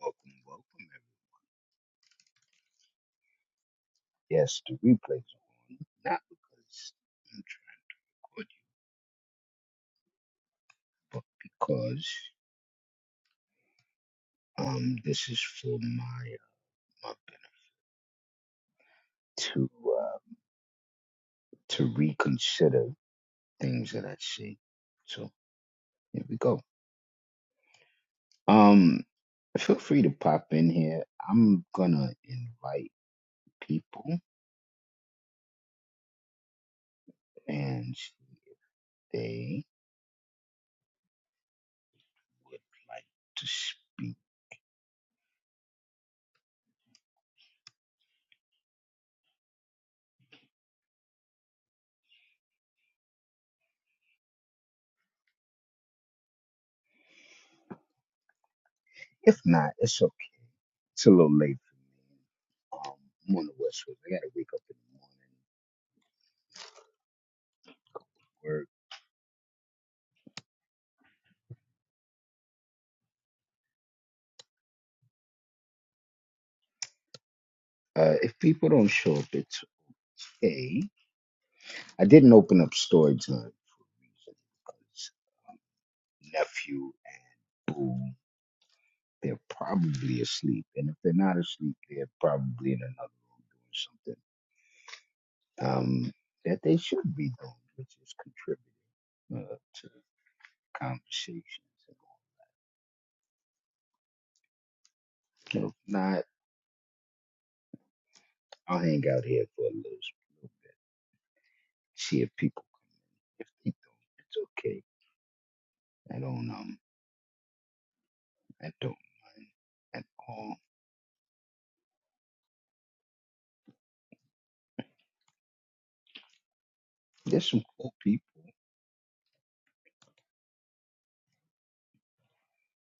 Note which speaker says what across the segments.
Speaker 1: Welcome, welcome. Yes, the replays are not because I'm trying to record you, but because um this is for my uh, my benefit to uh to reconsider things that I see. So here we go. Um, feel free to pop in here. I'm gonna invite people and they would like to speak. If not, it's okay. It's a little late. Um, I'm on the West Coast. I gotta wake up in the morning. Work uh, if people don't show up, it's Okay. I didn't open up storage time for a reason because nephew and boo, they're probably asleep. And if they're not asleep, they're probably in another room doing something um, that they should be doing, which is contributing uh, to conversations. So if not, I'll hang out here for a little bit, see if people think it's okay. I don't, um, I don't at all. There's some cool people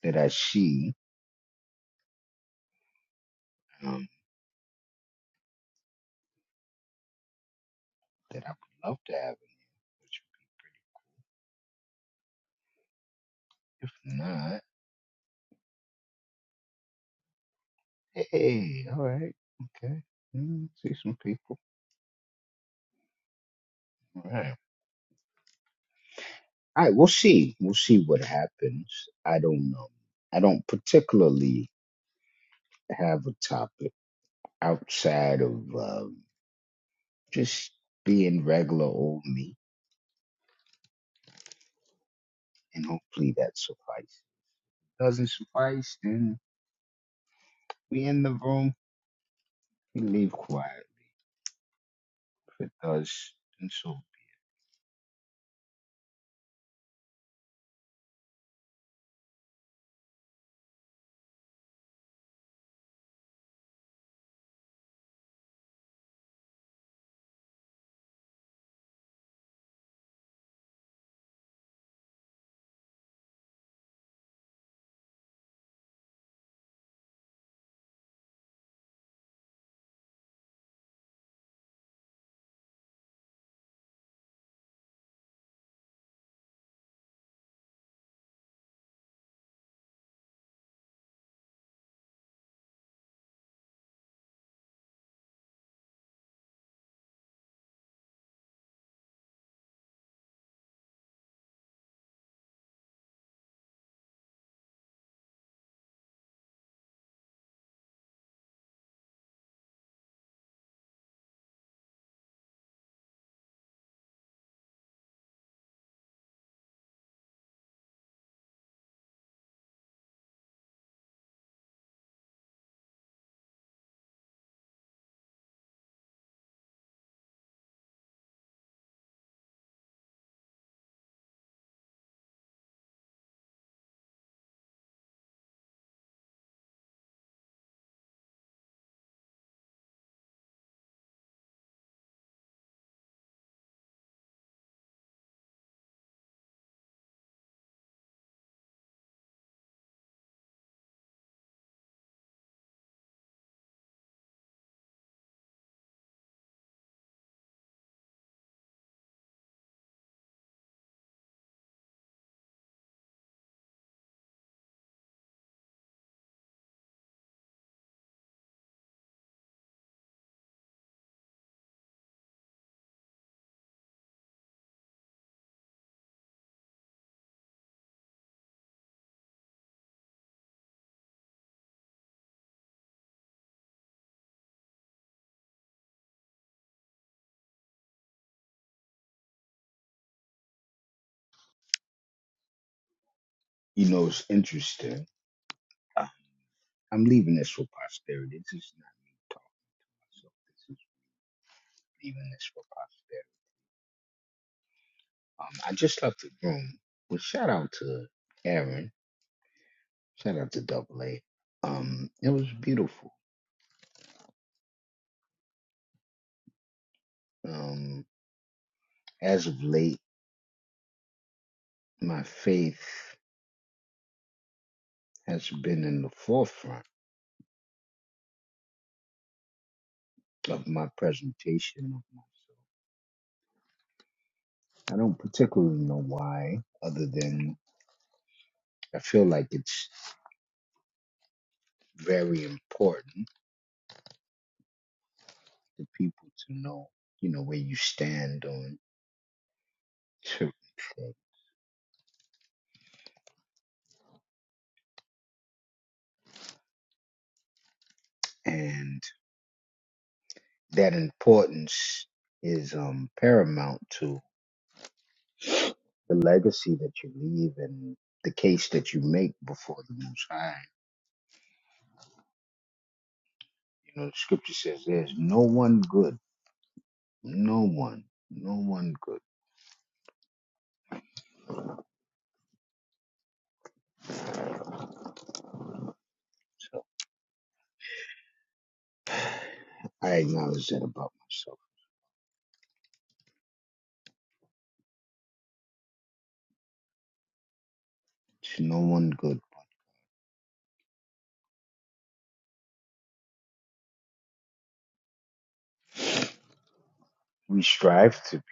Speaker 1: that I see um, that I would love to have. All right. Hey, all right. Okay. Mm, see some people. All right. All right. We'll see. We'll see what happens. I don't know. I don't particularly have a topic outside of um, just being regular old me, and hopefully that suffices. Doesn't suffice, then we in the room. We leave quiet. If it does, and so you know it's interesting. Uh, I'm leaving this for posterity. This is not me talking. So even this for posterity. Um, I just left the room. Well, shout out to Aaron. Shout out to Double A. Um, it was beautiful. Um, as of late, my faith has been in the forefront of my presentation of myself. I don't particularly know why, other than I feel like it's very important for people to know, you know, where you stand on certain things. that importance is um, paramount to the legacy that you leave and the case that you make before the Most High. You know, the scripture says there's no one good, no one, no one good. So I acknowledge that about myself. There's no one good. We strive to be.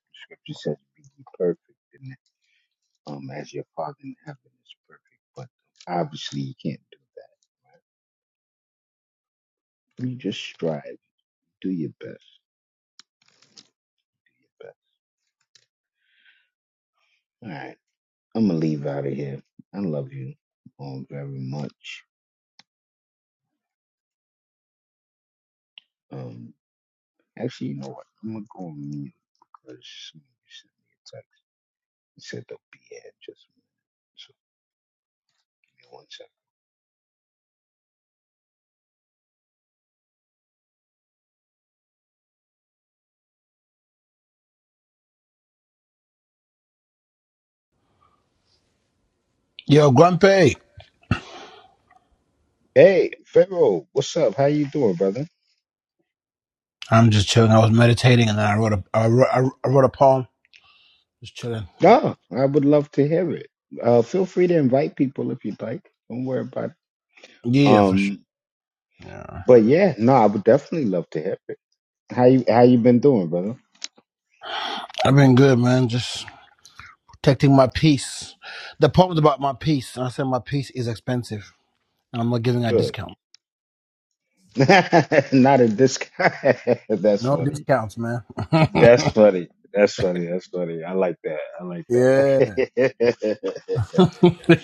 Speaker 1: The Scripture says, "Be ye perfect, and um, as your Father in heaven is perfect." But obviously, you can't do that. You just strive. Do your best. Your best. I'm gonna leave out of here. I love you um very much. Um, actually, you know what? I'm gonna go on mute because somebody sent me a text. It said they'll be here in just a minute. So give me one second.
Speaker 2: Yo, Grumpy.
Speaker 1: Hey, Pharaoh, what's up? How you doing, brother?
Speaker 2: I'm just chilling. I was meditating, and then I wrote a I wrote, I I wrote a poem. Just chilling.
Speaker 1: No, I would love to hear it. Uh, feel free to invite people if you'd like. Don't worry about it.
Speaker 2: Yeah, for sure.
Speaker 1: Um,
Speaker 2: Yeah,
Speaker 1: but yeah, no, I would definitely love to hear it. How you How you been doing, brother?
Speaker 2: I've been good, man. Just protecting my peace. The poem's about my peace, and I said my peace is expensive, and I'm not giving a
Speaker 1: Good.
Speaker 2: discount.
Speaker 1: Not a disc. That's
Speaker 2: No
Speaker 1: funny.
Speaker 2: discounts, man.
Speaker 1: That's funny. That's funny. That's funny. I like that. I like
Speaker 2: yeah,
Speaker 1: that.
Speaker 2: yeah.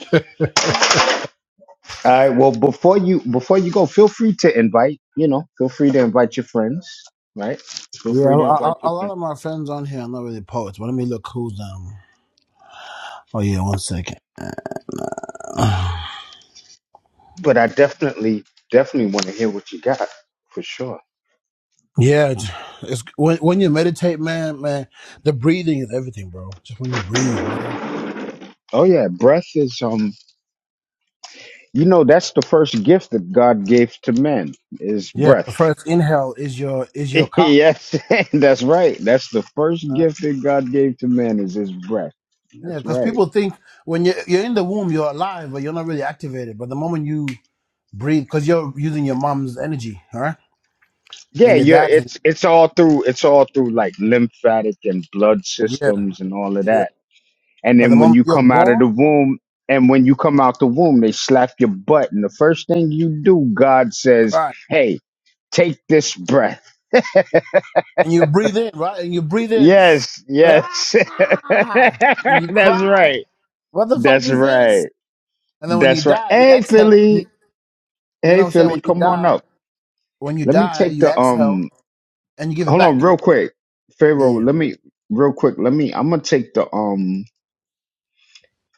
Speaker 1: All right. Well, before you before you go, feel free to invite. You know, feel free to invite your friends. Right. Feel free
Speaker 2: A,
Speaker 1: to invite
Speaker 2: a,
Speaker 1: your
Speaker 2: a lot
Speaker 1: friends.
Speaker 2: of my friends on here are not really poets, but let me look who's um. Oh yeah, one second.
Speaker 1: But I definitely definitely want to hear what you got for sure.
Speaker 2: Yeah, it's, it's when when you meditate, man, man, the breathing is everything, bro. Just when you breathe, man.
Speaker 1: Oh yeah, breath is um. You know, that's the first gift that God gave to men is
Speaker 2: Yeah,
Speaker 1: breath.
Speaker 2: your first inhale is your is your cock.
Speaker 1: yes, that's right. That's the first
Speaker 2: man.
Speaker 1: gift that God gave to man is His breath.
Speaker 2: Yeah,
Speaker 1: That's
Speaker 2: because
Speaker 1: right.
Speaker 2: people think when you're you're in the womb, you're alive, but you're not really activated. But the moment you breathe, because you're using your mom's energy, all right,
Speaker 1: Yeah,
Speaker 2: and your
Speaker 1: yeah,
Speaker 2: dad's
Speaker 1: it's it's all through it's all through like lymphatic and blood
Speaker 2: energy. Yeah,
Speaker 1: systems and all of
Speaker 2: yeah.
Speaker 1: that. And
Speaker 2: But the
Speaker 1: then when
Speaker 2: moment
Speaker 1: you
Speaker 2: you're
Speaker 1: come out of the
Speaker 2: born,
Speaker 1: womb and when you come out the womb, they slap your butt and the first thing you do, God says,
Speaker 2: right,
Speaker 1: "Hey, take this breath."
Speaker 2: and you breathe in, right, and you breathe in,
Speaker 1: Yes, yes.
Speaker 2: ah, and you
Speaker 1: That's
Speaker 2: cry.
Speaker 1: right.
Speaker 2: What the fuck
Speaker 1: That's
Speaker 2: is this?
Speaker 1: right.
Speaker 2: And then when you
Speaker 1: That's right.
Speaker 2: die, you
Speaker 1: Hey,
Speaker 2: exhale. You
Speaker 1: Philly.
Speaker 2: You know
Speaker 1: Hey,
Speaker 2: what I'm saying?
Speaker 1: Philly,
Speaker 2: When you
Speaker 1: come on
Speaker 2: die,
Speaker 1: up.
Speaker 2: when you
Speaker 1: Let me
Speaker 2: die,
Speaker 1: take
Speaker 2: you
Speaker 1: the
Speaker 2: exhale
Speaker 1: um
Speaker 2: and you give it
Speaker 1: hold on
Speaker 2: back.
Speaker 1: real quick. Pharaoh,
Speaker 2: Yeah.
Speaker 1: let me real quick. Let me I'm going to take the um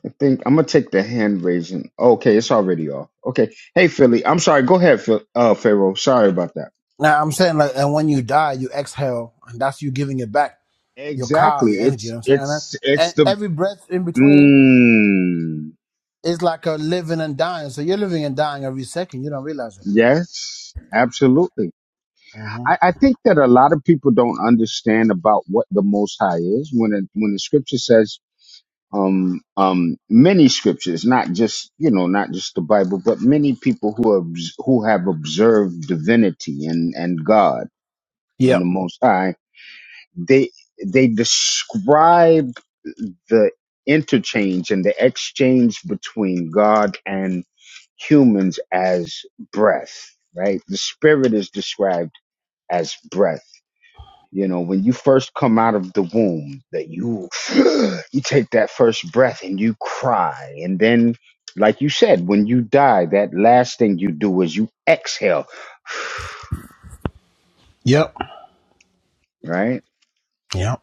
Speaker 1: I think I'm gonna take the hand raising. Okay, it's already off. Okay, hey Philly, I'm sorry. Go ahead, Phil, uh, Pharaoh. Sorry about that.
Speaker 2: Now I'm saying like, and when you die, you exhale, and that's you giving it back. Your car, your
Speaker 1: Exactly.
Speaker 2: energy. You
Speaker 1: It's
Speaker 2: know what I'm saying?
Speaker 1: it's
Speaker 2: And,
Speaker 1: it's
Speaker 2: and
Speaker 1: the
Speaker 2: every breath in between
Speaker 1: mm,
Speaker 2: is like a living and dying. So you're living and dying every second. You don't realize it.
Speaker 1: yes, absolutely.
Speaker 2: hmm
Speaker 1: I, I think that a lot of people don't understand about what the Most High is when it, when the Scripture says um um many scriptures not just you know not just the bible but many people who have who have observed divinity and and god and the
Speaker 2: Yep.
Speaker 1: most high they they describe the interchange and the exchange between God and humans as breath, right? The spirit is described as breath. You know, when you first come out of the womb, that you you take that first breath and you cry, and then, like you said, when you die, that last thing you do is you exhale,
Speaker 2: Yep.
Speaker 1: right?
Speaker 2: Yep.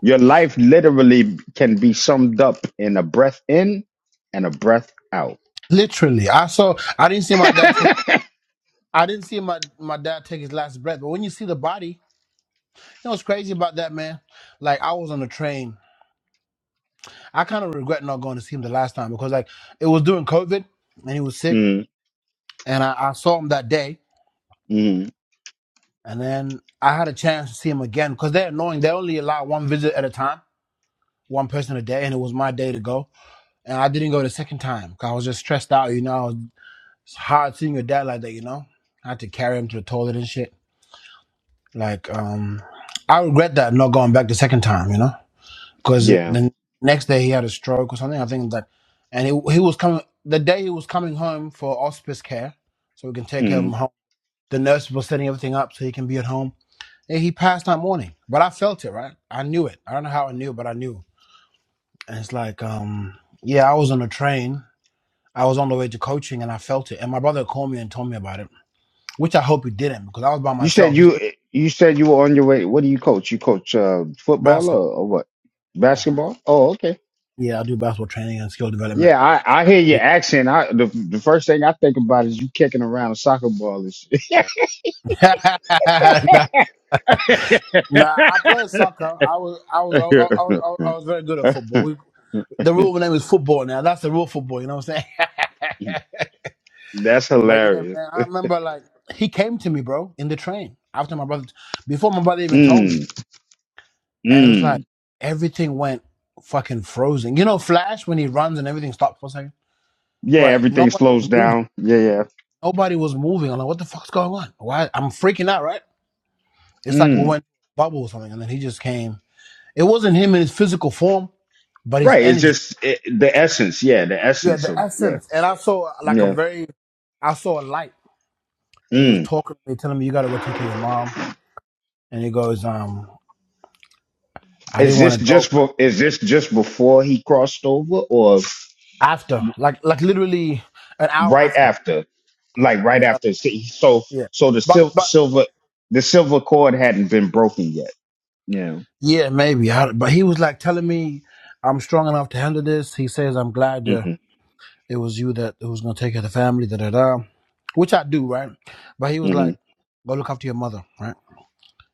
Speaker 1: Your life literally can be summed up in a breath in and a breath out.
Speaker 2: Literally, I saw. I didn't see my dad take.
Speaker 1: mm,
Speaker 2: I didn't see my my dad take his last breath. But when you see the body, you know what's crazy about that, man? Like I was on the train. I kind of regret not going to see him the last time because like it was during COVID and he was sick, and I, I saw him that day,
Speaker 1: mm,
Speaker 2: and then I had a chance to see him again because they're annoying. They only allow one visit at a time, one person a day, and it was my day to go, and I didn't go the second time because I was just stressed out. You know, I was, it's hard seeing your dad like that. You know, I had to carry him to the toilet and shit. Like, um, I regret that not going back the second time. You know. because
Speaker 1: yeah.
Speaker 2: the next day he had a stroke or something. I think that, and he he was coming the day he was coming home for hospice care, so we can take care of him
Speaker 1: Mm.
Speaker 2: home. The nurse was setting everything up so he can be at home. And he passed that morning, but I felt it, right? I knew it. I don't know how I knew, but I knew. And it's like, um, yeah, I was on a train. I was on the way to coaching, and I felt it. And my brother called me and told me about it, which I hope he didn't because I was by
Speaker 1: You said
Speaker 2: myself. He's
Speaker 1: you you said you were on your way. What do you coach? You coach uh, football
Speaker 2: basketball.
Speaker 1: or, or what? Basketball? Oh, okay.
Speaker 2: Yeah, I do basketball training and skill development.
Speaker 1: Yeah, I, I hear your accent. I the, the first thing I think about is you kicking around a soccer ball and shit.
Speaker 2: Nah, Nah, I played soccer. I was, I was, I was, I was, I was very good at football. We, the rule name is football now. That's the real football. You know what I'm saying?
Speaker 1: That's
Speaker 2: but yeah,
Speaker 1: hilarious.
Speaker 2: man, I remember like he came to me, bro, in the train after my brother, before my brother even told me,
Speaker 1: Mm,
Speaker 2: and it was like
Speaker 1: mm.
Speaker 2: everything went fucking frozen. You know, Flash when he runs and everything stops for a second,
Speaker 1: Yeah,
Speaker 2: bro.
Speaker 1: everything
Speaker 2: Nobody
Speaker 1: slows
Speaker 2: was moving.
Speaker 1: down. Yeah, yeah.
Speaker 2: Nobody was moving. I'm like, what the fuck's going on? Why? I'm freaking out, right? It's like we
Speaker 1: Mm-hmm.
Speaker 2: went bubble or something, and then he just came. It wasn't him in his physical form, but his
Speaker 1: Right. It's
Speaker 2: energy.
Speaker 1: just it, the essence. Yeah, the
Speaker 2: Yeah,
Speaker 1: essence
Speaker 2: the
Speaker 1: of yeah,
Speaker 2: essence. And I saw like a
Speaker 1: yeah.
Speaker 2: very, I saw a light. And he was
Speaker 1: Mm.
Speaker 2: talking to me, telling me, you got to go take care of your mom. And he goes, um, I
Speaker 1: Is
Speaker 2: didn't
Speaker 1: this
Speaker 2: want to go.
Speaker 1: just
Speaker 2: But
Speaker 1: for? Is this just before he crossed over, or
Speaker 2: after, like, like literally an hour
Speaker 1: right
Speaker 2: after.
Speaker 1: after? Like right
Speaker 2: Yeah, but,
Speaker 1: after. see, So
Speaker 2: yeah.
Speaker 1: so the sil-
Speaker 2: But, but,
Speaker 1: silver the silver cord hadn't been broken yet. Yeah.
Speaker 2: yeah, maybe. I, but he was like telling me, I'm strong enough to handle this. He says, I'm glad uh,
Speaker 1: hmm
Speaker 2: it was you that who was going to take care of the family, da da da. Which I do, right? But he was like,
Speaker 1: hmm
Speaker 2: go look after your mother, right?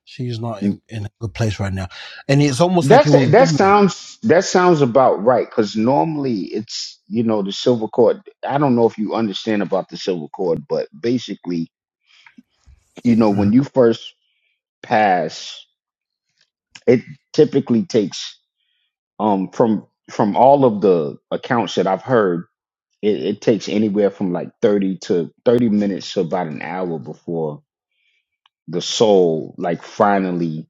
Speaker 2: She's not in, in a good place right now, and it's almost like it
Speaker 1: That's
Speaker 2: was with
Speaker 1: that
Speaker 2: me.
Speaker 1: sounds that sounds about right because normally it's you know the silver cord. I don't know if you understand about the silver cord, but basically you know
Speaker 2: Mhm.
Speaker 1: when you first pass It typically takes um from from all of the accounts that I've heard, it, it takes anywhere from like thirty to thirty minutes to about an hour before the soul like finally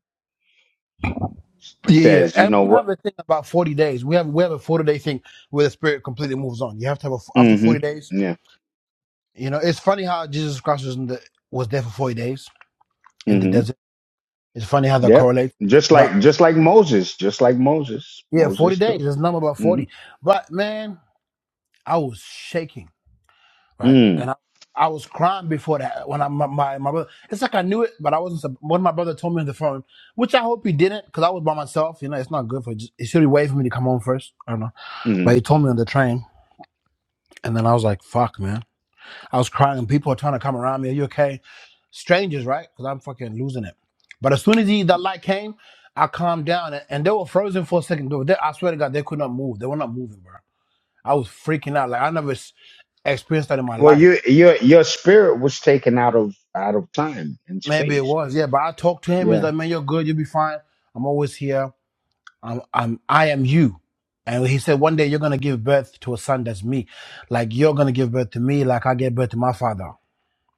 Speaker 2: Yeah, yeah.
Speaker 1: says, you
Speaker 2: And
Speaker 1: know
Speaker 2: we
Speaker 1: what?
Speaker 2: have a thing about 40 days. We have we have a 40 day thing where the spirit completely moves on. You have to have a, after 40 days.
Speaker 1: Mm-hmm. Yeah.
Speaker 2: You know, it's funny how Jesus Christ was in the, was there for 40 days in the
Speaker 1: Mm-hmm.
Speaker 2: desert. It's funny how that
Speaker 1: Yep.
Speaker 2: correlates.
Speaker 1: Just
Speaker 2: But
Speaker 1: like just like Moses, just like Moses,
Speaker 2: yeah, 40
Speaker 1: Moses
Speaker 2: days.
Speaker 1: too.
Speaker 2: There's a number about
Speaker 1: Mm-hmm.
Speaker 2: 40. But man, I was shaking. right? And
Speaker 1: Mm-hmm.
Speaker 2: I, I was crying before that when I my, my my brother. It's like I knew it, but I wasn't. One of my brother told me on the phone, which I hope he didn't, because I was by myself. You know, it's not good for. Just, it should be waiting for me to come home first. I don't know, but
Speaker 1: Mm-hmm.
Speaker 2: he told me on the train, and then I was like, "Fuck, man!" I was crying, and people are trying to come around me. Are you okay? Strangers, right? Because I'm fucking losing it. But as soon as he, that light came, I calmed down, and, and they were frozen for a second. Dude, they- I swear to God, they could not move. They were not moving, bro. I was freaking out. Like I never s- experienced that in my
Speaker 1: Well, you,
Speaker 2: life
Speaker 1: your your spirit was taken out of out of time and
Speaker 2: Maybe it
Speaker 1: space.
Speaker 2: was, yeah. But I talked to him. He's
Speaker 1: Yeah.
Speaker 2: like, "Man, you're good. You'll be fine. I'm always here. I'm, I'm, I am you." And he said, "One day you're gonna give birth to a son that's me, like you're gonna give birth to me, like I gave birth to my father."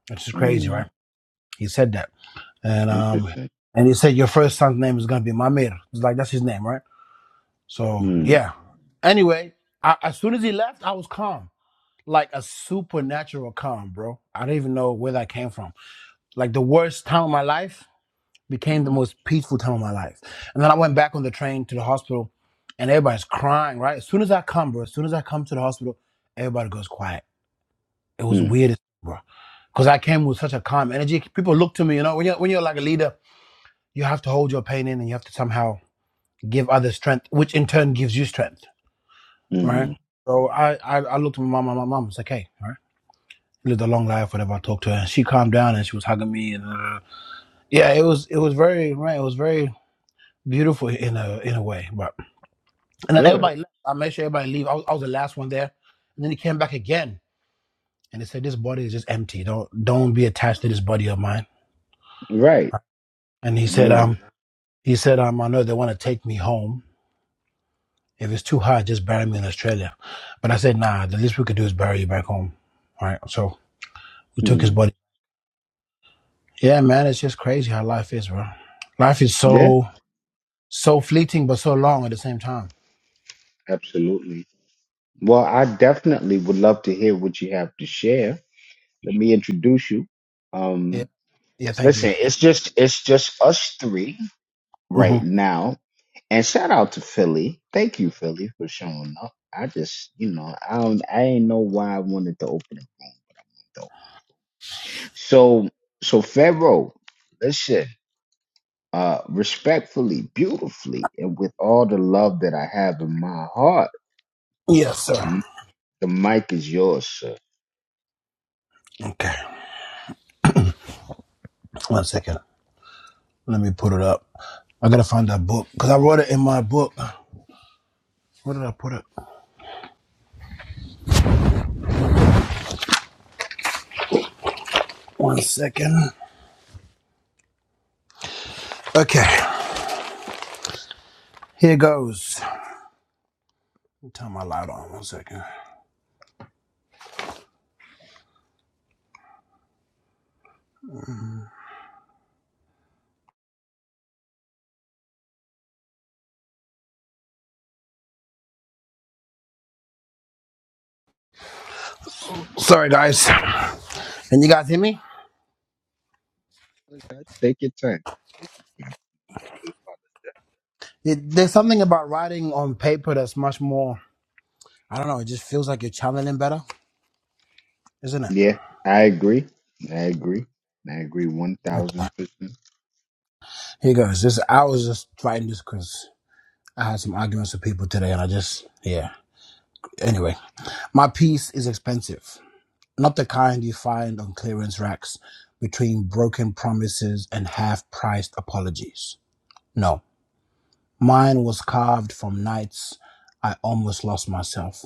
Speaker 2: Which is crazy,
Speaker 1: Mm,
Speaker 2: right? He said that, and um,
Speaker 1: interesting.
Speaker 2: and he said your first son's name is gonna be Mamir. It's like that's his name, right? So
Speaker 1: Mm,
Speaker 2: yeah. Anyway, I, as soon as he left, I was calm, like a supernatural calm, bro. I don't even know where that came from. Like the worst time of my life. became the most peaceful time of my life. And then I went back on the train to the hospital and everybody's crying, right? As soon as I come, bro, as soon as I come to the hospital, everybody goes quiet. It was
Speaker 1: Mm,
Speaker 2: weird, bro. Because I came with such a calm energy. People look to me, you know, when you're, when you're like a leader, you have to hold your pain in and you have to somehow give others strength, which in turn gives you strength, right?
Speaker 1: hmm
Speaker 2: So I, I, I looked at my mom, my mom was like, hey, all right. Lived a long life, whatever. I talked to her, and she calmed down, and she was hugging me, and uh, yeah, it was it was very right. It was very beautiful in a in a way, but And then
Speaker 1: Good.
Speaker 2: everybody left. I made sure everybody leave. I was, I was the last one there. And then he came back again and he said, This body is just empty. Don't don't be attached to this body of mine.
Speaker 1: Right.
Speaker 2: And he said,
Speaker 1: Yeah.
Speaker 2: um, he said, um, I know they want to take me home. If it's too hard, just bury me in Australia. But I said, nah, the least we could do is bury you back home. All right. So we took his
Speaker 1: Mm.
Speaker 2: body. Yeah, man, it's just crazy how life is, bro. Life is
Speaker 1: Yeah.
Speaker 2: so so fleeting but so long at the same time.
Speaker 1: Absolutely. Well, I definitely would love to hear what you have to share. Let me introduce you.
Speaker 2: Yeah.
Speaker 1: Um,
Speaker 2: Yeah, thank you.
Speaker 1: listen, it's just it's just us three
Speaker 2: hmm
Speaker 1: right now. And shout out to Philly. Thank you, Philly, for showing up. I just, you know, I don't I ain't know why I wanted to open the room though. So so Pharaoh, listen. uh, respectfully, beautifully, and with all the love that I have in my heart,
Speaker 2: Yes, sir.
Speaker 1: m- the mic is yours, sir.
Speaker 2: Okay. One second. Let me put it up. I gotta find that book because I wrote it in my book. Where did I put it? One second. Okay, here goes. Let me Turn my light on. One second. Sorry, guys. Can you guys hear me?
Speaker 1: Take your time. Take your time. Think about
Speaker 2: It- there's something about writing on paper that's much more. I don't know. It just feels like you're channeling better, isn't it?
Speaker 1: Yeah, I agree. I agree. I agree one
Speaker 2: Okay.
Speaker 1: thousand percent.
Speaker 2: Here goes. This I was just writing this because I had some arguments with people today, and I just yeah. Anyway, my piece is expensive. not the kind you find on clearance racks between broken promises and half priced apologies. No, mine was carved from nights I almost lost myself,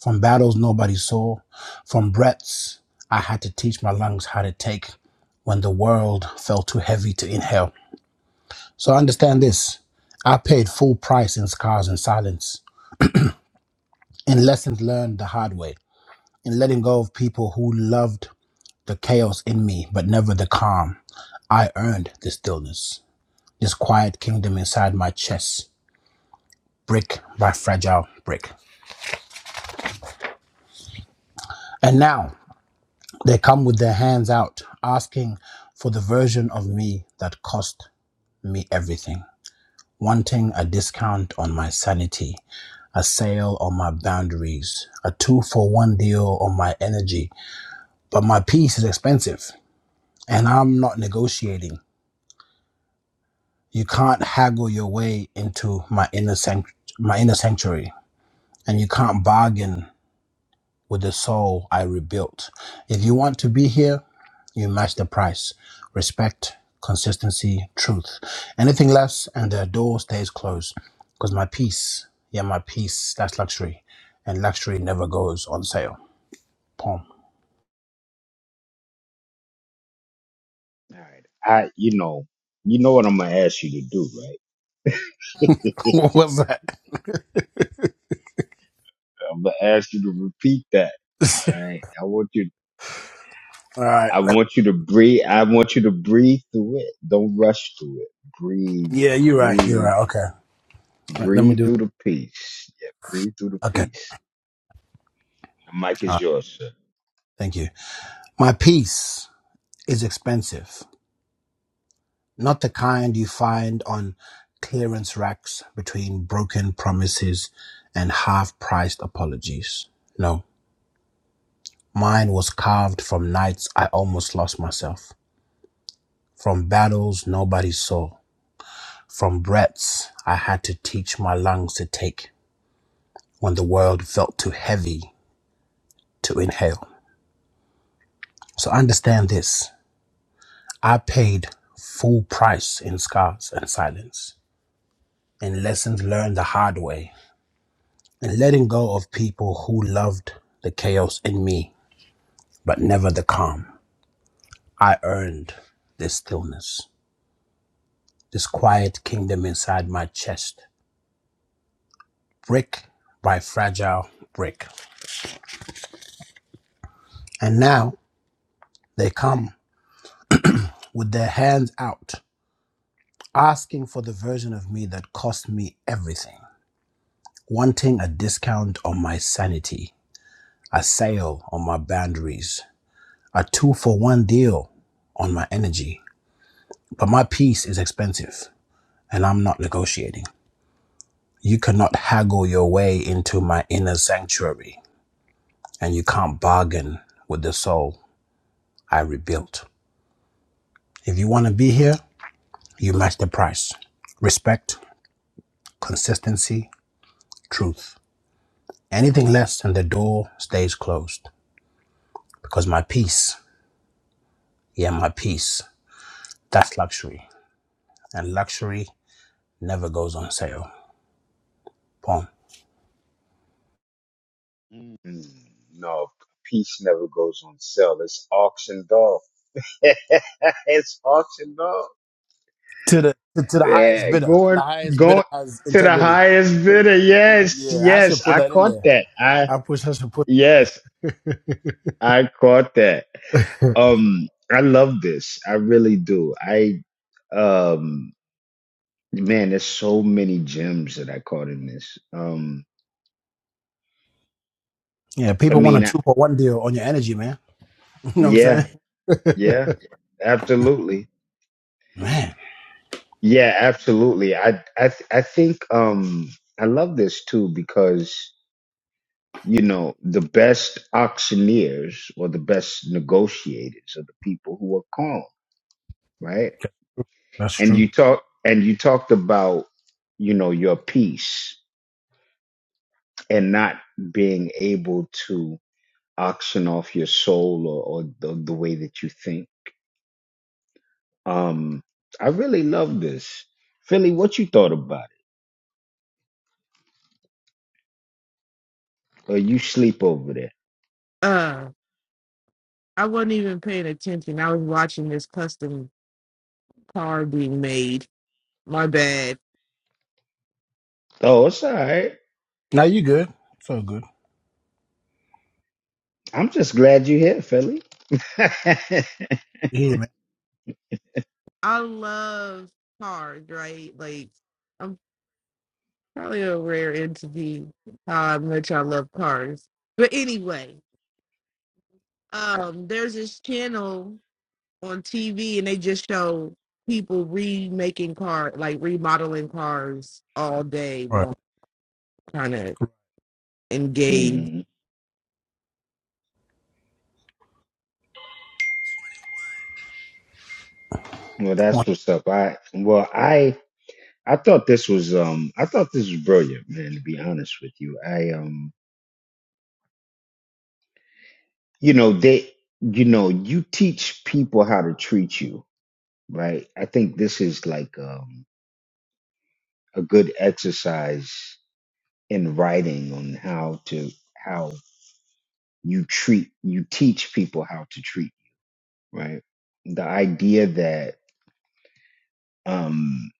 Speaker 2: from battles nobody saw, from breaths I had to teach my lungs how to take when the world felt too heavy to inhale. So understand this I paid full price in scars and silence, in lessons learned the hard way, in letting go of people who loved the chaos in me, but never the calm I earned the stillness, this quiet kingdom inside my chest, brick by fragile brick. And now they come with their hands out, asking for the version of me that cost me everything, wanting a discount on my sanity, a sale on my boundaries, a two for one deal on my energy. But my peace is expensive, and I'm not negotiating. You can't haggle your way into my inner sanct- my inner sanctuary, and you can't bargain with the soul I rebuilt. If you want to be here, you match the price. Respect, consistency, truth. Anything less, and the door stays closed. Because my peace, yeah, my peace, that's luxury. And luxury never goes on sale. Pom.
Speaker 1: All right. I, you know, you know what I'm gonna ask you to do, right?
Speaker 2: what was that?
Speaker 1: I'm gonna ask you to repeat that. All right. I want you.
Speaker 2: All right.
Speaker 1: I
Speaker 2: let-
Speaker 1: want you to breathe. I want you to breathe through it. Don't rush through it. Breathe.
Speaker 2: Yeah, you're right. You're
Speaker 1: Breathe.
Speaker 2: right. Okay. Let, let me
Speaker 1: Breathe
Speaker 2: do it.
Speaker 1: through the peace. Yeah, breathe through the
Speaker 2: Okay.
Speaker 1: peace. The mic
Speaker 2: All
Speaker 1: is
Speaker 2: right.
Speaker 1: yours, sir.
Speaker 2: Thank you. My peace is expensive. not the kind you find on clearance racks between broken promises and half priced apologies. No, mine was carved from nights I almost lost myself, from battles nobody saw, from breaths I had to teach my lungs to take when the world felt too heavy to inhale. So understand this I paid full price in scars and silence, in lessons learned the hard way and letting go of people who loved the chaos in me, but never the calm. I earned this stillness, this quiet kingdom inside my chest, brick by fragile brick. And now they come with their hands out, asking for the version of me that cost me everything, wanting a discount on my sanity, a sale on my boundaries, a two for one deal on my energy. But my peace is expensive. and I'm not negotiating. You cannot haggle your way into my inner sanctuary, and you can't bargain with the soul I rebuilt. If you want to be here, you match the price. Respect, consistency, truth. Anything less, and the door stays closed. Because my peace, yeah, my peace, that's luxury. And luxury never goes on sale. Boom.
Speaker 1: Mm. Mm, no, peace never goes on sale. It's auctioned off. it's auctioned off.
Speaker 2: to the to the highest
Speaker 1: Yeah,
Speaker 2: bidder. The
Speaker 1: going
Speaker 2: highest bidder
Speaker 1: going
Speaker 2: has
Speaker 1: to the
Speaker 2: integrity.
Speaker 1: highest bidder. Yes,
Speaker 2: Yeah, I
Speaker 1: yes,
Speaker 2: should put
Speaker 1: I
Speaker 2: that in
Speaker 1: caught
Speaker 2: there.
Speaker 1: that. I
Speaker 2: I push. I should put.
Speaker 1: yes, I caught that. Um, I love this. I really do. I um, man, there's so many gems that I caught in this. Um,
Speaker 2: Yeah,
Speaker 1: I
Speaker 2: people want a
Speaker 1: mean, I,
Speaker 2: two for one deal on your energy, man. You know what
Speaker 1: yeah.
Speaker 2: I'm saying?
Speaker 1: Yeah, absolutely.
Speaker 2: Man,
Speaker 1: Yeah, absolutely. I I th- I think um I love this too because you know the best auctioneers or the best negotiators are the people who are calm, right?
Speaker 2: that's
Speaker 1: And
Speaker 2: true.
Speaker 1: you talk and you talked about you know your peace and not being able to auction off your soul or, or the, the way that you think. Um, I really love this, Philly. What you thought about? it? Or you sleep over there.
Speaker 3: uh I wasn't even paying attention. I was watching this custom car being made. My bad.
Speaker 1: Oh, it's all right.
Speaker 2: Now you good. So good.
Speaker 1: I'm just glad you're here, Philly.
Speaker 2: Yeah, man.
Speaker 3: I love cars, right? Like I'm probably a rare entity how much I love cars. But anyway, um there's this channel on TV and they just show people remaking car like remodeling cars all day
Speaker 2: Right.
Speaker 3: long, kinda engaged.
Speaker 1: Mhm. Well,
Speaker 2: Well,
Speaker 1: that's what's up. I well, I I thought this was um I thought this was brilliant, man. To be honest with you, I um you know they you know you teach people how to treat you, right? I think this is like um a good exercise in writing on how to how you treat you teach people how to treat you, right? The idea that um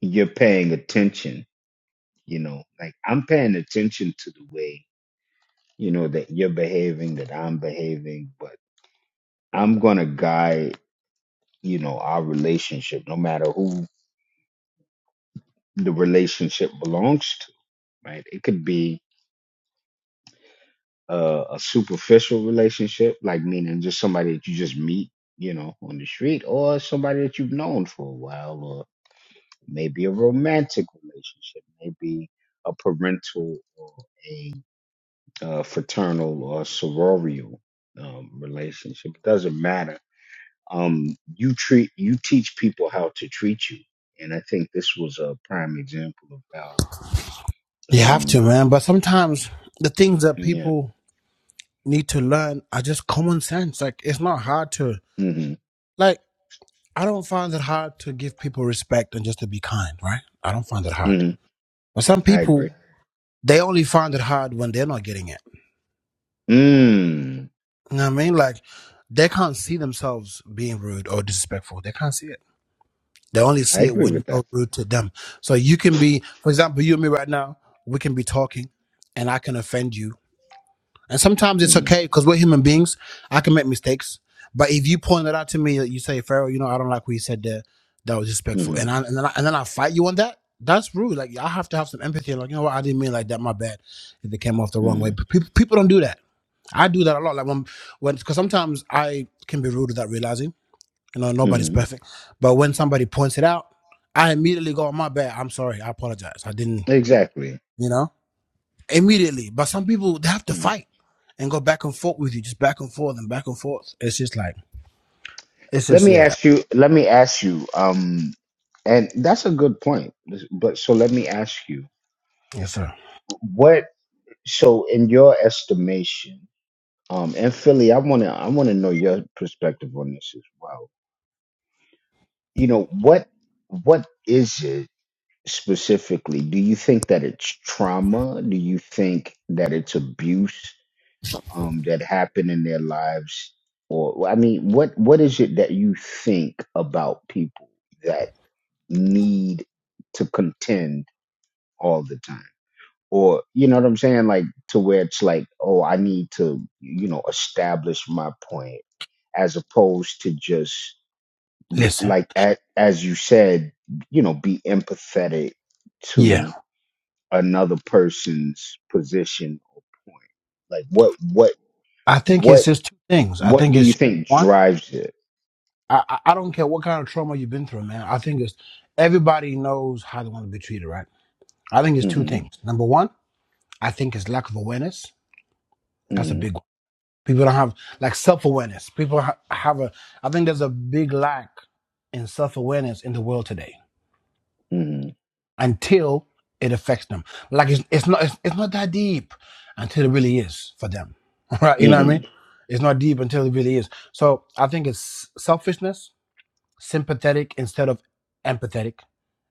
Speaker 1: you're paying attention you know like i'm paying attention to the way you know that you're behaving that i'm behaving but i'm going to guide you know our relationship no matter who the relationship belongs to right it could be a, a superficial relationship like meaning just somebody that you just meet you know on the street or somebody that you've known for a while or maybe a romantic relationship maybe a parental or a uh, fraternal or sororial um, relationship. It doesn't matter. Um, you treat you teach people how to treat you, and I think this was a prime example of how.
Speaker 2: You have
Speaker 1: Um,
Speaker 2: to, man. But sometimes the things that
Speaker 1: yeah,
Speaker 2: people need to learn are just common sense. Like it's not hard to
Speaker 1: hmm
Speaker 2: like I don't find it hard to give people respect and just to be kind, right? I don't find it hard.
Speaker 1: hmm
Speaker 2: But some
Speaker 1: I agree.
Speaker 2: people they only find it hard when they're not getting it.
Speaker 1: Mm,
Speaker 2: You know what I mean? Like they can't see themselves being rude or disrespectful. They can't see it. They only
Speaker 1: I
Speaker 2: see it
Speaker 1: agree
Speaker 2: when
Speaker 1: with that.
Speaker 2: you're rude to them. So you can be, for example, you and me right now, we can be talking and I can offend you. And sometimes it's
Speaker 1: Mm,
Speaker 2: okay because we're human beings. I can make mistakes. But if you point it out to me, you say, Pharaoh, you know, I don't like what you said there. That was disrespectful.
Speaker 1: hmm
Speaker 2: And, I, and, then I, and then I fight you on that. That's rude. Like, I have to have some empathy. Like, you know what? I didn't mean it like that. My bad. If it came off the wrong way.
Speaker 1: hmm
Speaker 2: But people, people don't do that. I do that a lot. Like, when, when, because sometimes I can be rude without realizing you know, nobody's
Speaker 1: hmm
Speaker 2: perfect. But when somebody points it out, I immediately go, my bad. I'm sorry. I apologize. I didn't,
Speaker 1: Exactly.
Speaker 2: you know, immediately. But some people, they have to
Speaker 1: Mm.
Speaker 2: fight and go back and forth with you, just back and forth and back and forth. It's just like, it's
Speaker 1: Let
Speaker 2: just,
Speaker 1: me
Speaker 2: yeah.
Speaker 1: ask you. Let me ask you. Um, and that's a good point. But so let me ask you,
Speaker 2: Yes, sir.
Speaker 1: what? So in your estimation. Um, and Philly, I wanna I wanna know your perspective on this as well. You know what what is it specifically? Do you think that it's trauma? Do you think that it's abuse um, that happened in their lives? Or well, I mean, what what is it that you think about people that need to contend all the time? Or you know what I'm saying, like to where it's like, oh, I need to you know establish my point as opposed to just
Speaker 2: Listen,
Speaker 1: like a- as you said, you know, be empathetic
Speaker 2: yeah.
Speaker 1: to another person's position or point. Like what what
Speaker 2: I think it's
Speaker 1: what
Speaker 2: just two things. I
Speaker 1: what
Speaker 2: think
Speaker 1: do you
Speaker 2: it's just
Speaker 1: think
Speaker 2: one,
Speaker 1: drives it?
Speaker 2: I, I I don't care what kind of trauma you've been through, man. I think it's everybody knows how they want to be treated, right? I think it's two
Speaker 1: hmm
Speaker 2: things. Number one, I think it's lack of awareness. That's a
Speaker 1: hmm
Speaker 2: big one. People don't have like self awareness. People ha- have a, I think there's a big lack in self awareness in the world today
Speaker 1: hmm
Speaker 2: until it affects them. Like it's, it's not, it's, it's not that deep until it really is for them. Right. You know what I mean?
Speaker 1: hmm
Speaker 2: It's not deep until it really is. So I think it's selfishness, sympathetic instead of empathetic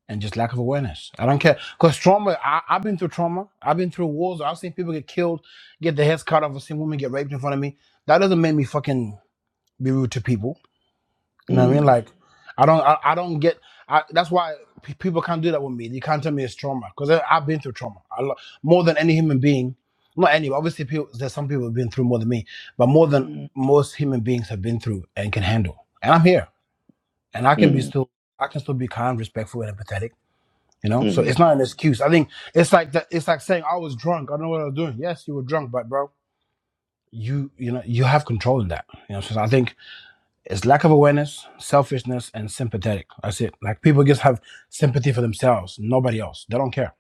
Speaker 2: and just lack of awareness. I don't care. Cause trauma, I, I've been through trauma. I've been through wars. I've seen people get killed, get their heads cut off. I've seen women get raped in front of me. That doesn't make me fucking be rude to people. You know what I mean? Like, I don't, I, I don't get. I, that's why pe- people can't do that with me. You can't tell me it's trauma because I've been through trauma a lot more than any human being. Not any, obviously. People, there's some people who've been through more than me, but more than
Speaker 1: hmm
Speaker 2: most human beings have been through and can handle. And I'm here, and I can be
Speaker 1: hmm
Speaker 2: still. I can still be kind, respectful, and empathetic. You know, so
Speaker 1: hmm
Speaker 2: it's not an excuse. I think it's like that. It's like saying I was drunk. I don't know what I was doing. Yes, you were drunk, but bro, you you know you have control in that. You know, so I think it's lack of awareness, selfishness, and sympathetic. That's it. Like people just have sympathy for themselves, nobody else. They don't care.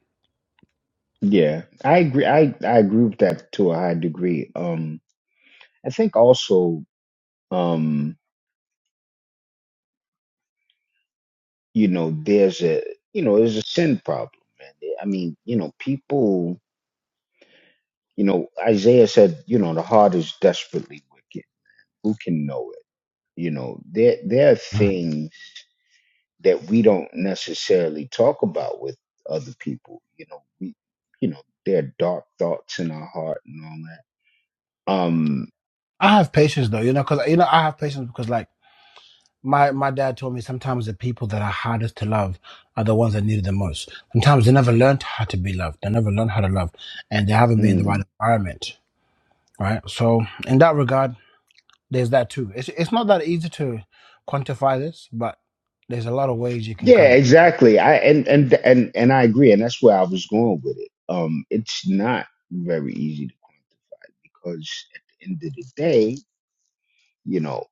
Speaker 1: Yeah, I agree. I I agree with that to a high degree. Um, I think also um you know, there's a, you know, there's a sin problem, man. I mean, you know, people, you know, Isaiah said, you know, the heart is desperately wicked. Who can know it? You know, there there are
Speaker 2: Mm.
Speaker 1: things that we don't necessarily talk about with other people. You know, we, you know, there are dark thoughts in our heart and all that. Um,
Speaker 2: I have patience though, you know, because you know I have patience because like my my dad told me sometimes the people that are hardest to love are the ones that need it the most. Sometimes they never learned how to be loved. They never learned how to love, and they haven't been in the right
Speaker 1: mhm.
Speaker 2: environment. right? So in that regard, there's that too. It's it's not that easy to quantify this, but there's a lot of ways you can cut
Speaker 1: yeah,
Speaker 2: it.
Speaker 1: exactly. I and and and and I agree, and that's where I was going with it. Um, it's not very easy because at the end of the day, you know,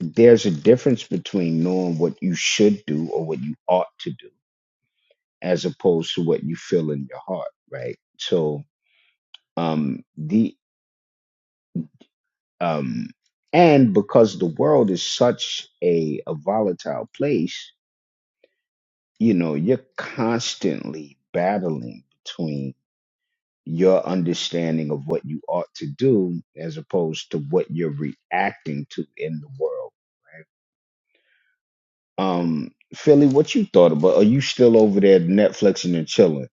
Speaker 1: there's a difference between knowing what you should do or what you ought to do as opposed to what you feel in your heart, right? So, um, the, um, and because the world is such a, a volatile place, you know, you're constantly battling between your understanding of what you ought to do as opposed to what you're reacting to in the world right? Um, Philly, what you thought about? Are you still over there Netflixing and chilling?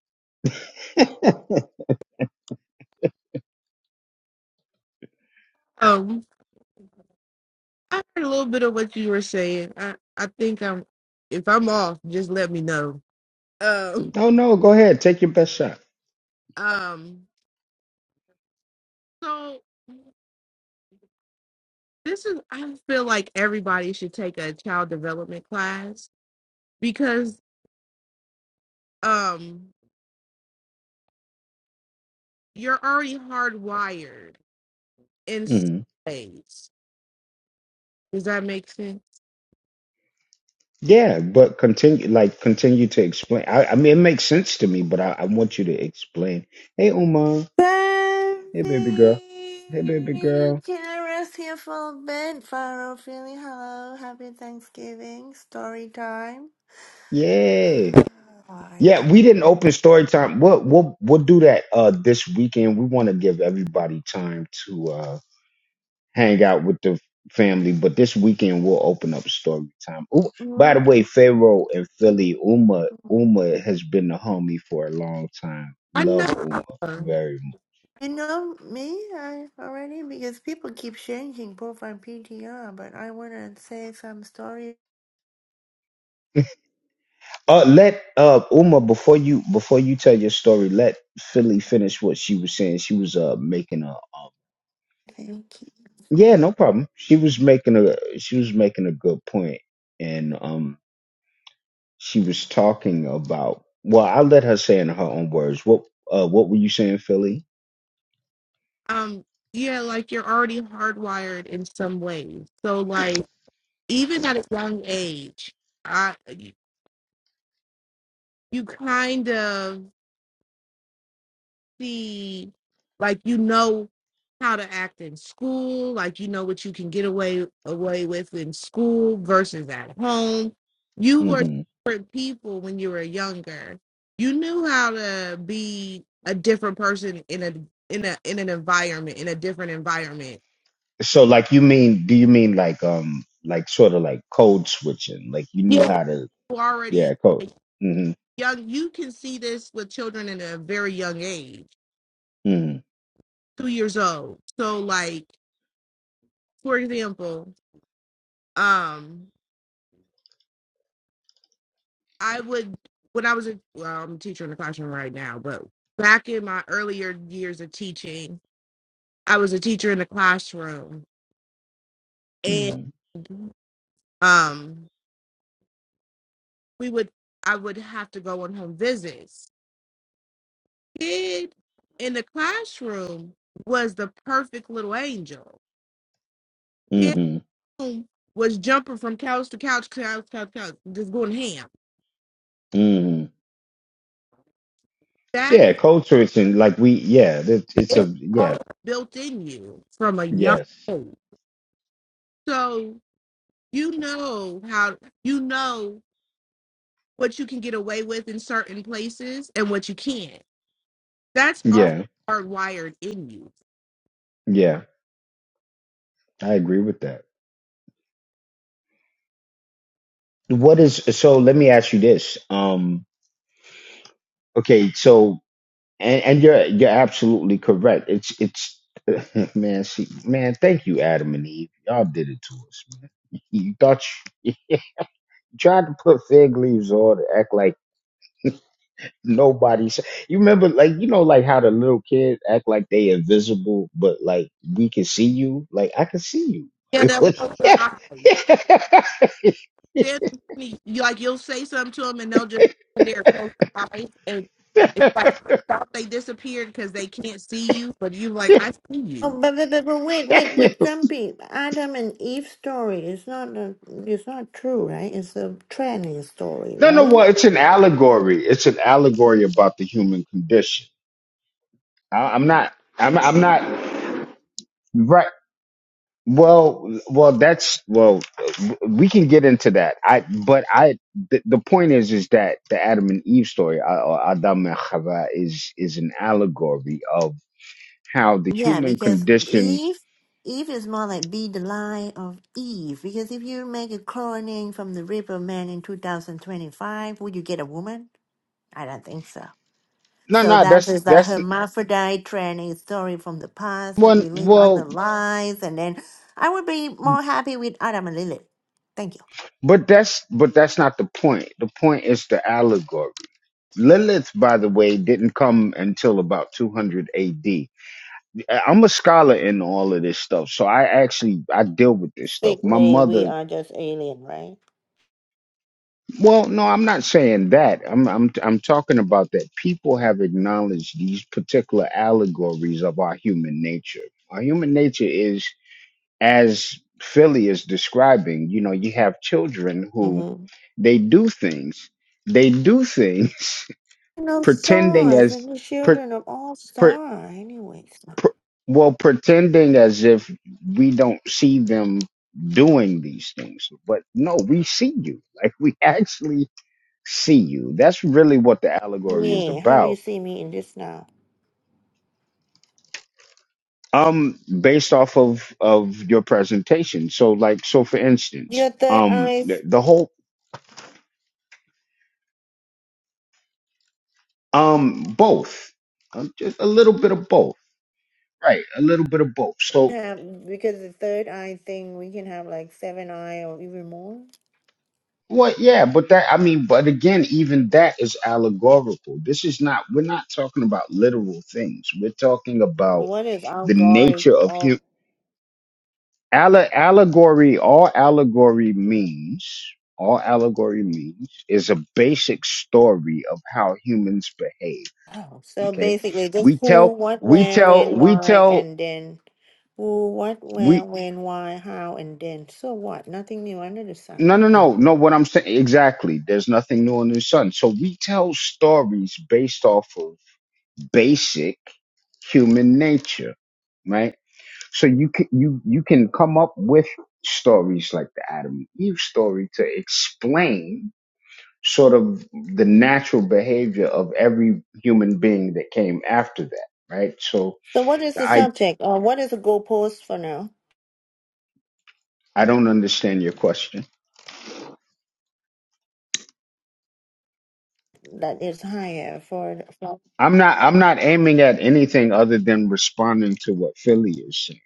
Speaker 3: Um, I heard a little bit of what you were saying. I, I think I'm if I'm off, just let me know. Um
Speaker 1: No, no, go ahead. Take your best shot.
Speaker 3: um so this is I feel like everybody should take a child development class because um you're already hardwired in some
Speaker 1: hmm
Speaker 3: ways. Does that make sense?
Speaker 1: Yeah, but continue, like, continue to explain. I, I mean, it makes sense to me, but I, I want you to explain. Hey, Uma.
Speaker 4: Sandy!
Speaker 1: Hey, baby girl. Hey, baby girl.
Speaker 4: Can I rest here for a bit? Pharaoh feeling hello. Happy Thanksgiving. Story time.
Speaker 1: Yeah.
Speaker 4: Oh, I
Speaker 1: Yeah, we
Speaker 4: can.
Speaker 1: didn't open story time. We'll we'll we'll do that uh this weekend. We want to give everybody time to uh hang out with the family. But this weekend we'll open up story time. Ooh, by the way,
Speaker 4: Mhm.
Speaker 1: Pharaoh and Philly, Uma Uma has been a homie for a long time.
Speaker 3: I
Speaker 1: Love
Speaker 3: know.
Speaker 1: Uma very much.
Speaker 4: You know me I already because people keep changing profile PTR, but I want to say some story.
Speaker 1: Uh, let uh Uma before you before you tell your story, let Philly finish what she was saying. She was uh making a um,
Speaker 4: Thank you.
Speaker 1: yeah, no problem. She was making a she was making a good point, and um she was talking about well, I'll let her say in her own words. What uh what were you saying, Philly?
Speaker 3: Um yeah, like you're already hardwired in some ways. So like even at a young age, I you kind of see like you know how to act in school, like you know what you can get away away with in school versus at home. You were
Speaker 1: Mm-hmm.
Speaker 3: different people when you were younger. You knew how to be a different person in a in a in an environment, in a different environment.
Speaker 1: So like you mean do you mean like um like sort of like code switching? Like you knew
Speaker 3: Yeah.
Speaker 1: how to
Speaker 3: You already
Speaker 1: yeah, code.
Speaker 3: like,
Speaker 1: Mhm.
Speaker 3: young you can see this with children in a very young age,
Speaker 1: Mhm.
Speaker 3: two years old. So like for example, um. I would when I was a well, I'm a teacher in the classroom right now, but back in my earlier years of teaching, I was a teacher in the classroom and
Speaker 1: Mhm.
Speaker 3: um we would I would have to go on home visits. Kid in the classroom was the perfect little angel. Kid
Speaker 1: Mhm.
Speaker 3: who was jumping from couch to couch, couch, couch, couch, just going ham.
Speaker 1: Mhm.
Speaker 3: That
Speaker 1: Yeah,
Speaker 3: is
Speaker 1: code switching like we yeah, that it's a
Speaker 3: it's all
Speaker 1: yeah.
Speaker 3: built in you from a young
Speaker 1: Yes.
Speaker 3: age. So you know how you know what you can get away with in certain places and what you can't. That's all
Speaker 1: Yeah.
Speaker 3: hardwired in you.
Speaker 1: Yeah. I agree with that. What is so let me ask you this. Um okay, so and and you're you're absolutely correct. It's it's man, see, man, thank you Adam and Eve. Y'all did it to us, man. You thought you tried to put fig leaves on and act like nobody's. You remember, like you know, like how the little kids act like they invisible, but like we can see you. Like I can see you.
Speaker 3: Yeah, they'll close their eyes. Stand in front of you, like you'll say something to them and they'll just stand there close their eyes and it's like thought they disappeared because they can't see you, but you like I see you.
Speaker 4: Oh, but, but, but, but wait, wait, wait, Grumpy. Adam and Eve story is not a, it's not true, right? It's a trending story,
Speaker 1: no, no,
Speaker 4: right?
Speaker 1: well, it's an allegory. It's an allegory about the human condition. I, I'm not. I'm, I'm not. Right. Well, well, that's well, we can get into that. I, but I, the, the point is, is that the Adam and Eve story, uh, or Adam and Chava, is is an allegory of how the
Speaker 4: Yeah,
Speaker 1: human
Speaker 4: because
Speaker 1: condition.
Speaker 4: Eve, Eve is more like be the line of Eve. Because if you make a cloning from the Ripper Man in 2025, will you get a woman? I don't think so.
Speaker 1: No,
Speaker 4: So
Speaker 1: no,
Speaker 4: that
Speaker 1: that's
Speaker 4: is the
Speaker 1: that's
Speaker 4: hermaphrodite training story from the past that
Speaker 1: one.
Speaker 4: we live on the
Speaker 1: Well,
Speaker 4: lies. And then I would be more happy with Adam and Lilith. Thank you.
Speaker 1: but that's but that's not the point. The point is the allegory. Lilith, by the way, didn't come until about 200 AD. I'm a scholar in all of this stuff, so I actually I deal with this stuff. My
Speaker 4: Basically, we
Speaker 1: mother
Speaker 4: are just alien, right?
Speaker 1: Well, no, I'm not saying that. I'm I'm I'm talking about that people have acknowledged these particular allegories of our human nature. Our human nature is as Philly is describing, you know, you have children who
Speaker 4: Mm-hmm.
Speaker 1: they do things. They do things
Speaker 4: No
Speaker 1: pretending
Speaker 4: stars
Speaker 1: as
Speaker 4: and the
Speaker 1: per,
Speaker 4: children of all
Speaker 1: per,
Speaker 4: star. Anyways.
Speaker 1: per, well pretending as if we don't see them doing these things. But no, we see you. Like we actually see you. That's really what the allegory is
Speaker 4: Yeah. How do you
Speaker 1: about.
Speaker 4: see me in this now?
Speaker 1: Um, based off of of your presentation. So, like, so for instance,
Speaker 4: Your third
Speaker 1: um,
Speaker 4: eye
Speaker 1: the, the whole, um, both, um, just a little bit of both, right? A little bit of both. So,
Speaker 4: have because the third eye thing we can have like seven eye or even more.
Speaker 1: what? Yeah, but that, I mean, but again, even that is allegorical. This is not. We're not talking about literal things. We're talking about
Speaker 4: What is our
Speaker 1: the
Speaker 4: guard
Speaker 1: nature of hu-
Speaker 4: or
Speaker 1: Alle- allegory, all allegory means, all allegory means is a basic story of how humans behave.
Speaker 4: oh, so
Speaker 1: Okay.
Speaker 4: basically just
Speaker 1: We
Speaker 4: who,
Speaker 1: tell,
Speaker 4: what,
Speaker 1: we
Speaker 4: where,
Speaker 1: tell,
Speaker 4: when,
Speaker 1: we
Speaker 4: why,
Speaker 1: tell,
Speaker 4: and then who, what, where,
Speaker 1: we,
Speaker 4: when, why, how, and then. So what? Nothing new under the sun.
Speaker 1: no, no,
Speaker 4: Mm.
Speaker 1: no, no, what I'm saying, exactly. There's nothing new under the sun. So we tell stories based off of basic human nature, right? So you can, you, you can come up with stories like the Adam and Eve story to explain sort of the natural behavior of every human being that came after that, right? So
Speaker 4: So what is the
Speaker 1: I
Speaker 4: subject or what is the goalpost for now
Speaker 1: I don't understand your question.
Speaker 4: that is higher for? for...
Speaker 1: I'm not I'm not aiming at anything other than responding to what Philly is saying.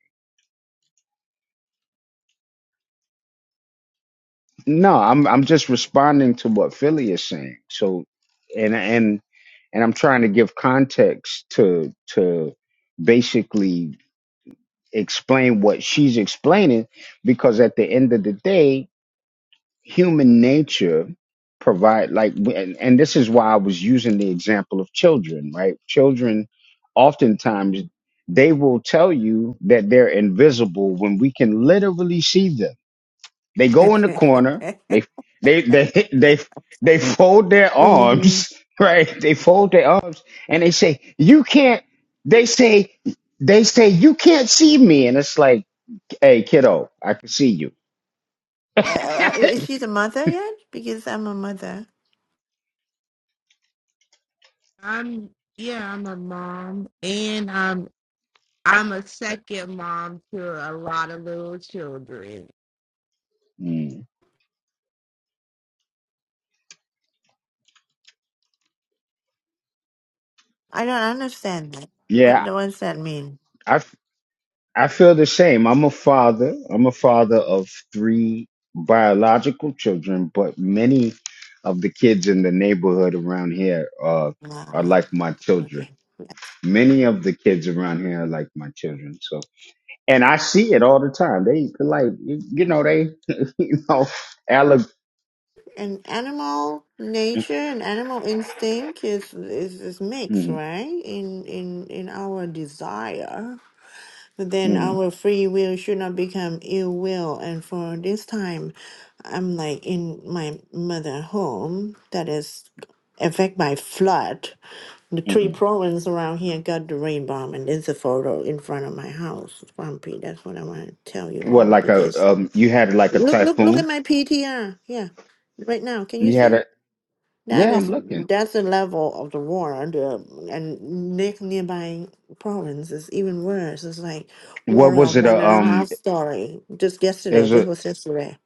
Speaker 1: No, I'm I'm just responding to what Philly is saying. So and and and I'm trying to give context to to basically explain what she's explaining because at the end of the day human nature provide like w- and, and this is why i was using the example of children right children oftentimes they will tell you that they're invisible when we can literally see them they go in the corner they they they they, they fold their
Speaker 4: hmm
Speaker 1: arms right they fold their arms and they say you can't they say they say you can't see me and it's like hey kiddo i can see you
Speaker 4: Uh, uh, is she the mother yet? Because I'm a mother.
Speaker 3: I'm yeah, I'm a mom and I'm I'm a second mom to a lot of little children.
Speaker 1: Mm.
Speaker 4: I don't understand that. What
Speaker 1: yeah
Speaker 4: what does that mean?
Speaker 1: I feel the same. I'm a father. I'm a father of three biological children, but many of the kids in the neighborhood around here are are
Speaker 4: Ah,
Speaker 1: like my children.
Speaker 4: okay. Yes.
Speaker 1: Many of the kids around here are like my children. So, and I see it all the time. They like, you know, they, you know, alleg-
Speaker 4: An animal nature and animal instinct is, is is mixed,
Speaker 1: mm,
Speaker 4: right? In in in our desire, but then
Speaker 1: mm,
Speaker 4: our free will should not become ill will. And for this time, I'm like in my mother home that is affected by flood. The three
Speaker 1: mm.
Speaker 4: provinces around here got the rain bomb, and there's a photo in front of my house, Grumpy. That's what I want to tell you
Speaker 1: What
Speaker 4: all
Speaker 1: like
Speaker 4: because
Speaker 1: a um? You had like a
Speaker 4: look, look, look
Speaker 1: typhoon.
Speaker 4: at my PTR. Yeah, right now, can you
Speaker 1: You had
Speaker 4: see?
Speaker 1: a
Speaker 4: That
Speaker 1: yeah. I'm
Speaker 4: is
Speaker 1: looking.
Speaker 4: that's the level of the water. The and next nearby province is even worse. It's like
Speaker 1: What
Speaker 4: water
Speaker 1: was
Speaker 4: of
Speaker 1: it?
Speaker 4: one
Speaker 1: A
Speaker 4: and a
Speaker 1: um?
Speaker 4: half story. Just yesterday,
Speaker 1: Is
Speaker 4: this
Speaker 1: a
Speaker 4: was yesterday.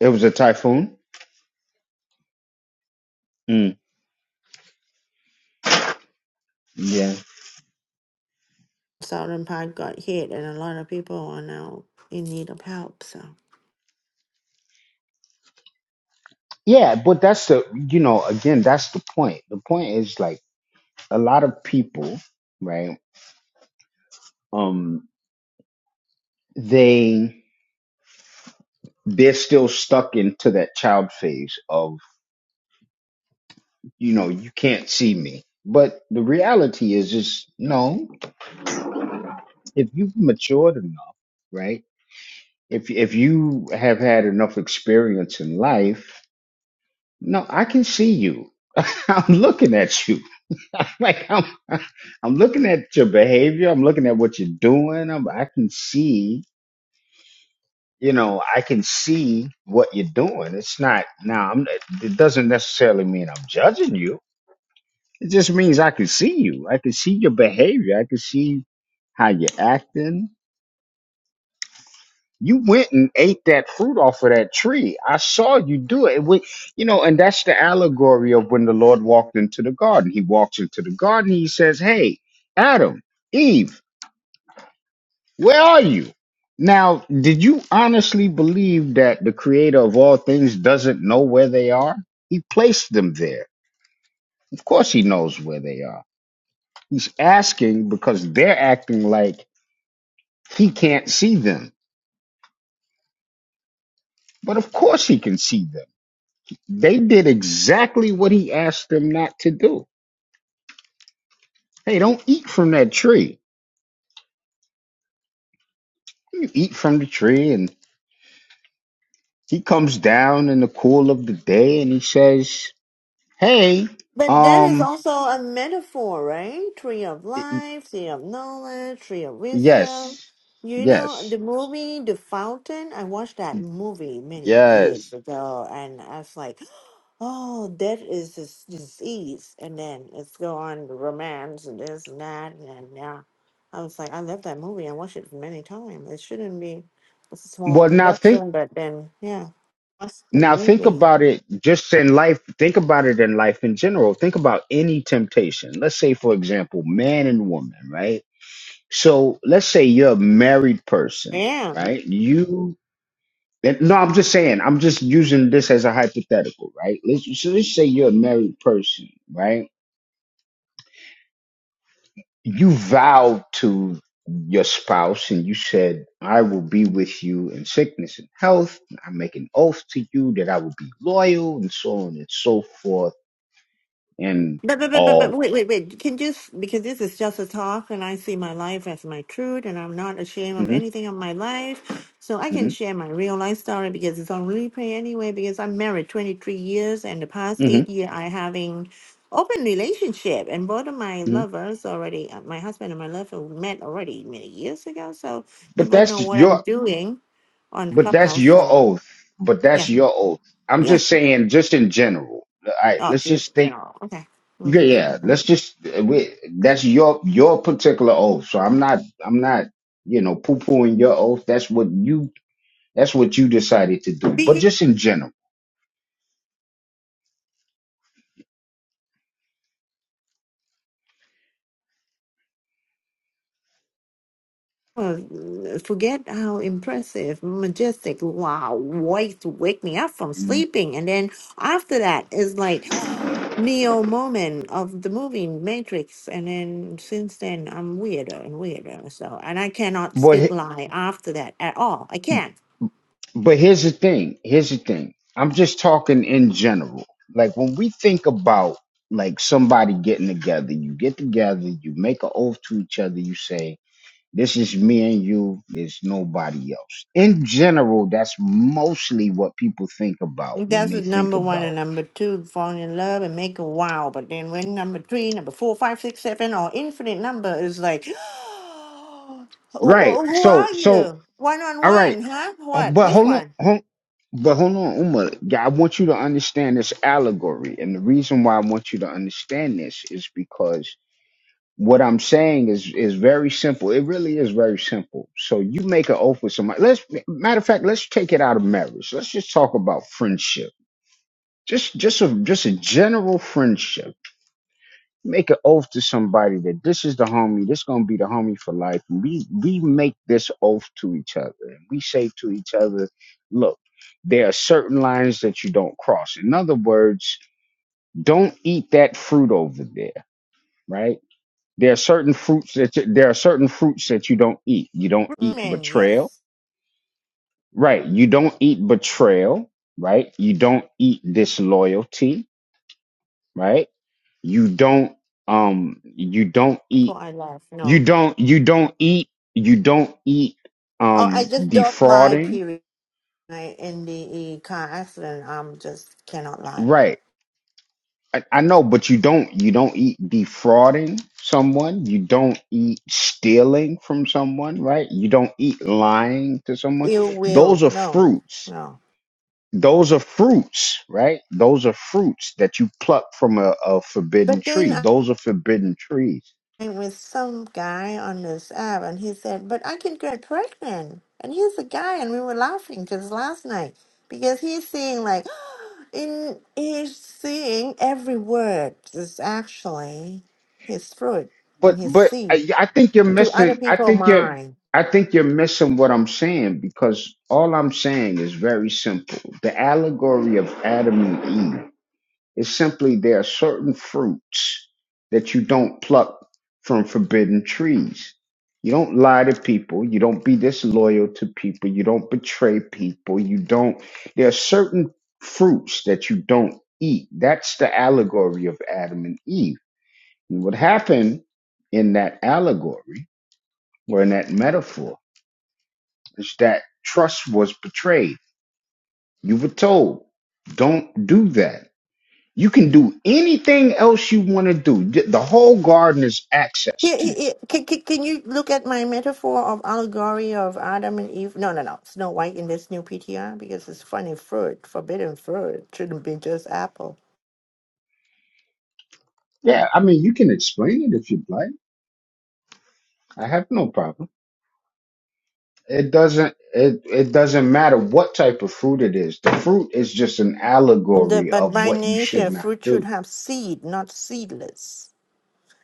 Speaker 1: it was a typhoon? Hmm. Yeah.
Speaker 4: Southern part got hit, and a lot of people are now in need of help. So.
Speaker 1: Yeah, but that's the you know, again, that's the point. The point is like a lot of people, right? Um they they're still stuck into that child phase of, you know, you can't see me. But the reality is is no, if you've matured enough, right? If if you have had enough experience in life, no, I can see you. I'm looking at you. like I'm I'm looking at your behavior, I'm looking at what you're doing. I'm, I can see, you know, I can see what you're doing. It's not now. I'm, it doesn't necessarily mean I'm judging you. It just means I can see you. I can see your behavior. I can see how you're acting. You went and ate that fruit off of that tree. I saw you do it. it wa- you know, and that's the allegory of when the Lord walked into the garden. He walks into the garden. He says, "Hey, Adam, Eve." Where are you? Now, did you honestly believe that the creator of all things doesn't know where they are? He placed them there. Of course, he knows where they are. He's asking because they're acting like he can't see them. But of course, he can see them. They did exactly what he asked them not to do. Hey, don't eat from that tree. You eat from the tree, and he comes down in the cool of the day and he says, Hey,
Speaker 4: But that is
Speaker 1: um,
Speaker 4: also a metaphor, right? Tree of life, tree of knowledge, tree of wisdom.
Speaker 1: Yes.
Speaker 4: You know,
Speaker 1: Yes.
Speaker 4: the movie The Fountain, I watched that movie many years
Speaker 1: Yes.
Speaker 4: ago and I was like, oh, that is this disease. And then it's go on the romance and this and that. And yeah, I was like, I love that movie. I watched it many times. It shouldn't be it's a small
Speaker 1: Well, now think
Speaker 4: production, but then, yeah, that's the
Speaker 1: now think
Speaker 4: movie.
Speaker 1: about it just in life. Think about it in life in general. Think about any temptation. Let's say, for example, man and woman, right? So let's say you're a married person,
Speaker 4: Yeah.
Speaker 1: right? You and- no, I'm just saying, I'm just using this as a hypothetical, right? Let's so let's say you're a married person, right? you vowed to your spouse and you said, I will be with you in sickness and health. I make an oath to you that I will be loyal and so on and so forth and
Speaker 4: But, but, but, but, but
Speaker 1: all.
Speaker 4: wait, wait, wait. Can just because this is just a talk, and I see my life as my truth, and I'm not ashamed of
Speaker 1: hmm
Speaker 4: anything of my life. So I can
Speaker 1: hmm
Speaker 4: share my real life story because it's on replay anyway. Because I'm married 23 years, and the past
Speaker 1: hmm
Speaker 4: eight year I having open relationship, and both of my
Speaker 1: hmm
Speaker 4: lovers already, uh, my husband and my lover met already many years ago. So they
Speaker 1: But
Speaker 4: both know
Speaker 1: that's
Speaker 4: what I'm
Speaker 1: your,
Speaker 4: doing on
Speaker 1: but that's
Speaker 4: Clubhouse.
Speaker 1: your
Speaker 4: So
Speaker 1: oath. But that's
Speaker 4: yeah,
Speaker 1: your oath. I'm
Speaker 4: yeah.
Speaker 1: just saying, just in general. All right,
Speaker 4: Oh,
Speaker 1: let's
Speaker 4: you
Speaker 1: just think.
Speaker 4: know, okay. Mm,
Speaker 1: Yeah, yeah. Let's just. uh, We, that's your your particular oath. So I'm not. I'm not. You know, poo pooing your oath. That's what you That's what you decided to do. But
Speaker 4: mhm.
Speaker 1: just in general.
Speaker 4: Uh, forget how impressive, majestic, wow, voice to wake me up from
Speaker 1: Mhm.
Speaker 4: sleeping. And then after that is like Neo moment of the movie Matrix. And then since then, I'm weirder and weirder. So, and I cannot
Speaker 1: But
Speaker 4: speak
Speaker 1: he-
Speaker 4: lie after that at all. I can't.
Speaker 1: but here's the thing. Here's the thing. I'm just talking in general. Like when we think about like somebody getting together, you get together, you make an oath to each other, you say, This is me and you, there's nobody else. In general, that's mostly what people think about when
Speaker 4: That's
Speaker 1: they
Speaker 4: was
Speaker 1: think
Speaker 4: number one
Speaker 1: about.
Speaker 4: and number two, falling in love and make a wow. But then when number three, number four, five, six, seven, or infinite number is like, "Wh-
Speaker 1: Right.
Speaker 4: wh- who
Speaker 1: So
Speaker 4: are
Speaker 1: so
Speaker 4: you? One on
Speaker 1: all right.
Speaker 4: one, huh?
Speaker 1: Uh,
Speaker 4: What?
Speaker 1: but
Speaker 4: Which
Speaker 1: hold on,
Speaker 4: one?
Speaker 1: hold, but hold on, Uma. Yeah, I want you to understand this allegory, and the reason why I want you to understand this is because what I'm saying is is very simple. It really is very simple. So you make an oath with somebody. Let's matter of fact, let's take it out of marriage. Let's just talk about friendship. Just just a just a general friendship. Make an oath to somebody that this is the homie. This gonna be the homie for life. And we we make this oath to each other. And we say to each other, look, there are certain lines that you don't cross. In other words, don't eat that fruit over there. Right? There are certain fruits that you, there are certain fruits that you don't eat. You don't eat
Speaker 4: Men,
Speaker 1: betrayal.
Speaker 4: yes.
Speaker 1: Right? You don't eat betrayal. Right? You don't eat disloyalty. Right? you don't um you don't eat
Speaker 4: People I love,
Speaker 1: You
Speaker 4: no.
Speaker 1: don't you don't eat you don't eat
Speaker 4: Oh, I
Speaker 1: um
Speaker 4: just dog my
Speaker 1: defrauding.
Speaker 4: period I, in the uh, car accident. I'm just cannot lie.
Speaker 1: Right. I, I know, but you don't you don't eat defrauding someone. You don't eat stealing from someone, right? You don't eat lying to someone.
Speaker 4: Ill
Speaker 1: Those
Speaker 4: will,
Speaker 1: are
Speaker 4: no,
Speaker 1: fruits.
Speaker 4: no.
Speaker 1: Those are fruits, right? Those are fruits that you pluck from a, a forbidden
Speaker 4: But then
Speaker 1: tree. Those are forbidden trees.
Speaker 4: with some guy on this app, and he said, "But I can get pregnant." And he's a guy, and we were laughing just last night because he's seeing like in he's seeing every word is actually his fruit
Speaker 1: but
Speaker 4: and his
Speaker 1: but
Speaker 4: seed
Speaker 1: I, I think you're
Speaker 4: to other
Speaker 1: missing. I
Speaker 4: people's
Speaker 1: think you're.
Speaker 4: mind.
Speaker 1: I think you're missing what I'm saying because all I'm saying is very simple. The allegory of Adam and Eve is simply there are certain fruits that you don't pluck from forbidden trees. You don't lie to people. You don't be disloyal to people. You don't betray people. You don't. There are certain fruits that you don't eat. That's the allegory of Adam and Eve and what happened in that allegory or in that metaphor is that trust was betrayed. You were told, don't do that. You can do anything else you want to do. The the whole garden is access
Speaker 4: He-
Speaker 1: to
Speaker 4: he-
Speaker 1: you.
Speaker 4: he- Can, can, can you look at my metaphor of allegory of Adam and Eve? No, no, no. Snow White in this new PTR because it's funny fruit, forbidden fruit shouldn't be just apple.
Speaker 1: Yeah, I mean, you can explain it if you'd like. I have no problem. It doesn't it, it doesn't matter what type of fruit it is. The fruit is just an
Speaker 4: The,
Speaker 1: allegory
Speaker 4: but
Speaker 1: of
Speaker 4: by
Speaker 1: what you should
Speaker 4: nature,
Speaker 1: not
Speaker 4: fruit should
Speaker 1: do.
Speaker 4: have seed, not seedless.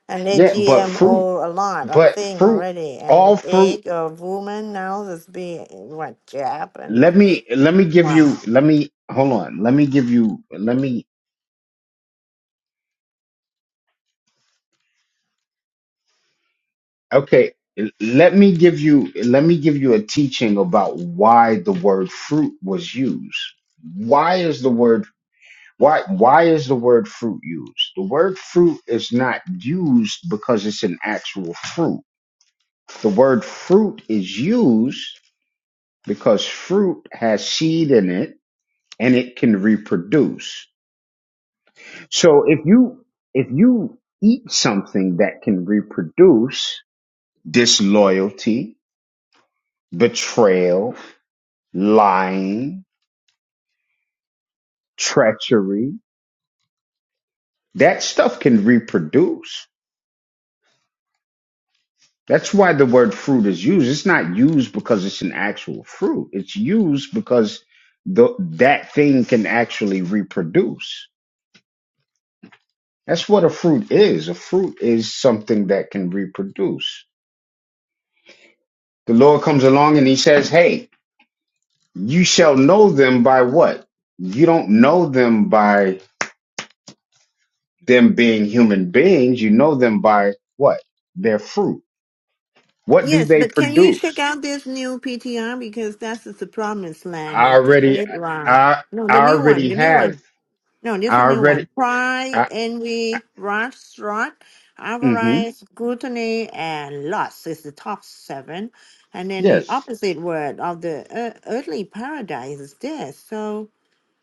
Speaker 4: And they
Speaker 1: Yeah, but fruit
Speaker 4: GMO a lot of
Speaker 1: but
Speaker 4: thing
Speaker 1: fruit
Speaker 4: already. And
Speaker 1: all
Speaker 4: the
Speaker 1: fruit
Speaker 4: egg of woman now is being what jab and
Speaker 1: let me let me give you
Speaker 4: wow.
Speaker 1: let me hold on let me give you let me okay let me give you let me give you a teaching about why the word fruit was used why is the word why why is the word fruit used the word fruit is not used because it's an actual fruit the word fruit is used because fruit has seed in it and it can reproduce So if you if you eat something that can reproduce disloyalty, betrayal, lying, treachery, that stuff can reproduce. That's why the word fruit is used. It's not used because it's an actual fruit. It's used because the, that thing can actually reproduce. That's what a fruit is. A fruit is something that can reproduce. The Lord comes along and he says, "Hey, You shall know them by what? You don't know them by them being human beings. You know them by what? Their fruit. What do
Speaker 4: Yes,
Speaker 1: they
Speaker 4: but can you check
Speaker 1: produce?
Speaker 4: out this new PTR because that's is the promised land
Speaker 1: I
Speaker 4: of the
Speaker 1: already,
Speaker 4: earth. Wow.
Speaker 1: I,
Speaker 4: No,
Speaker 1: I
Speaker 4: the new one,
Speaker 1: already
Speaker 4: the new one.
Speaker 1: have.
Speaker 4: No, this is a
Speaker 1: I
Speaker 4: new
Speaker 1: already,
Speaker 4: one. Pride,
Speaker 1: I,
Speaker 4: envy, wrath, strife,
Speaker 1: mm-hmm.
Speaker 4: avarice, gluttony, and lust is the top seven. And then the
Speaker 1: Yes.
Speaker 4: opposite word of the ear- earthly paradise is death. So,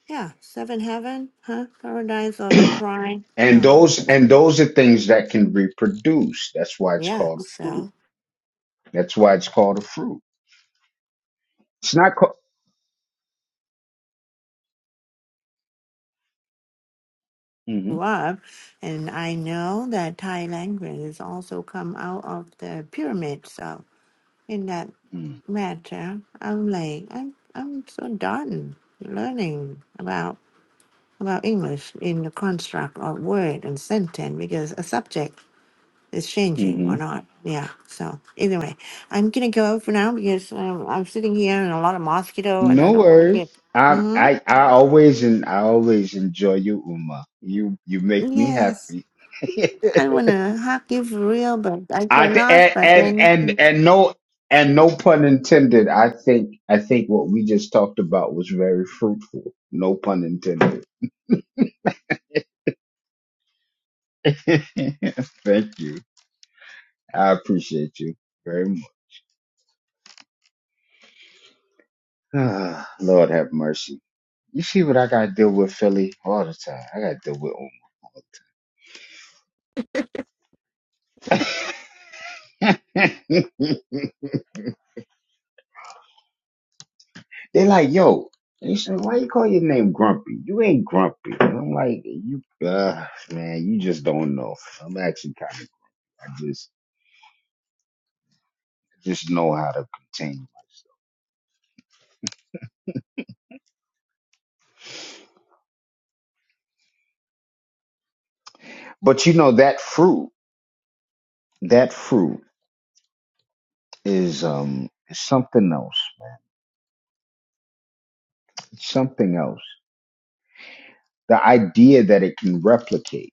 Speaker 4: yeah, seven heaven, huh? Paradise of pride.
Speaker 1: And
Speaker 4: No, no.
Speaker 1: those, and those are things that can reproduce. That's why it's
Speaker 4: Yeah,
Speaker 1: called a fruit.
Speaker 4: so
Speaker 1: That's why it's called a fruit. It's not called, mm-hmm.
Speaker 4: love, And I know that Thai language has also come out of the pyramid. So, in that
Speaker 1: mm-hmm,
Speaker 4: mad child. I'm like I'm I'm so done learning about about English in the construct of word and sentence because a subject is changing
Speaker 1: Mm-hmm.
Speaker 4: or not. Yeah. So anyway, I'm gonna go for now because um, I'm sitting here and a lot of mosquito and I
Speaker 1: No
Speaker 4: don't like it.
Speaker 1: worries. I
Speaker 4: hmm
Speaker 1: I I always and I always enjoy you, Uma. You you make me
Speaker 4: Yes.
Speaker 1: happy.
Speaker 4: I wanna hug you for real, but I
Speaker 1: I th-
Speaker 4: cannot.
Speaker 1: and,
Speaker 4: But
Speaker 1: and and
Speaker 4: then
Speaker 1: and no and no pun intended. I think I think what we just talked about was very fruitful. No pun intended. Thank you. I appreciate you very much. Ah, Lord have mercy. You see what I gotta deal with, Philly, all the time. I gotta deal with Uma. They like, yo, and He said, why you call your name Grumpy? You ain't Grumpy. And I'm like, you, uh, man, you just don't know. I'm actually kind of, I just, just know how to contain myself. But you know that fruit, that fruit is um is something else, man. It's something else. The idea that it can replicate,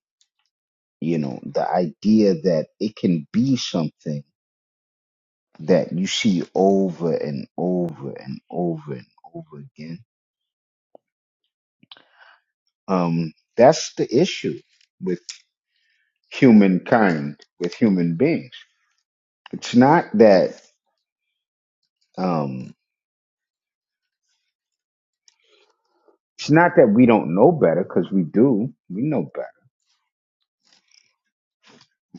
Speaker 1: you know, the idea that it can be something that you see over and over and over and over again Um, that's the issue with humankind, with human beings. It's not that um, it's not that we don't know better because we do. We know better,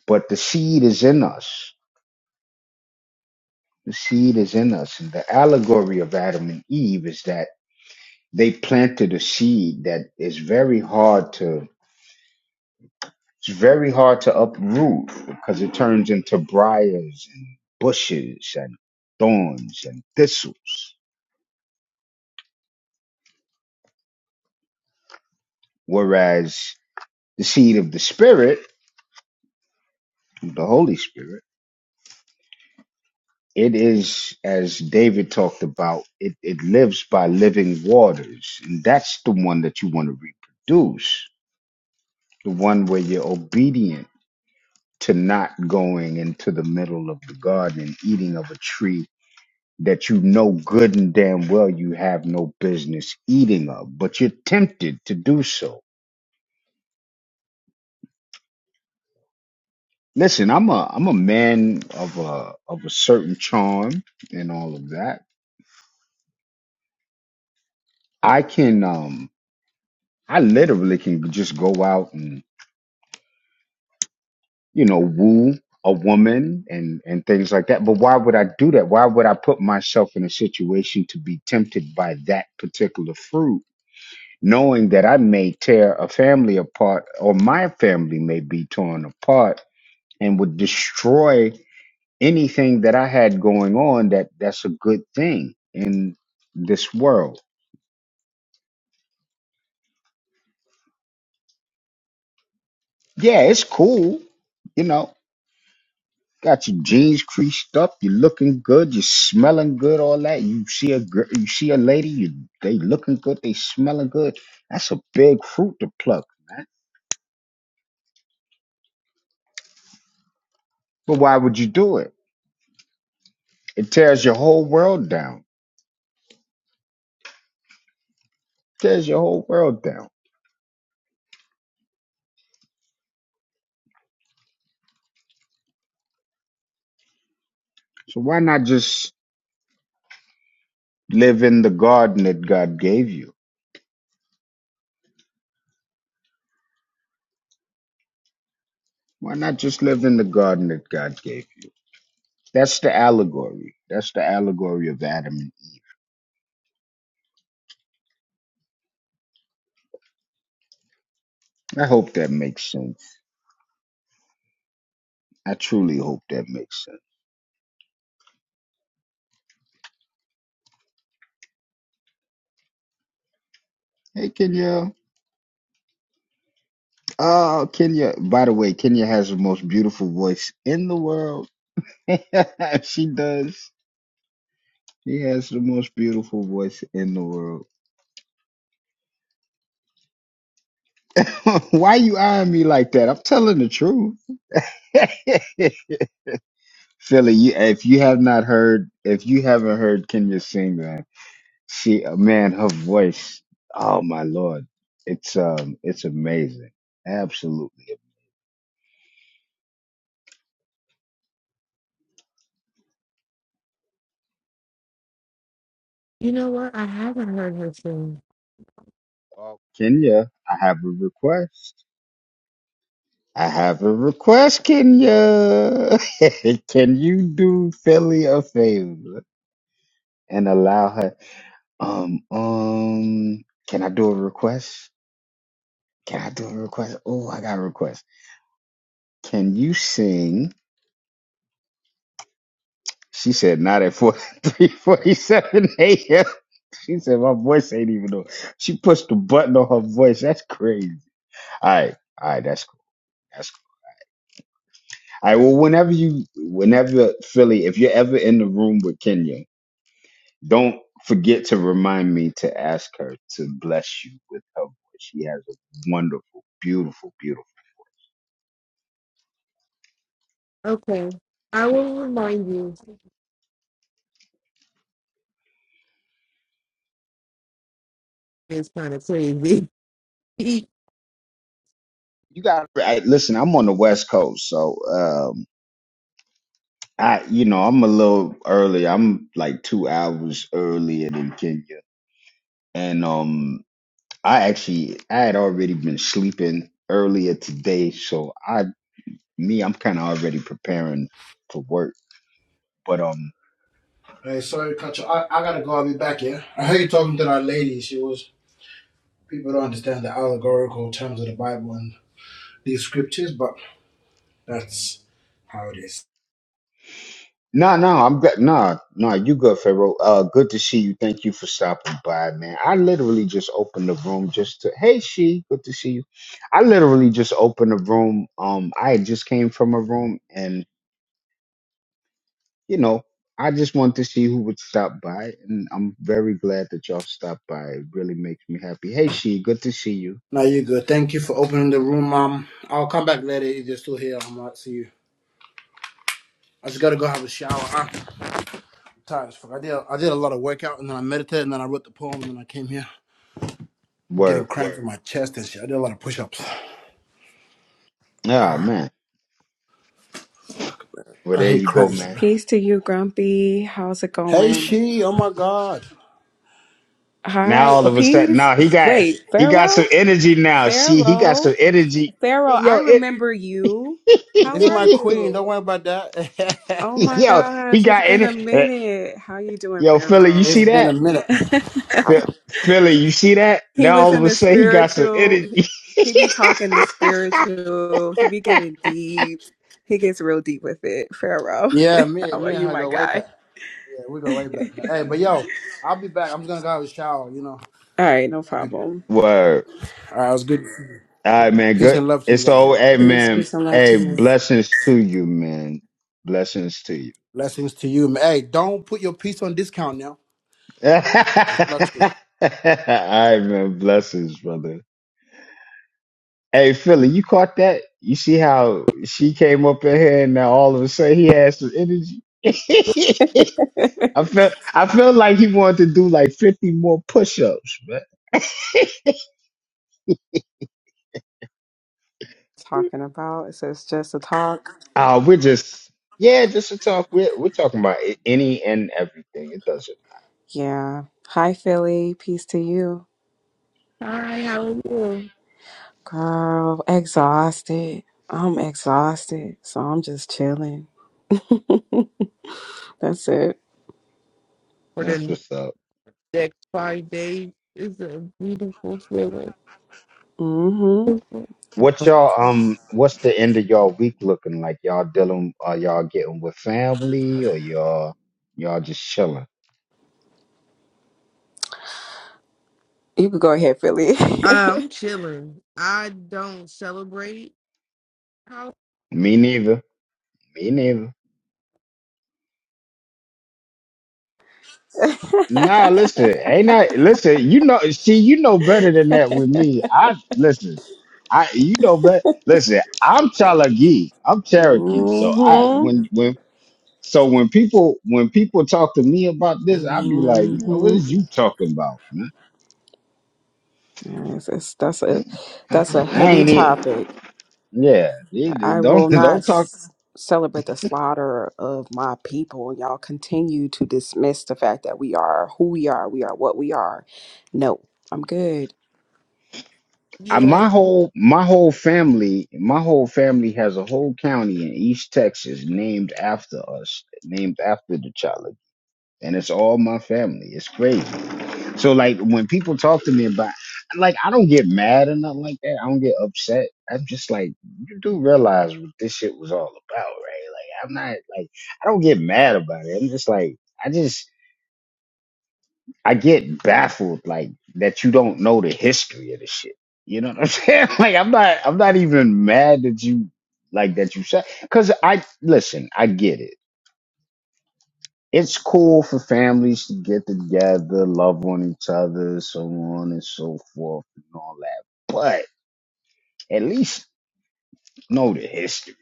Speaker 1: but the seed is in us. The seed is in us, and the allegory of Adam and Eve is that they planted a seed that is very hard to. It's very hard to uproot because it turns into briars and bushes and thorns and thistles. Whereas the seed of the Spirit, the Holy Spirit, it is, as David talked about, it, it lives by living waters. And that's the one that you want to reproduce, the one where you're obedient to not going into the middle of the garden, eating of a tree that you know good and damn well you have no business eating of, but you're tempted to do so. Listen, I'm a I'm a man of a of a certain charm and all of that. I can um I literally can just go out and, you know, woo a woman and, and things like that. But why would I do that? Why would I put myself in a situation to be tempted by that particular fruit, knowing that I may tear a family apart or my family may be torn apart and would destroy anything that I had going on that that's a good thing in this world. Yeah, it's cool. You know, Got your jeans creased up. You're looking good. You're smelling good. All that. You see a girl. You see a lady. You they looking good. They smelling good. That's a big fruit to pluck, man. But why would you do it? It tears your whole world down. tears your whole world down. So why not just live in the garden that God gave you? Why not just live in the garden that God gave you? That's the allegory. That's the allegory of Adam. and Eve. I hope that makes sense. I truly hope that makes sense. Hey, Kenya. Oh, Kenya. By the way, Kenya has the most beautiful voice in the world. she does. She has the most beautiful voice in the world. Why you eyeing me like that? I'm telling the truth. Philly, you, if you have not heard, if you haven't heard Kenya sing, man, she, uh, man, her voice, oh my lord, it's um, it's amazing, absolutely.
Speaker 3: You know what? I haven't heard her sing.
Speaker 1: Oh, Kenya, I have a request. I have a request, Kenya. Can you do Philly a favor and allow her? Um, um, can I do a request? Can I do a request? Oh, I got a request. Can you sing? She said, not at 43, 47 a.m. She said, my voice ain't even on. She pushed the button on her voice. That's crazy. All right. All right. That's cool. That's cool. All right. Well, whenever you, whenever Philly, if you're ever in the room with Kenya, Don't forget to remind me to ask her to bless you with her voice. She has a wonderful, beautiful, beautiful.
Speaker 3: Okay. I will remind you. It's kind of crazy.
Speaker 1: You got I, listen. I'm on the West Coast, so um, I, you know, I'm a little early. I'm like two hours earlier than Kenya, and um, I actually I had already been sleeping earlier today, so I, me, I'm kind of already preparing for work. But um.
Speaker 2: Hey, sorry, Kacha. I, I gotta go. I'll be back. Yeah. I heard you talking to that lady. She was people don't understand the allegorical terms of the Bible and these scriptures, but that's how it is.
Speaker 1: No, no, I'm good. No, no, you good, Pharaoh. Uh, good to see you. Thank you for stopping by, man. I literally just opened the room just to. Hey, she. Good to see you. I literally just opened the room. Um, I had just came from a room, and you know, I just wanted to see who would stop by, and I'm very glad that y'all stopped by. It really makes me happy. Hey, she. Good to see you.
Speaker 2: Now you good. Thank you for opening the room, Mom. I'll come back later if you're still here. I'm not see you. I just gotta go have a shower. I'm tired as fuck. I did I did a lot of workout and then I meditated and then I wrote the poem and then I came here. I'm
Speaker 1: Word.
Speaker 2: getting cramps in my chest and shit. I did a lot of push-ups.
Speaker 1: Ah, man. Well,
Speaker 2: I
Speaker 1: there
Speaker 2: hate
Speaker 1: you go,
Speaker 2: cramps,
Speaker 1: man.
Speaker 2: bro.
Speaker 5: Peace to you, Grumpy. How's it
Speaker 2: Hey,
Speaker 5: going?
Speaker 2: she. Oh my God.
Speaker 5: Hi.
Speaker 1: Now all
Speaker 5: Oh,
Speaker 1: of a sudden, now he
Speaker 5: peace.
Speaker 1: got
Speaker 5: Wait,
Speaker 1: he got
Speaker 5: Pharaoh?
Speaker 1: some energy. Now she, he got
Speaker 5: Pharaoh?
Speaker 1: some energy.
Speaker 5: Pharaoh, I
Speaker 1: Yo, it.
Speaker 5: remember you.
Speaker 2: This
Speaker 5: How
Speaker 2: is
Speaker 5: are
Speaker 2: my queen.
Speaker 5: you?
Speaker 2: Don't worry about that.
Speaker 5: Oh my
Speaker 1: yo, he
Speaker 5: gosh, it's
Speaker 1: got in
Speaker 5: been a
Speaker 1: it. Eh,
Speaker 5: minute. How you doing,
Speaker 1: Yo, Philly, you
Speaker 5: Pharaoh?
Speaker 2: it's
Speaker 1: see
Speaker 2: been a
Speaker 1: that?
Speaker 2: minute.
Speaker 1: Phil- Philly, you see that?
Speaker 5: he
Speaker 1: Now
Speaker 5: was
Speaker 1: all
Speaker 5: in
Speaker 1: of a
Speaker 5: the
Speaker 1: sudden he got some
Speaker 5: spiritual. He
Speaker 1: energy.
Speaker 5: be talking the spiritual. He be getting deep. He gets real deep with it. Pharaoh,
Speaker 2: Yeah, me,
Speaker 5: how are
Speaker 2: me and
Speaker 5: you,
Speaker 2: her
Speaker 5: my
Speaker 2: go way back.
Speaker 5: guy?
Speaker 2: Yeah, we go way back, man. Hey, but yo, I'll be back. I'm just gonna go have a shower. You know,
Speaker 5: All right, no
Speaker 2: I'll be. Back.
Speaker 5: problem.
Speaker 1: Word.
Speaker 2: All right, it was good. to see you.
Speaker 1: All right, man.
Speaker 2: Peace
Speaker 1: Good.
Speaker 2: and love to you
Speaker 1: It's
Speaker 2: guys.
Speaker 1: all. Hey,
Speaker 5: Peace,
Speaker 1: man.
Speaker 5: peace, and love to
Speaker 1: Hey,
Speaker 5: you.
Speaker 1: blessings to you, man. Blessings to you.
Speaker 2: Blessings to you. man. Hey, don't put your piece on discount now.
Speaker 1: all
Speaker 2: It's luxury.
Speaker 1: right, man. Blessings, brother. Hey, Philly, you caught that? You see how she came up in here and now all of a sudden he has some energy? I felt I felt like he wanted to do like 50 more push-ups, man.
Speaker 5: Talking about it says just a talk.
Speaker 1: Uh, we're just yeah, just to talk. We're we're talking about a- any and everything. It doesn't.
Speaker 5: Yeah. Hi, Philly. Peace to you.
Speaker 3: Hi, how are you?
Speaker 5: Girl, exhausted. I'm exhausted. So I'm just chilling. That's it.
Speaker 3: For
Speaker 1: That's
Speaker 3: the
Speaker 1: what's up.
Speaker 3: next five days, it's a beautiful feeling.
Speaker 5: Mm-hmm.
Speaker 1: What y'all um what's the end of y'all week looking like? Y'all dealing are y'all getting with family or y'all y'all just chilling?
Speaker 5: You could go ahead, Philly.
Speaker 3: I'm chilling. I don't celebrate. How?
Speaker 1: Me neither. Me neither. Nah, listen, ain't I listen, you know see, you know better than that with me. I listen, I you know bet listen, I'm Chalagi. I'm Cherokee. So I
Speaker 5: hmm
Speaker 1: when when so when people when people talk to me about this, i be like, man, what
Speaker 5: hmm
Speaker 1: is you talking about? man?
Speaker 5: Yes, it's, that's a that's a
Speaker 1: I
Speaker 5: heavy
Speaker 1: ain't it.
Speaker 5: topic.
Speaker 1: Yeah, it- it-
Speaker 5: I
Speaker 1: don't
Speaker 5: will not
Speaker 1: don't talk.
Speaker 5: s- celebrate the slaughter of my people. Y'all continue to dismiss the fact that we are who we are. We are what we are. No, I'm good.
Speaker 1: I,
Speaker 3: yeah.
Speaker 1: my whole my whole family my whole family has a whole county in East Texas named after us, named after the Chalagi. and it's all my family. It's crazy. So like when people talk to me about like I don't get mad or nothing like that. I don't get upset. I'm just like you do realize what this shit was all about, right? Like I'm not like I don't get mad about it. I'm just like I just I get baffled like that you don't know the history of the shit. You know what I'm saying? Like I'm not I'm not even mad that you like that you said cuz I listen, I get it it's cool for families to get together, love on each other, so on and so forth, and all that. But at least know the history.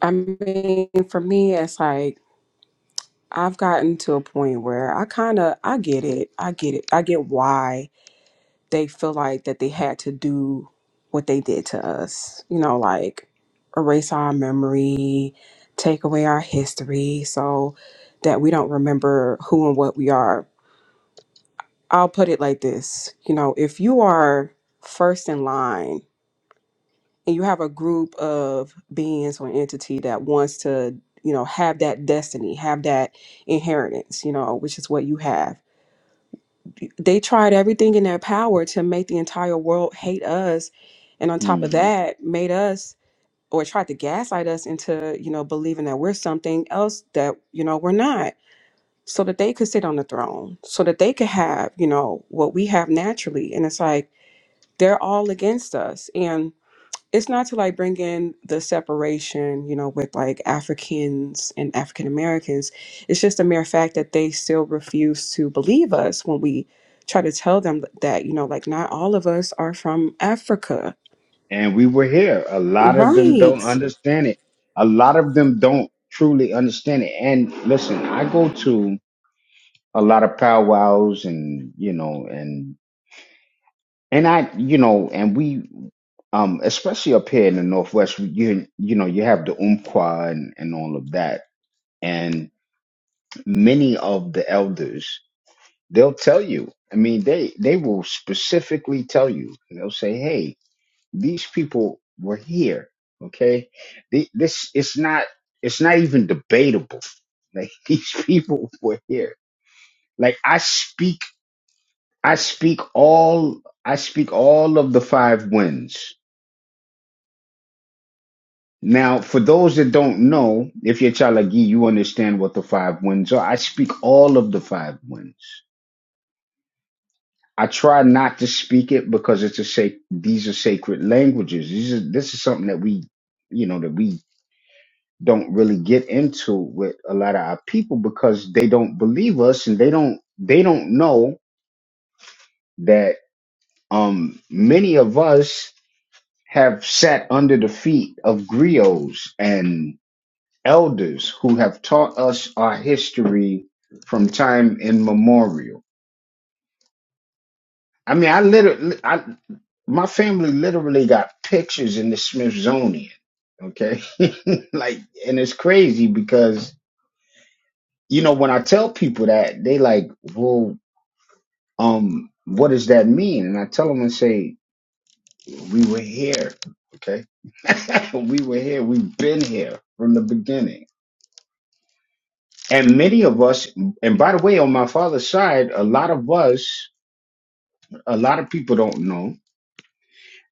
Speaker 5: I mean, for me, it's like I've gotten to a point where I kind of I get it. I get it. I get why they feel like that they had to do what they did to us. You know, like erase our memory, take away our history so that we don't remember who and what we are. I'll put it like this. You know, if you are first in line and you have a group of beings or entity that wants to you know have that destiny have that inheritance you know which is what you have they tried everything in their power to make the entire world hate us and on top of
Speaker 1: Mhm.
Speaker 5: that made us or tried to gaslight us into you know believing that we're something else that you know we're not so that they could sit on the throne so that they could have you know what we have naturally and it's like they're all against us and it's not to like bring in the separation, you know, with like Africans and African Americans. It's just a mere fact that they still refuse to believe us when we try to tell them that, you know, like not all of us are from Africa.
Speaker 1: And we were here. A lot of them don't
Speaker 5: Right.
Speaker 1: understand it. A lot of them don't truly understand it. And listen, I go to a lot of powwows, and you know, and and I, you know, and we, um, especially up here in the Northwest, you you know, you have the umqua and and all of that, and. many of the elders they'll tell you i mean they they will specifically tell you they'll say hey these people were here okay The- this it's not it's not even debatable like these people were here like i speak i speak all i speak all of the five winds now for those that don't know if you're chalagi you understand what the five winds are i speak all of the five winds I try not to speak it because it's a sac- these are sacred languages. These are, this is something that we, you know, that we don't really get into with a lot of our people because they don't believe us and they don't they don't know that um many of us have sat under the feet of griots and elders who have taught us our history from time immemorial I mean, I literally, I my family literally got pictures in the Smithsonian. Okay, like, and it's crazy because you know when I tell people that they like, well, um, what does that mean? And I tell them and say, we were here. Okay, we were here. We've been here from the beginning. And many of us, and by the way, on my father's side, a lot of us, a lot of people don't know.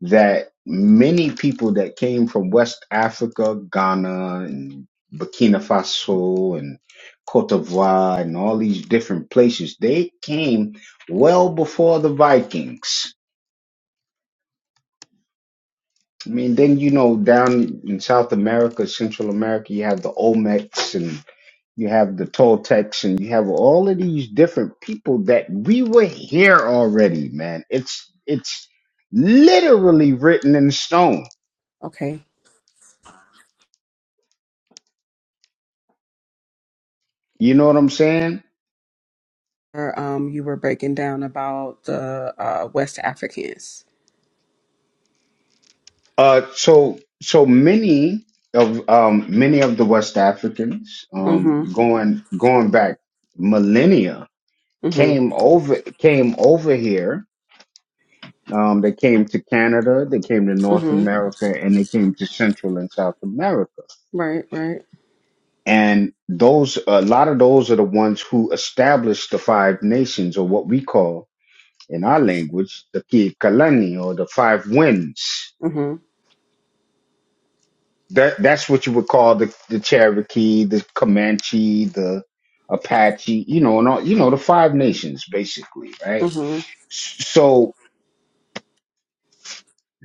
Speaker 1: that many people that came from West Africa, Ghana, and Burkina Faso, and Cote d'Ivoire, and all these different places, they came well before the Vikings. I mean, then, you know, down in South America, Central America, you have the Olmecs and you have the Toltecs and you have all of these different people that we were here already, man. It's, it's literally written in stone.
Speaker 5: Okay.
Speaker 1: You know what I'm saying?
Speaker 5: Or, Um, you were breaking down about the uh, West Africans.
Speaker 1: Uh, so so many of um, many of the West Africans um,
Speaker 5: Mm-hmm.
Speaker 1: going going back millennia
Speaker 5: Mm-hmm.
Speaker 1: came over came over here. Um, they came to Canada, they came to North
Speaker 5: Mm-hmm.
Speaker 1: America, and they came to Central and South America.
Speaker 5: Right, right.
Speaker 1: And those a lot of those are the ones who established the five nations, or what we call in our language the Kikalani or the five winds
Speaker 5: Mm-hmm.
Speaker 1: That that's what you would call the the Cherokee, the Comanche, the Apache, you know, and all you know, the five nations basically, right?
Speaker 5: Mm-hmm.
Speaker 1: S- So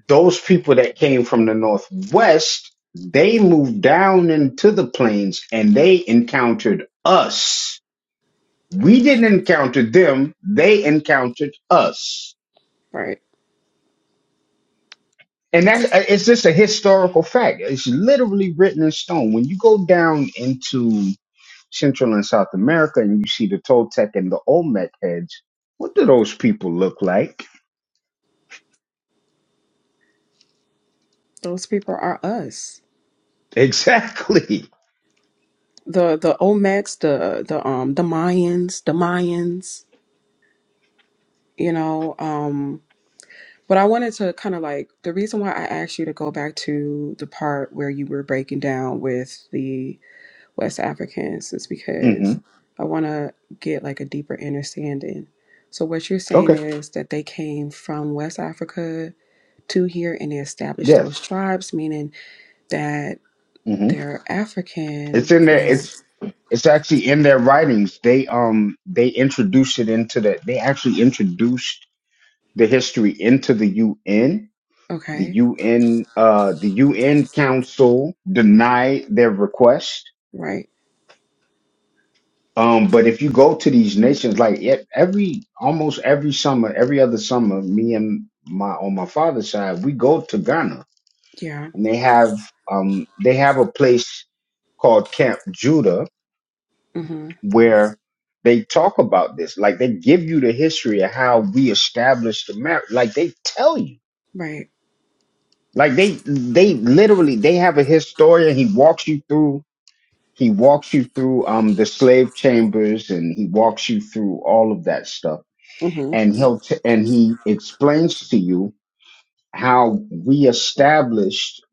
Speaker 1: those people that came from the northwest, they moved down into the plains and they encountered us. We didn't encounter them, they encountered us.
Speaker 5: Right.
Speaker 1: And that's uh, it's just a historical fact. It's literally written in stone. When you go down into Central and South America and you see the Toltec and the Olmec heads, what do those people look like?
Speaker 5: Those people are us.
Speaker 1: Exactly.
Speaker 5: the the Olmecs, the the um the Mayans, the Mayans, you know. Um, but I wanted to kind of like the reason why I asked you to go back to the part where you were breaking down with the West Africans is
Speaker 1: hmm
Speaker 5: because I want to get like a deeper understanding. So what you're saying
Speaker 1: Okay.
Speaker 5: is that they came from West Africa to here and they established those
Speaker 1: Yes.
Speaker 5: tribes, meaning that
Speaker 1: hmm
Speaker 5: they're
Speaker 1: It's
Speaker 5: African.
Speaker 1: in there.
Speaker 5: Yeah.
Speaker 1: It's it's actually in their writings. They um they introduced it into the. They actually introduced the history into the UN. The
Speaker 5: Okay.
Speaker 1: UN uh the UN Council denied their request
Speaker 5: Right.
Speaker 1: Um, but if you go to these nations, like e- every almost every summer, every other summer, me and my on my father's side, we go to Ghana,
Speaker 5: Yeah.
Speaker 1: and they have um they have a place called Camp Judah
Speaker 5: Mm-hmm.
Speaker 1: where they talk about this. Like they give you the history of how we established the marriage. Like they tell you,
Speaker 5: Right.
Speaker 1: like they they literally they have a historian. He walks you through. He walks you through um the slave chambers, and he walks you through all of that stuff
Speaker 5: hmm
Speaker 1: and he'll t- and he explains to you how we established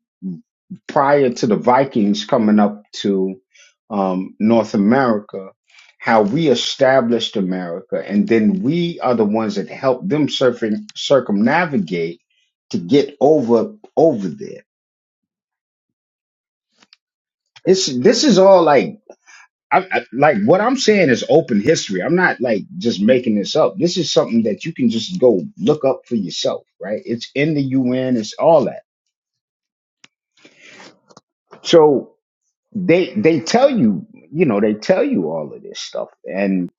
Speaker 1: prior to the Vikings coming up to um, North America, how we established America, and then we are the ones that helped them circum- circumnavigate to get over over there. It's this is all like I, I like what I'm saying is open history. I'm not like just making this up. This is something that you can just go look up for yourself, right? It's in the UN, it's all that. So they they tell you, you know, they tell you all of this stuff. And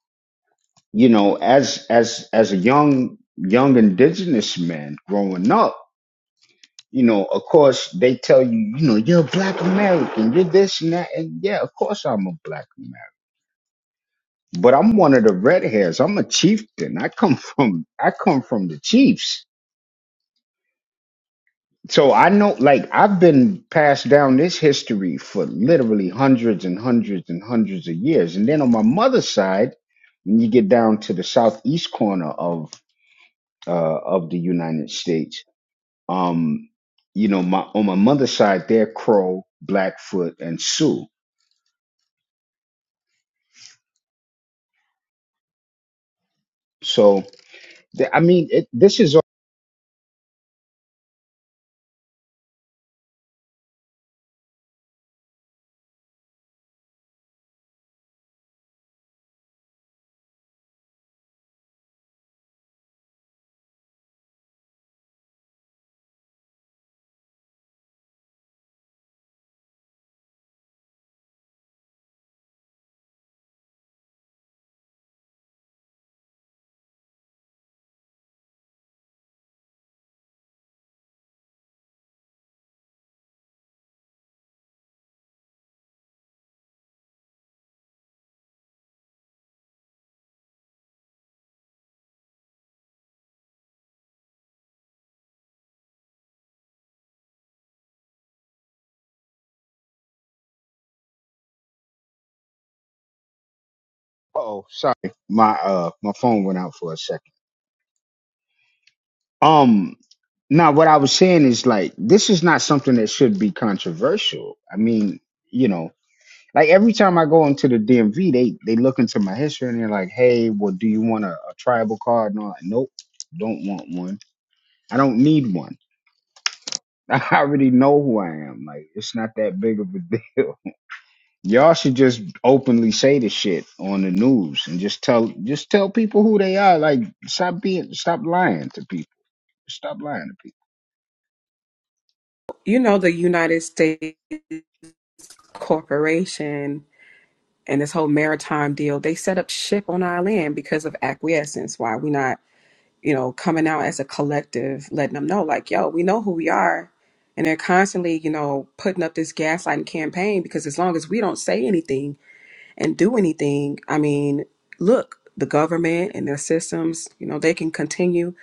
Speaker 1: you know, as as as a young young indigenous man growing up, you know, of course they tell you, you know, you're a black American, you're this and that, and yeah, of course I'm a black American but I'm one of the red hairs. I'm a chieftain. I come from I come from the Chiefs. So I know like I've been passed down this history for literally hundreds and hundreds and hundreds of years. And then on my mother's side, when you get down to the southeast corner of uh of the United States, um, you know, my on my mother's side, they're Crow, Blackfoot, and Sioux. So th- I mean, it, this is. Oh, sorry, my uh, my phone went out for a second. Um, now what I was saying is like this is not something that should be controversial. I mean, you know, like every time I go into the DMV, they they look into my history and they're like, "Hey, well, do you want a, a tribal card?" No, like, nope, don't want one. I don't need one. I already know who I am. Like, it's not that big of a deal. Y'all should just openly say the shit on the news and just tell just tell people who they are. Like, stop being stop lying to people. Stop lying to people.
Speaker 5: You know, the United States Corporation and this whole maritime deal, they set up ship on our land because of acquiescence. Why we not, you know, coming out as a collective, letting them know, like, yo, we know who we are. And they're constantly, you know, putting up this gaslighting campaign because as long as we don't say anything and do anything, I mean, look, the government and their systems, you know, they can continue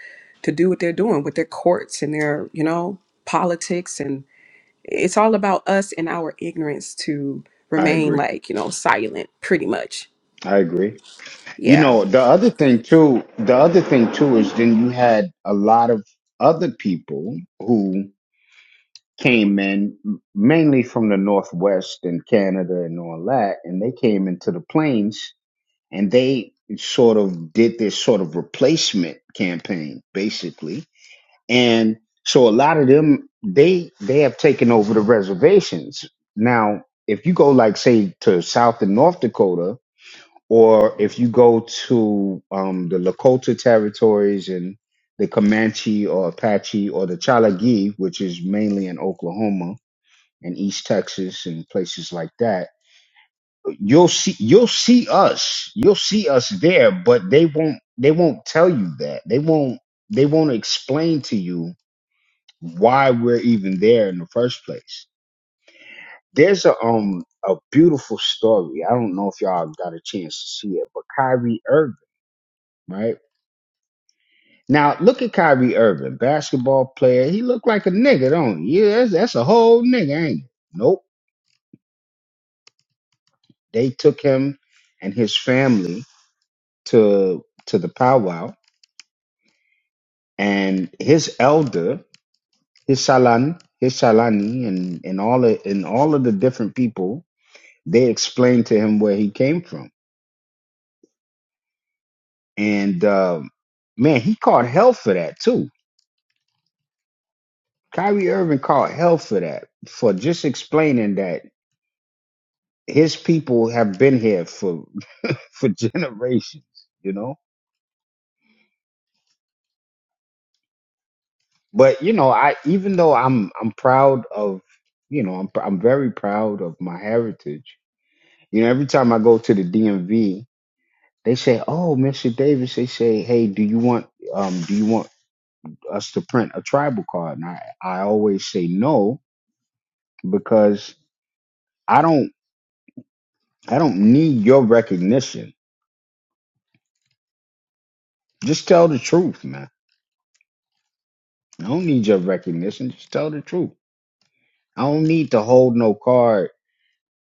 Speaker 5: to do what they're doing with their courts and their, you know, politics and It's all about us and our ignorance to
Speaker 1: I
Speaker 5: remain
Speaker 1: agree.
Speaker 5: like, you know, silent pretty much.
Speaker 1: I agree. You
Speaker 5: Yeah.
Speaker 1: know, the other thing too, the other thing too is then you had a lot of other people who came in m- mainly from the Northwest and Canada and all that, and they came into the plains and they sort of did this sort of replacement campaign, basically. And so a lot of them they they have taken over the reservations. Now, if you go like say to South and North Dakota, or if you go to um, the Lakota territories and the Comanche or Apache or the Chalagi, which is mainly in Oklahoma and East Texas and places like that, you'll see you'll see us. You'll see us there, but they won't they won't tell you that. They won't they won't explain to you why we're even there in the first place. There's a um a beautiful story. I don't know if y'all got a chance to see it, but Kyrie Irving, right? Now look at Kyrie Irving, basketball player. He looked like a nigga, don't he? Yeah, that's, that's a whole nigga, ain't it? Nope. They took him and his family to to the powwow, and his elder, his salan, his salani, and and all of, and all of the different people, they explained to him where he came from, and um, man, he caught hell for that too. Kyrie Irving caught hell for that for just explaining that his people have been here for for generations, you know. But you know, I even though I'm I'm proud of you know I'm I'm very proud of my heritage. You know, every time I go to the DMV, they say, "Oh, Mr. Davis," they say, "Hey, do you want um do you want us to print a tribal card?" And I I always say no because I don't I don't need your recognition. Just tell the truth, man. I don't need your recognition. Just tell the truth. I don't need to hold no card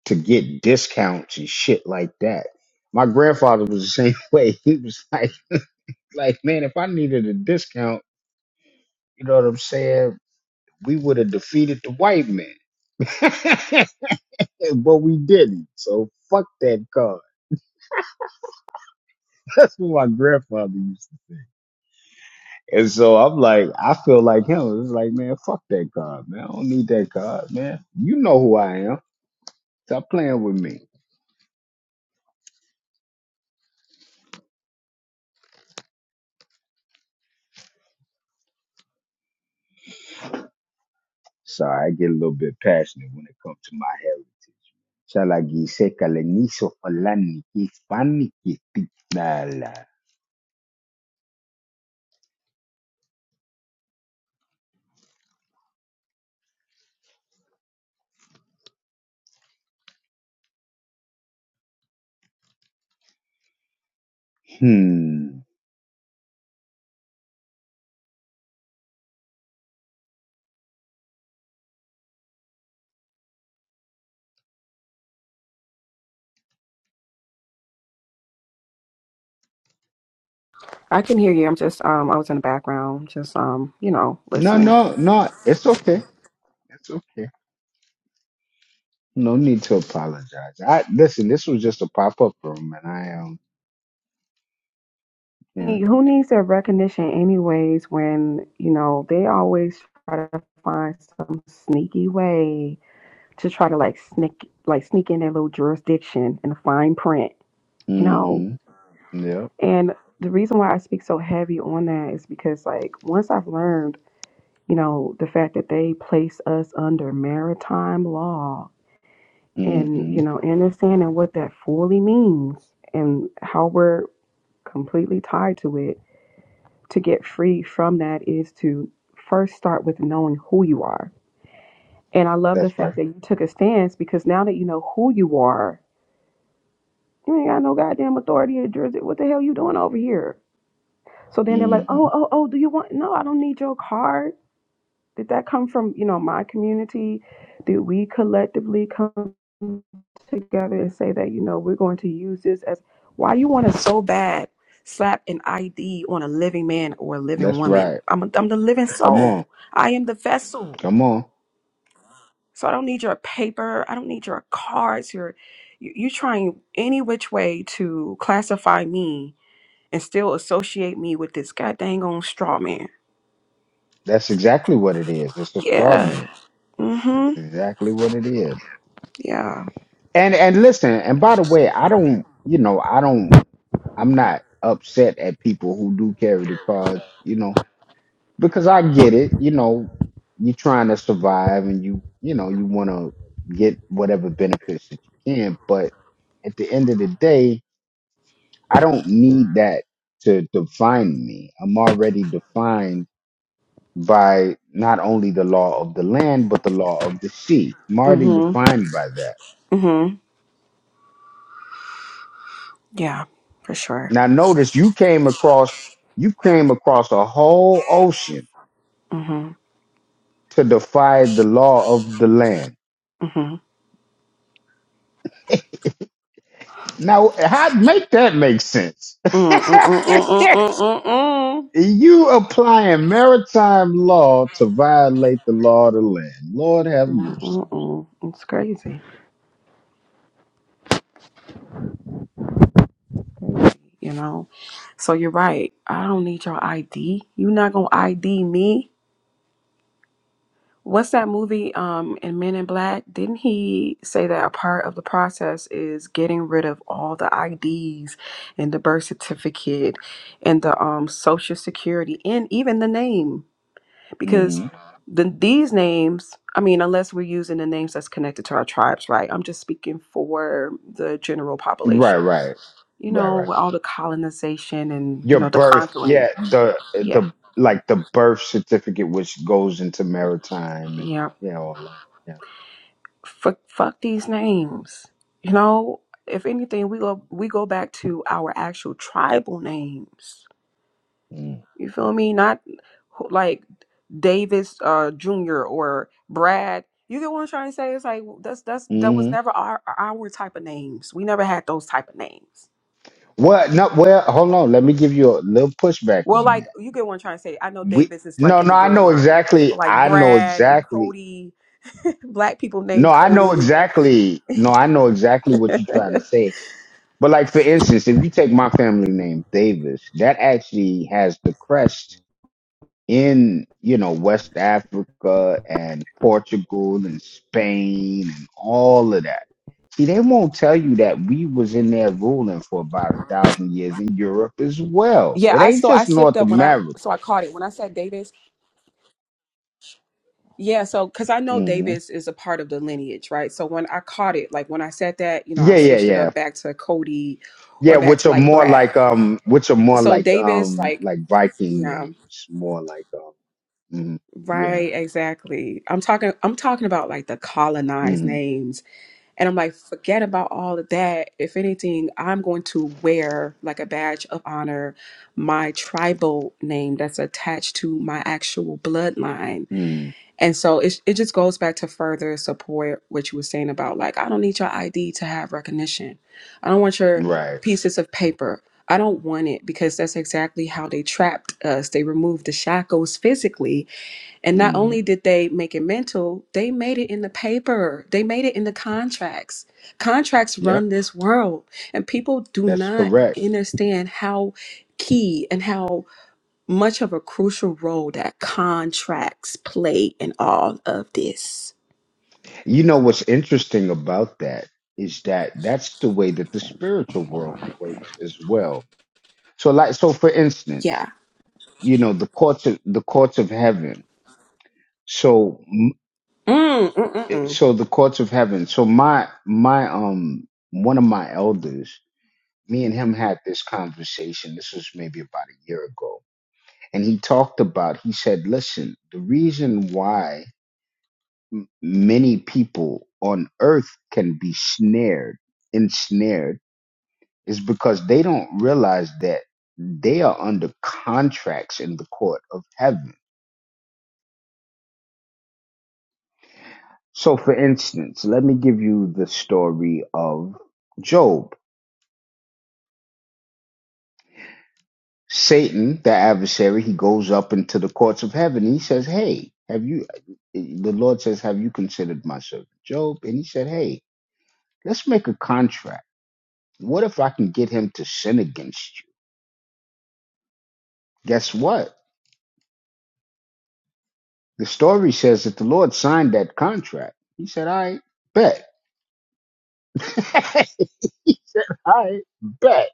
Speaker 1: to get discounts and shit like that. My grandfather was the same way. He was like, like, man, if I needed a discount, you know what I'm saying? We would have defeated the white man. but we didn't. So fuck that card. That's what my grandfather used to. do. And so I'm like, I feel like him. It's like, man, fuck that card, man. I don't need that card, man. You know who I am. Stop playing with me. Sorry, I get a little bit passionate when it comes to my hair. Chalagiseka lenizo falani hispani kitala. Hmm.
Speaker 5: I can hear you. I'm just um I was in the background, just um, you know,
Speaker 1: No,
Speaker 5: listening.
Speaker 1: no, no. It's okay. It's okay. No need to apologize. I listen. This was just a pop up room, and I um yeah.
Speaker 5: Who needs their recognition anyways when, you know, they always try to find some sneaky way to try to like sneak like sneak in their little jurisdiction in the fine print, you know?
Speaker 1: Mm-hmm. Yep.
Speaker 5: And the reason why I speak so heavy on that is because like once I've learned you know, the fact that they place us under maritime law and,
Speaker 1: Mm-hmm.
Speaker 5: you know, understanding what that fully means and how we're completely tied to it to get free from that is to first start with knowing who you are. And I love the
Speaker 1: That's right.
Speaker 5: fact that you took a stance because now that you know who you are, you ain't got no goddamn authority or Jersey. What the hell you doing over here? So then they're like,
Speaker 1: Mm-hmm.
Speaker 5: oh, oh, oh, do you want? No, I don't need your card. Did that come from, you know, my community? Did we collectively come together and say that, you know, we're going to use this as why you want to so bad slap an ID on a living man or a living
Speaker 1: That's
Speaker 5: woman?
Speaker 1: right.
Speaker 5: I'm, a, I'm the living
Speaker 1: Come
Speaker 5: soul.
Speaker 1: on.
Speaker 5: I am the vessel.
Speaker 1: Come on.
Speaker 5: So I don't need your paper. I don't need your cards. Your, you, you trying any which way to classify me and still associate me with this god dang on straw man.
Speaker 1: That's exactly what it is. It's a straw
Speaker 5: Yeah.
Speaker 1: man. That's
Speaker 5: Mm-hmm.
Speaker 1: exactly what it is.
Speaker 5: Yeah.
Speaker 1: And and listen. And by the way, I don't. You know, I don't. I'm not upset at people who do carry the cards, you know, because I get it. You know, you're trying to survive and you, you know, you want to get whatever benefits that you can. But at the end of the day, I don't need that to define me. I'm already defined by not only the law of the land, but the law of the sea. I'm already
Speaker 5: Mm-hmm.
Speaker 1: defined by that.
Speaker 5: Mm-hmm. Yeah, for sure.
Speaker 1: Now, notice you came across, you came across a whole ocean
Speaker 5: Mhm.
Speaker 1: to defy the law of the land.
Speaker 5: Mhm.
Speaker 1: Now, how make that make sense?
Speaker 5: Mm, mm, mm, mm, mm, mm, mm.
Speaker 1: you applying maritime law to violate the law of the land. Lord have
Speaker 5: Mm, mm,
Speaker 1: mercy.
Speaker 5: mm. mm. It's crazy, you know. So you're right. I don't need your ID. You're not gonna ID me. What's that movie? Um, in Men in Black, didn't he say that a part of the process is getting rid of all the IDs and the birth certificate and the um social security and even the name? because
Speaker 1: hmm
Speaker 5: the, these names i mean unless we're using the names that's connected to our tribes right i'm just speaking for the general
Speaker 1: Right,
Speaker 5: population
Speaker 1: right,
Speaker 5: you
Speaker 1: right,
Speaker 5: know
Speaker 1: right.
Speaker 5: with all the colonization and you
Speaker 1: Your
Speaker 5: know the
Speaker 1: birth, yeah,
Speaker 5: conquering
Speaker 1: the
Speaker 5: yeah
Speaker 1: the like the birth certificate, which goes into maritime, and
Speaker 5: yeah
Speaker 1: yeah, all that.
Speaker 5: fuck, fuck these names you know if anything we go we go back to our actual tribal names
Speaker 1: Yeah.
Speaker 5: You feel me? Not who- like Davis uh Jr. or Brad. You get what I'm trying to say? It's like that's that's that was
Speaker 1: Mm-hmm.
Speaker 5: never our our type of names. We never had those type of names.
Speaker 1: Well, no, well, hold on. Let me give you a little pushback
Speaker 5: Well,
Speaker 1: on that.
Speaker 5: like you get what I'm trying to say. I know
Speaker 1: We
Speaker 5: Davis is like
Speaker 1: no,
Speaker 5: in
Speaker 1: no,
Speaker 5: the
Speaker 1: I know
Speaker 5: bloodline.
Speaker 1: exactly.
Speaker 5: But like
Speaker 1: I know
Speaker 5: Brad and
Speaker 1: exactly.
Speaker 5: Cody, black people
Speaker 1: No,
Speaker 5: named
Speaker 1: I know
Speaker 5: Cody.
Speaker 1: exactly. No, I know exactly what
Speaker 5: And
Speaker 1: you're trying to say. But like for instance, if you take my family name Davis, that actually has the crest in you know West Africa and Portugal and Spain and all of that. See, they won't tell you that we was in there ruling for about a thousand years in Europe as well. It
Speaker 5: yeah, I
Speaker 1: ain't
Speaker 5: so I
Speaker 1: just
Speaker 5: slipped
Speaker 1: North
Speaker 5: up when I
Speaker 1: America.
Speaker 5: so I caught it when I said Davis. Yeah, so because I know
Speaker 1: hmm
Speaker 5: Davis is a part of the lineage, right? So when I caught it, like when I said that, you know, I
Speaker 1: Yeah, yeah,
Speaker 5: switched it
Speaker 1: yeah.
Speaker 5: up back to Cody
Speaker 1: Yeah,
Speaker 5: or back
Speaker 1: which
Speaker 5: to
Speaker 1: are
Speaker 5: like
Speaker 1: more like
Speaker 5: Brad.
Speaker 1: um, which are more
Speaker 5: So
Speaker 1: like
Speaker 5: Davis,
Speaker 1: um,
Speaker 5: like,
Speaker 1: like Viking
Speaker 5: yeah,
Speaker 1: names, more like um, mm, yeah,
Speaker 5: right, exactly. I'm talking, I'm talking about like the colonized
Speaker 1: mm,
Speaker 5: names. And I'm like, forget about all of that. If anything, I'm going to wear like a badge of honor my tribal name that's attached to my actual bloodline
Speaker 1: mm,
Speaker 5: And so it, it just goes back to further support what you were saying about like, I don't need your ID to have recognition. I don't want your
Speaker 1: right,
Speaker 5: pieces of paper. I don't want it because that's exactly how they trapped us. They removed the shackles physically. And not
Speaker 1: mm,
Speaker 5: only did they make it mental, they made it in the paper, they made it in the contracts. Contracts
Speaker 1: yep,
Speaker 5: run this world, and people do
Speaker 1: that's
Speaker 5: not
Speaker 1: correct.
Speaker 5: understand how key and how much of a crucial role that contracts play in all of this.
Speaker 1: You know what's interesting about that is that that's the way that the spiritual world works as well. So, like, so for instance,
Speaker 5: Yeah.
Speaker 1: you know, the courts of the courts of heaven. So, m-
Speaker 5: Mm, mm, mm,
Speaker 1: eh,
Speaker 5: mm.
Speaker 1: so the courts of heaven. So my my um, one of my elders me and him had this conversation. This was maybe about a year ago. And he talked about, he said, listen, the reason why many people on earth can be snared, ensnared, is because they don't realize that they are under contracts in the court of heaven. So, for instance, let me give you the story of Job. Satan, the adversary, he goes up into the courts of heaven. He says, Hey, have you, the Lord says, Have you considered my servant Job? And he said, Hey, let's make a contract. What if I can get him to sin against you? Guess what? The story says that the Lord signed that contract. He said, I bet. he said, I bet.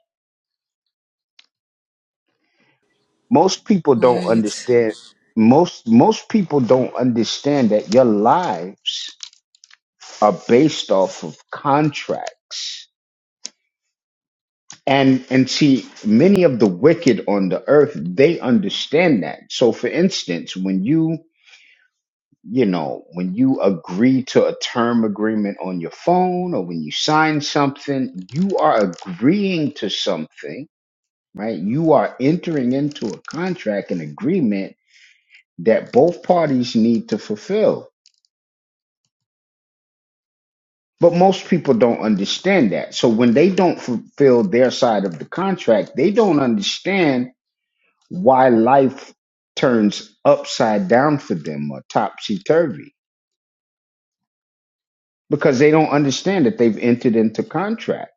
Speaker 1: Most people don't
Speaker 5: What?
Speaker 1: understand. Most most people don't understand that your lives are based off of contracts. And and see, many of the wicked on the earth, they understand that. So for instance, when you you know, when you agree to a term agreement on your phone or when you sign something, you are agreeing to something, right? You are entering into a contract, an agreement that both parties need to fulfill But most people don't understand that. So when they don't fulfill their side of the contract, they don't understand why life turns upside down for them or topsy turvy because they don't understand that they've entered into contract.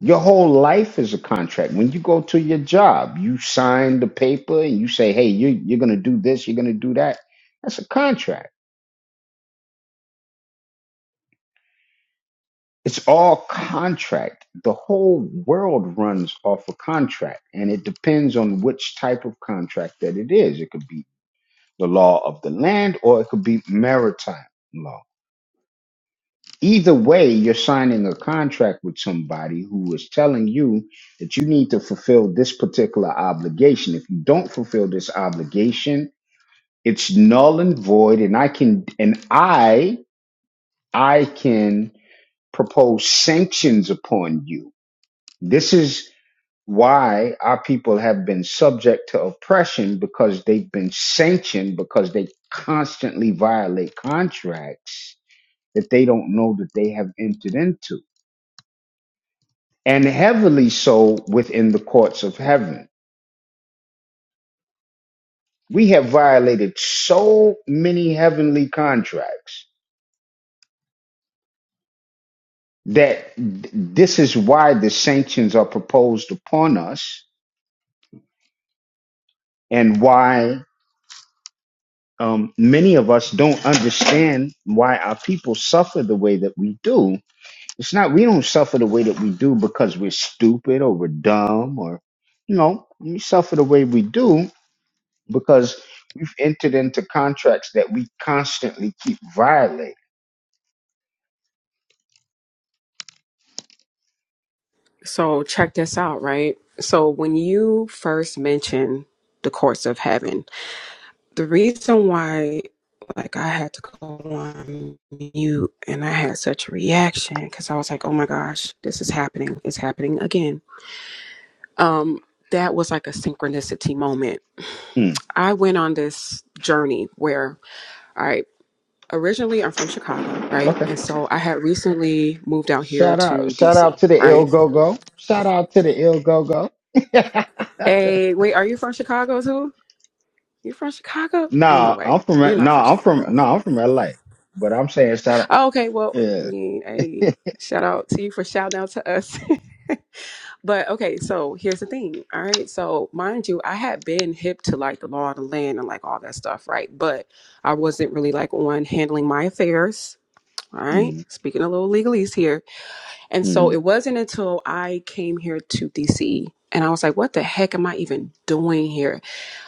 Speaker 1: Your whole life is a contract. When you go to your job, you sign the paper and you say, hey, you, you're going to do this, you're going to do that. That's a contract It's all contract. The whole world runs off a contract, and it depends on which type of contract that it is. It could be the law of the land or it could be maritime law. Either way, you're signing a contract with somebody who is telling you that you need to fulfill this particular obligation. If you don't fulfill this obligation, it's null and void, and I can and I I can propose sanctions upon you. This is why our people have been subject to oppression because they've been sanctioned because they constantly violate contracts that they don't know that they have entered into and heavily so within the courts of heaven we have violated so many heavenly contracts that th- this is why the sanctions are proposed upon us and why um, many of us don't understand why our people suffer the way that we do It's not we don't suffer the way that we do because we're stupid or we're dumb or you know, we suffer the way we do because we've entered into contracts that we constantly keep violating.
Speaker 5: So check this out, right? So when you first mentioned the courts of heaven, the reason why like I had to go on mute and I had such a reaction because I was like, oh my gosh, this is happening. It's happening again. Um, that was like a synchronicity moment.
Speaker 1: Hmm.
Speaker 5: I went on this journey where all right. originally I'm from Chicago, right? And
Speaker 1: Okay.
Speaker 5: so I had recently moved out here
Speaker 1: Shout out
Speaker 5: to
Speaker 1: shout out
Speaker 5: DC,
Speaker 1: to the ill
Speaker 5: right?
Speaker 1: go go. Shout out to the ill go go.
Speaker 5: Hey, wait, are you from Chicago too? You from Chicago? Ain't no
Speaker 1: Nah, I'm
Speaker 5: way. You're
Speaker 1: from
Speaker 5: not from
Speaker 1: nah, I'm from
Speaker 5: Chicago.
Speaker 1: nah, I'm from LA. But I'm saying shout out
Speaker 5: Oh, okay, well, I
Speaker 1: yeah.
Speaker 5: mean, hey, shout out to you for shouting out to us. But okay, so here's the thing. All right. So mind you, I had been hip to like the law of the land and like all that stuff, right? But I wasn't really like on handling my affairs. All right.
Speaker 1: Mm,
Speaker 5: Speaking a little legalese here And so
Speaker 1: mm,
Speaker 5: it wasn't until I came here to DC and I was like, what the heck am I even doing here?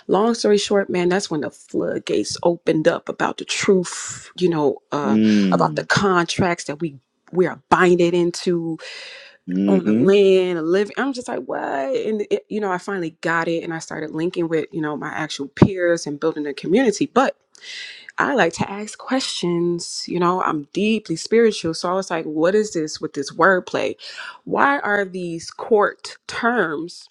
Speaker 5: Long story short, man, that's when the floodgates opened up about the truth, you know, uh, about the
Speaker 1: mm,
Speaker 5: contracts that we we are binded into on the
Speaker 1: mm-hmm.
Speaker 5: land, a living. I'm just like, what? And it, you know, I finally got it, and I started linking with you know my actual peers and building a community. But I like to ask questions. You know, I'm deeply spiritual. So I was like, what is this with this wordplay? Why are these court terms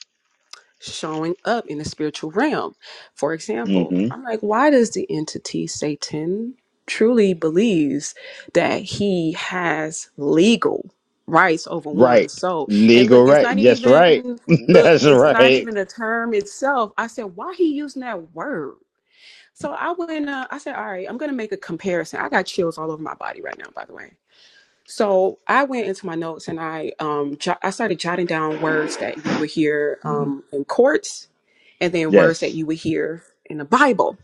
Speaker 5: showing up in the spiritual realm? For example,
Speaker 1: mm-hmm.
Speaker 5: I'm like, why does the entity Satan truly believes that he has legal? rights over one
Speaker 1: Right.
Speaker 5: soul and look
Speaker 1: Legal
Speaker 5: it's
Speaker 1: right.
Speaker 5: not
Speaker 1: Yes, right.
Speaker 5: even look
Speaker 1: That's
Speaker 5: it's not
Speaker 1: right.
Speaker 5: even the term itself i said why he using that word so I went, uh, I said, all right, I'm going to make a comparison. I got chills all over my body right now, by the way. So I went into my notes and I, um, jo- I started jotting down words that you would hear,
Speaker 1: Mhm.
Speaker 5: um, in courts and then words that
Speaker 1: Yes.
Speaker 5: you would hear in the Bible.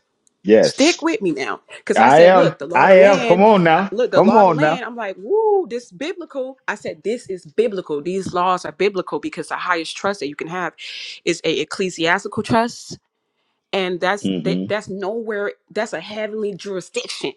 Speaker 5: Stick
Speaker 1: Yes.
Speaker 5: with me now. Cause I
Speaker 1: I
Speaker 5: said,
Speaker 1: am.
Speaker 5: look, the law of
Speaker 1: I
Speaker 5: the
Speaker 1: am. Come
Speaker 5: land,
Speaker 1: on
Speaker 5: I-
Speaker 1: now.
Speaker 5: look, the
Speaker 1: Come
Speaker 5: law of the
Speaker 1: on now.
Speaker 5: land. I'm like, woo, this biblical. I said, this is biblical. These laws are biblical because the highest trust that you can have is a ecclesiastical trust and that's that,
Speaker 1: hmm
Speaker 5: that's nowhere that's a heavenly jurisdiction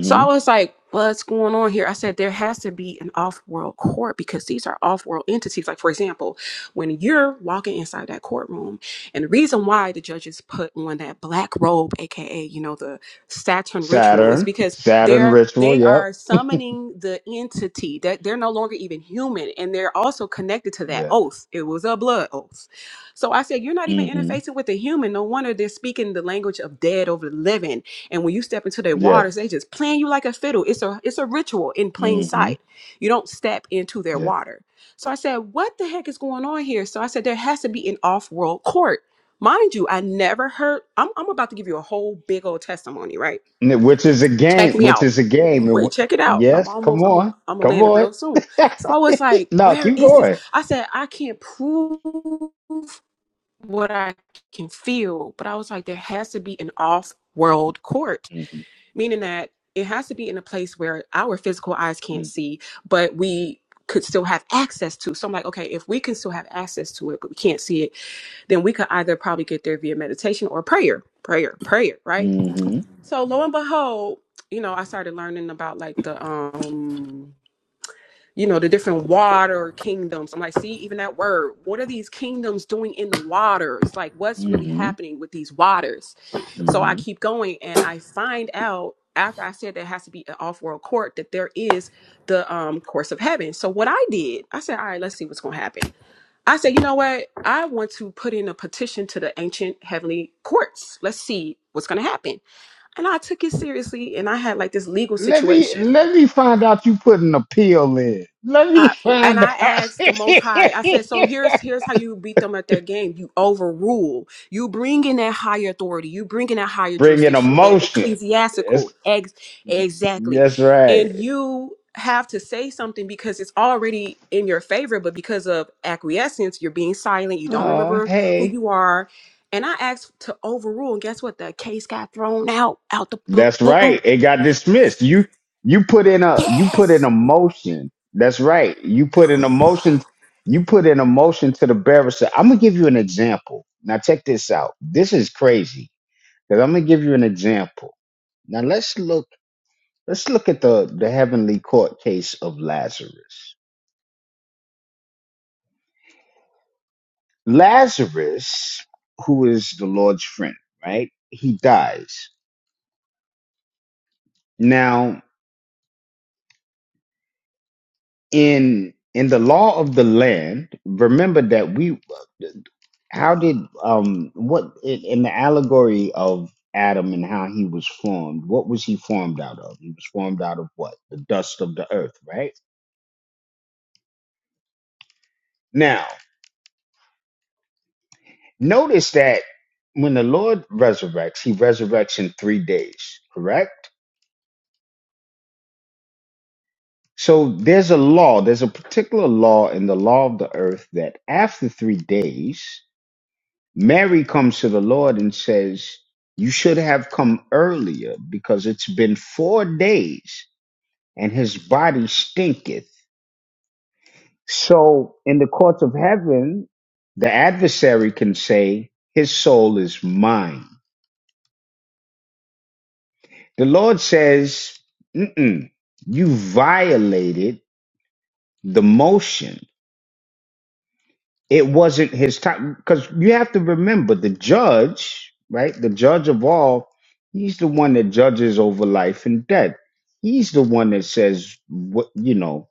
Speaker 5: so I was like, what's going on here? I said, there has to be an off world court because these are off world entities. Like, for example, when you're walking inside that courtroom, and the reason why the judges put on that black robe, aka, you know, the Saturn ritual, is
Speaker 1: Saturn.
Speaker 5: because
Speaker 1: Saturn
Speaker 5: they're
Speaker 1: ritual.
Speaker 5: they
Speaker 1: Yep.
Speaker 5: are summoning the entity that they're no longer even human and they're also connected to that
Speaker 1: Yeah.
Speaker 5: oath. It was a blood oath. So I said, You're not even
Speaker 1: hmm
Speaker 5: interfacing with the human. No wonder they're speaking the language of dead over the living and when you step into their
Speaker 1: Yes.
Speaker 5: waters, they just playing you like a fiddle. It's a it's a ritual in plain
Speaker 1: hmm
Speaker 5: sight. You don't step into their
Speaker 1: Yeah.
Speaker 5: water. So I said, what the heck is going on here? So I said, there has to be an off-world court. Mind you, I never heard. I'm, I'm about to give you a whole big old testimony, right?
Speaker 1: N- Which is a
Speaker 5: Check
Speaker 1: game.
Speaker 5: me
Speaker 1: Which
Speaker 5: out.
Speaker 1: is a game. And
Speaker 5: Wait,
Speaker 1: wh-
Speaker 5: check it out. I'm
Speaker 1: Yes. Come
Speaker 5: almost, I'm a,
Speaker 1: on.
Speaker 5: I'm gonna
Speaker 1: Come
Speaker 5: land it
Speaker 1: on.
Speaker 5: real soon. So I was like,
Speaker 1: no,
Speaker 5: where
Speaker 1: keep
Speaker 5: is this?
Speaker 1: going.
Speaker 5: I said, I can't prove what I can feel, but I was like, there has to be an off world court
Speaker 1: hmm
Speaker 5: meaning that it has to be in a place where our physical eyes can't see, but we could still have access to. So I'm like, okay, if we can still have access to it, but we can't see it, then we could either probably get there via meditation or prayer, prayer, prayer, right?
Speaker 1: hmm
Speaker 5: So lo and behold, you know, I started learning about like the um you know, the different water kingdoms. I'm like, see, even that word, what are these kingdoms doing in the waters? Like, what's really
Speaker 1: hmm
Speaker 5: happening with these waters? So
Speaker 1: hmm
Speaker 5: I keep going and I find out after I said there has to be an off world court that there is the um, course of heaven. So what I did, I said, all right, let's see what's going to happen. I said, you know what? I want to put in a petition to the ancient heavenly courts. Let's see what's going to happen. And I took it seriously and I had like this legal
Speaker 1: Let me
Speaker 5: situation
Speaker 1: let me find out you put an appeal in. Let me
Speaker 5: I, and
Speaker 1: find
Speaker 5: I
Speaker 1: out.
Speaker 5: asked the Most High. I said, "So here's here's how you beat them at their game. You overrule. You bring in that higher authority. You bring in that higher
Speaker 1: Bring an
Speaker 5: jurisdiction, that
Speaker 1: emotion.
Speaker 5: ecclesiastical.
Speaker 1: Yes,
Speaker 5: Ex- exactly.
Speaker 1: that's
Speaker 5: And
Speaker 1: right.
Speaker 5: you have to say something because it's already in your favor. But because of acquiescence, you're being silent. You don't
Speaker 1: Oh,
Speaker 5: remember who
Speaker 1: hey.
Speaker 5: you are." And I asked to overrule, and guess what? The case got thrown out out the
Speaker 1: That's right.
Speaker 5: blue.
Speaker 1: It got dismissed. You you put in a you put in
Speaker 5: Yes.
Speaker 1: a motion. That's right. You put an emotion. You put an emotion to the barrister. I'm gonna give you an example. Now check this out. This is crazy because I'm gonna give you an example. Now let's look. Let's look at the, the heavenly court case of Lazarus. Lazarus, who is the Lord's friend, right? He dies. Now, in in the law of the land, remember that we how did um what in, in the allegory of Adam and how he was formed, what was he formed out of? He was formed out of what? The dust of the earth, right? Now, notice that when the Lord resurrects, he resurrects in three days, correct? So there's a law, there's a particular law in the law of the earth that after three days, Mary comes to the Lord and says, You should have come earlier because it's been four days and his body stinketh. So in the courts of heaven, the adversary can say, His soul is mine. The Lord says, Mm-mm, You violated the motion It wasn't his time because you have to remember the judge, right? The judge of all, he's the one that judges over life and death. He's the one that says, "What you know,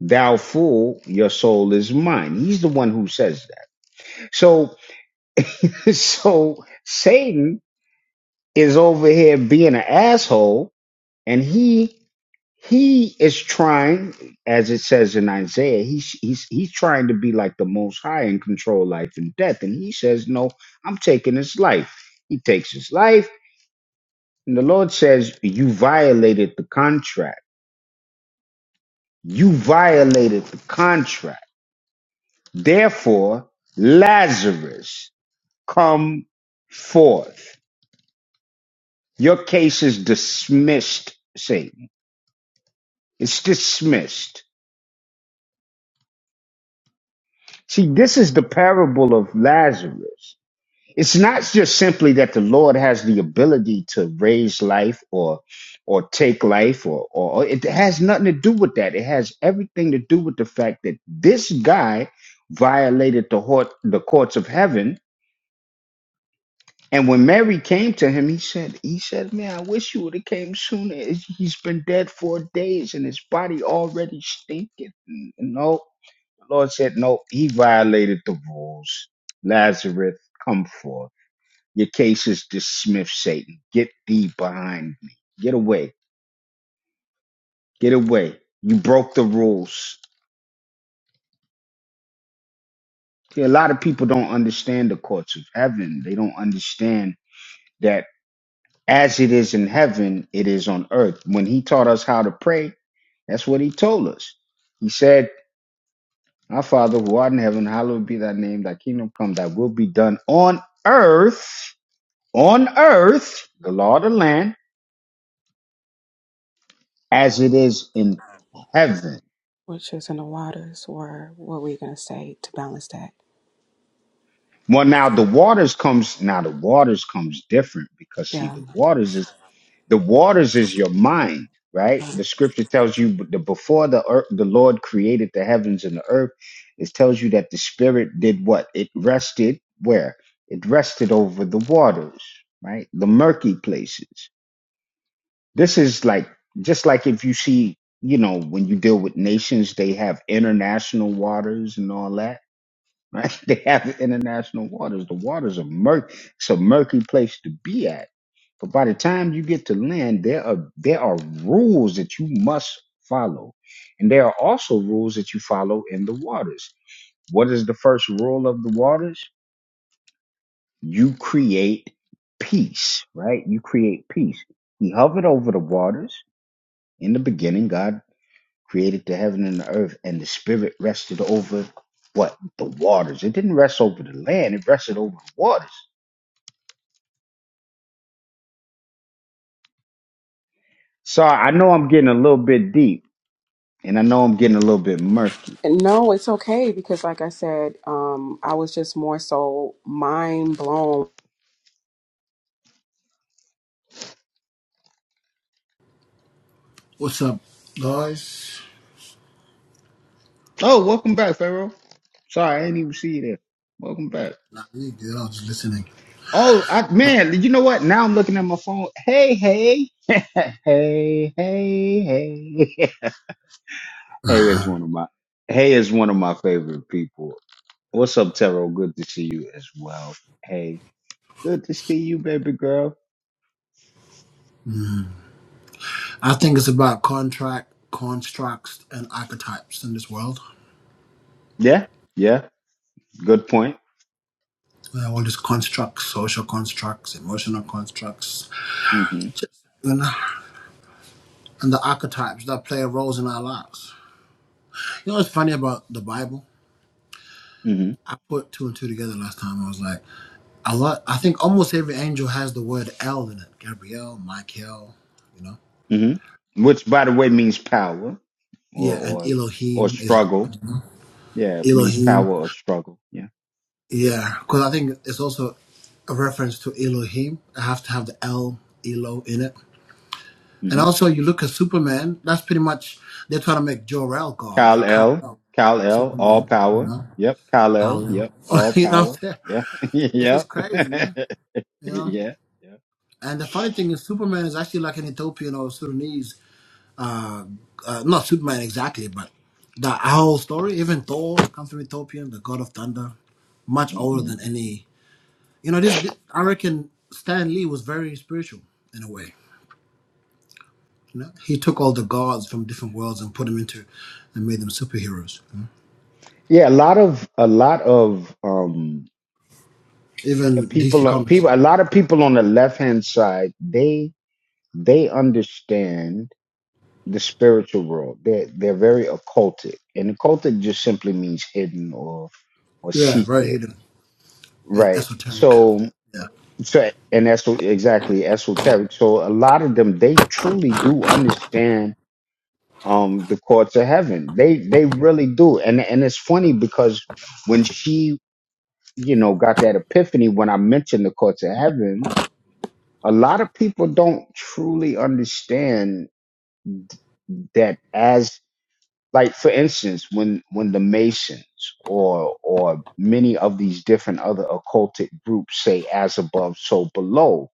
Speaker 1: thou fool, your soul is mine." He's the one who says that. So, so Satan is over here being an asshole, and he He is trying, as it says in Isaiah, he's he's he's trying to be like the Most High and control life and death, and he says, "No, I'm taking his life." He takes his life, and the Lord says, "You violated the contract. You violated the contract. Therefore, Lazarus, come forth. Your case is dismissed, Satan. It's dismissed." See, this is the parable of Lazarus. it's not just simply that the Lord has the ability to raise life or or take life or, or or it has nothing to do with that. It has everything to do with the fact that this guy violated the court, the courts of heaven. And when Mary came to him, he said, he said, man, I wish you would have came sooner. It's- He's been dead four days and his body already stinking. No, the Lord said, no, he violated the rules. Lazarus, come forth. Your case is dismissed, Satan. Get thee behind me. Get away. Get away. You broke the rules. See, a lot of people don't understand the courts of heaven. They don't understand that as it is in heaven, it is on earth. When he taught us how to pray, that's what he told us. He said, Our Father who art in heaven, hallowed be thy name, thy kingdom come, thy will be done on earth, on earth, the law of the land, as it is in heaven.
Speaker 5: Which is in the waters, or what were you gonna say to balance that?
Speaker 1: Well, now the waters comes now the waters comes different because see
Speaker 5: Yeah.
Speaker 1: the waters is the waters is your mind, right?
Speaker 5: yeah.
Speaker 1: The scripture tells you b- the before the earth, the Lord created the heavens and the earth. It tells you that the spirit did what? It rested where? It rested over the waters, right? The murky places. This is like just like if you see, you know, when you deal with nations, they have international waters and all that right? They have international waters. The waters are murky. It's a murky place to be at. But by the time you get to land, there are there are rules that you must follow, and there are also rules that you follow in the waters. What is the first rule of the waters? You create peace, right? You create peace. He hovered over the waters. In the beginning, God created the heaven and the earth, and the spirit rested over what? The waters. It didn't rest over the land, it rested over the waters. Sorry, I know I'm getting a little bit deep, and I know I'm getting a little bit murky.
Speaker 5: And No, it's okay because, like I said, um, I was just more so mind blown.
Speaker 2: What's up, guys?
Speaker 1: Oh, welcome back, Pharaoh. Sorry, I didn't even see you there. Welcome back.
Speaker 2: Nah, you good. I was listening.
Speaker 1: Oh, I, man, you know what? Now I'm looking at my phone. Hey, hey. hey, hey, hey. hey is one of my hey is one of my favorite people. What's up, Taro? Good to see you as well. Hey. Good to see you, baby girl.
Speaker 2: I think it's about contract, constructs, and archetypes in this world.
Speaker 1: Yeah, yeah. Good point.
Speaker 2: Uh, all these constructs, social constructs, emotional constructs,
Speaker 1: Mm hmm
Speaker 2: and, and the archetypes that play roles in our lives. You know what's funny about the Bible?
Speaker 1: Mm hmm
Speaker 2: I put two and two together last time. I was like, a lot. I think almost every angel has the word El in it. Gabriel, Michael, you know.
Speaker 1: Mm hmm Which, by the way, means power or
Speaker 2: Yeah, and
Speaker 1: or or
Speaker 2: Elohim is
Speaker 1: struggle.
Speaker 2: God. you know?
Speaker 1: Yeah, it means power
Speaker 2: Elohim.
Speaker 1: or struggle. Yeah.
Speaker 2: Yeah, because I think it's also a reference to Elohim. I have to have the El Elo in it
Speaker 1: Mm
Speaker 2: And
Speaker 1: hmm
Speaker 2: also, you look at Superman. That's pretty much they're trying to make Jor El God
Speaker 1: Kyle
Speaker 2: and Kal
Speaker 1: L.
Speaker 2: El
Speaker 1: Kyle L. All
Speaker 2: Superman. You
Speaker 1: power.
Speaker 2: know,
Speaker 1: Yep. Kyle L.
Speaker 2: Kal
Speaker 1: Yep.
Speaker 2: El.
Speaker 1: All
Speaker 2: you know, what I'm
Speaker 1: power.
Speaker 2: saying?
Speaker 1: Yeah.
Speaker 2: it's just
Speaker 1: yep.
Speaker 2: crazy, man. You know.
Speaker 1: yeah. Yeah.
Speaker 2: And the funny thing is, Superman is actually like an Ethiopian or Sudanese. Uh, uh, not Superman exactly, but the whole story. Even Thor comes from Ethiopian, the god of thunder, much older
Speaker 1: hmm
Speaker 2: than any. You know, this. I reckon Stan Lee was very spiritual in a way You know, he took all the gods from different worlds and put them into, and made them superheroes. you know.
Speaker 1: Yeah. A lot of a lot of um
Speaker 2: Even DC
Speaker 1: people
Speaker 2: Comics.
Speaker 1: people a lot of people on the left hand side they they understand the spiritual world. They're they're very occultic, and occultic just simply means hidden or or
Speaker 2: Yeah, very
Speaker 1: secret,
Speaker 2: hidden and
Speaker 1: right?
Speaker 2: esoteric.
Speaker 1: So
Speaker 2: Yeah,
Speaker 1: so and that's what- exactly esoteric. So a lot of them they truly do understand um the courts of heaven. They they really do, and and it's funny because when she you know got that epiphany when I mentioned the courts of heaven, a lot of people don't truly understand that as like for instance when when the masons or or many of these different other occultic groups say as above so below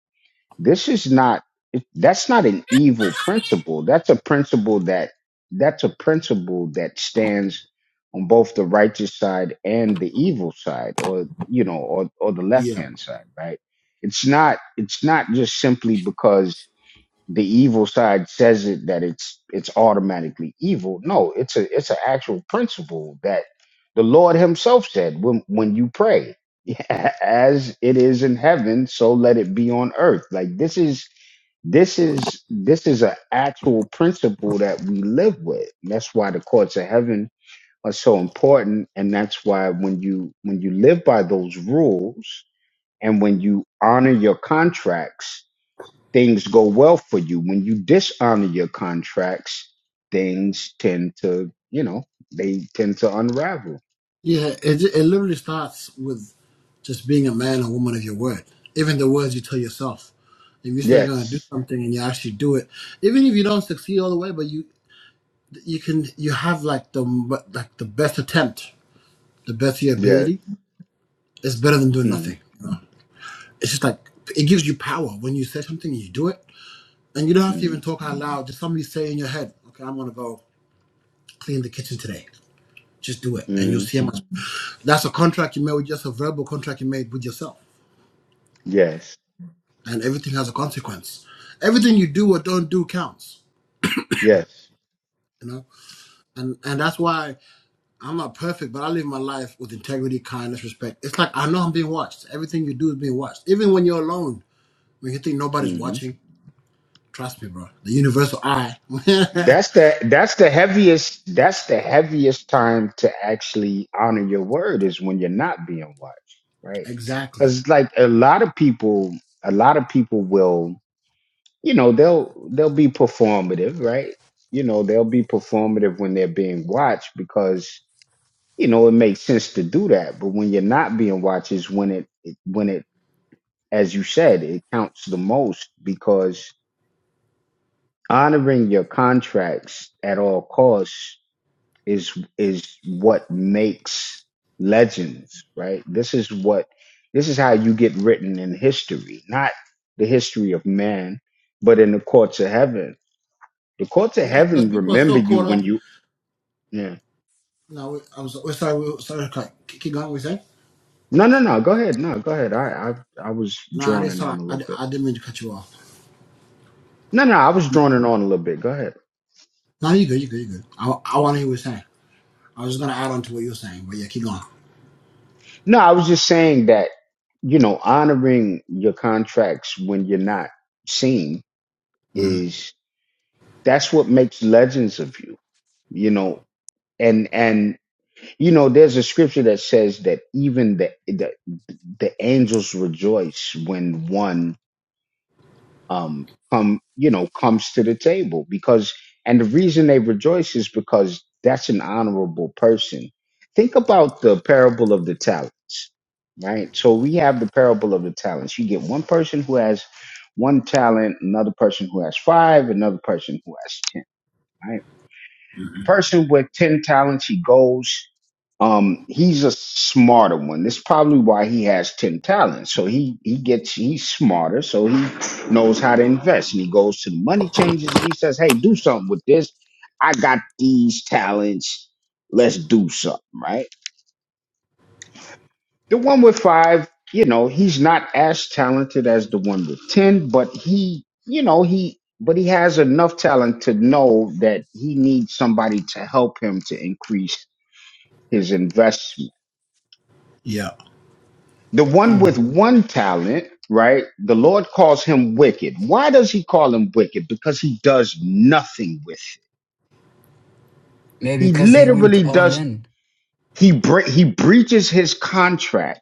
Speaker 1: this is not it- that's not an evil principle that's a principle that that's a principle that stands on both the righteous side and the evil side or you know or or the left
Speaker 2: yeah,
Speaker 1: hand side right it's not it's not just simply because the evil side says it that it's it's automatically evil. No, it's a it's an actual principle that the Lord Himself said when when you pray, as it is in heaven, so let it be on earth. Like this is this is this is an actual principle that we live with. That's why the courts of heaven are so important, and that's why when you when you live by those rules and when you honor your contracts things go well for you. When you dishonor your contracts, things tend to, you know, they tend to unravel.
Speaker 2: yeah. It it literally starts with just being a man or woman of your word. Even the words you tell yourself. If you say you're gonna do
Speaker 1: Yes.
Speaker 2: something and you actually do it, even if you don't succeed all the way, but you you can you have like the m- like the best attempt, the best of your
Speaker 1: Yes.
Speaker 2: ability. It's better than doing
Speaker 1: mm
Speaker 2: nothing. It's just like it gives you power when you say something and you do it And you don't have to even
Speaker 1: mm
Speaker 2: talk out loud. Just somebody say in your head, okay, I'm gonna go clean the kitchen today. Just do it. And you'll
Speaker 1: mm
Speaker 2: see how much that's a contract you made with just a verbal contract you made with yourself.
Speaker 1: Yes.
Speaker 2: And everything has a consequence. Everything you do or don't do counts.
Speaker 1: Yes.
Speaker 2: You know? And and that's why I'm not perfect, but I live my life with integrity, kindness, respect. It's like I know I'm being watched. Everything you do is being watched. Even when you're alone, when you think nobody's
Speaker 1: mm
Speaker 2: watching, trust me, bro. The universal eye.
Speaker 1: That's the that's the heaviest that's the heaviest time to actually honor your word is when you're not being watched, right?
Speaker 2: exactly.
Speaker 1: Because like a lot of people, a lot of people will. you know they'll they'll be performative right you know they'll be performative when they're being watched because you know it makes sense to do that but when you're not being watched is when it, it when it as you said it counts the most because honoring your contracts at all costs is is what makes legends right this is what this is how you get written in history not the history of man but in the courts of heaven The courts of
Speaker 2: Yeah, because
Speaker 1: heaven
Speaker 2: people are so
Speaker 1: remember you
Speaker 2: caught
Speaker 1: when
Speaker 2: up
Speaker 1: you yeah.
Speaker 2: No, we- I'm so, we're sorry. We're sorry. Keep keep going. What you saying?
Speaker 1: No, no, no. Go ahead. No, go ahead. I I I was
Speaker 2: No, I didn't.
Speaker 1: droning on
Speaker 2: Sorry,
Speaker 1: a
Speaker 2: I,
Speaker 1: little
Speaker 2: di-
Speaker 1: bit.
Speaker 2: I didn't mean to cut you off.
Speaker 1: No, no, I was droning on a little bit. Go ahead.
Speaker 2: No, you good. You good. You good. I, I want to hear what you're saying. I was just gonna add on to what you were saying, but yeah, keep going.
Speaker 1: No, I was just saying that, you know, honoring your contracts when you're not seen
Speaker 2: hmm
Speaker 1: is that's what makes legends of you, you know. And and you know, there's a scripture that says that even the the, the angels rejoice when one um, come, you know, comes to the table because, and the reason they rejoice is because that's an honorable person. Think about the parable of the talents, right? So we have the parable of the talents. You get one person who has one talent, another person who has five, another person who has ten, right?
Speaker 2: hmm
Speaker 1: person with 10 talents, he goes, um, he's a smarter one. That's probably why he has 10 talents. So he, he gets, he's smarter. So he knows how to invest and he goes to the money changers. And he says, Hey, do something with this. I got these talents. Let's do something. Right. The one with five, you know, he's not as talented as the one with 10, but he, you know, he, but he has enough talent to know that he needs somebody to help him to increase his investment.
Speaker 2: Yeah.
Speaker 1: The one with
Speaker 6: Mm.
Speaker 1: one talent, right? The Lord calls him wicked. Why does he call him wicked? Because he does nothing with it.
Speaker 6: Maybe
Speaker 1: He
Speaker 6: because he went
Speaker 1: literally
Speaker 6: all
Speaker 1: does,
Speaker 6: in.
Speaker 1: he, bre- he breaches his contract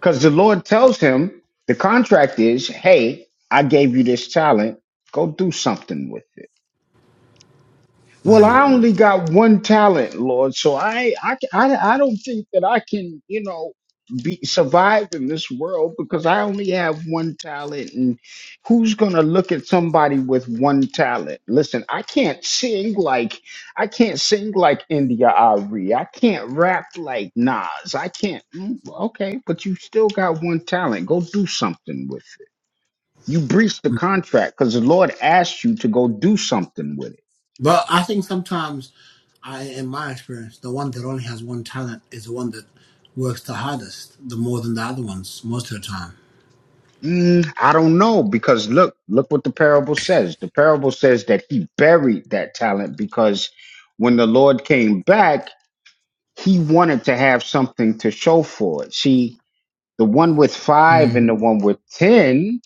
Speaker 1: because the Lord tells him the contract is, hey, I gave you this talent. Go do something with it. Well,
Speaker 2: hmm
Speaker 1: I only got one talent, Lord, so I, I, I, I don't think that I can, you know, be survive in this world because I only have one talent, and who's gonna look at somebody with one talent? Listen, I can't sing like, I can't sing like India Ari. I can't rap like Nas. I can't. mm, Okay, but you still got one talent. Go do something with it. You breached the contract because the Lord asked you to go do something with it.
Speaker 2: But I think sometimes, I, in my experience, the one that only has one talent is the one that works the hardest, the more than the other ones, most of the time.
Speaker 1: Mm, I don't know because look, look what the parable says. The parable says that he buried that talent because when the Lord came back, he wanted to have something to show for it. See, the one with five
Speaker 6: Mm.
Speaker 1: and the one with 10,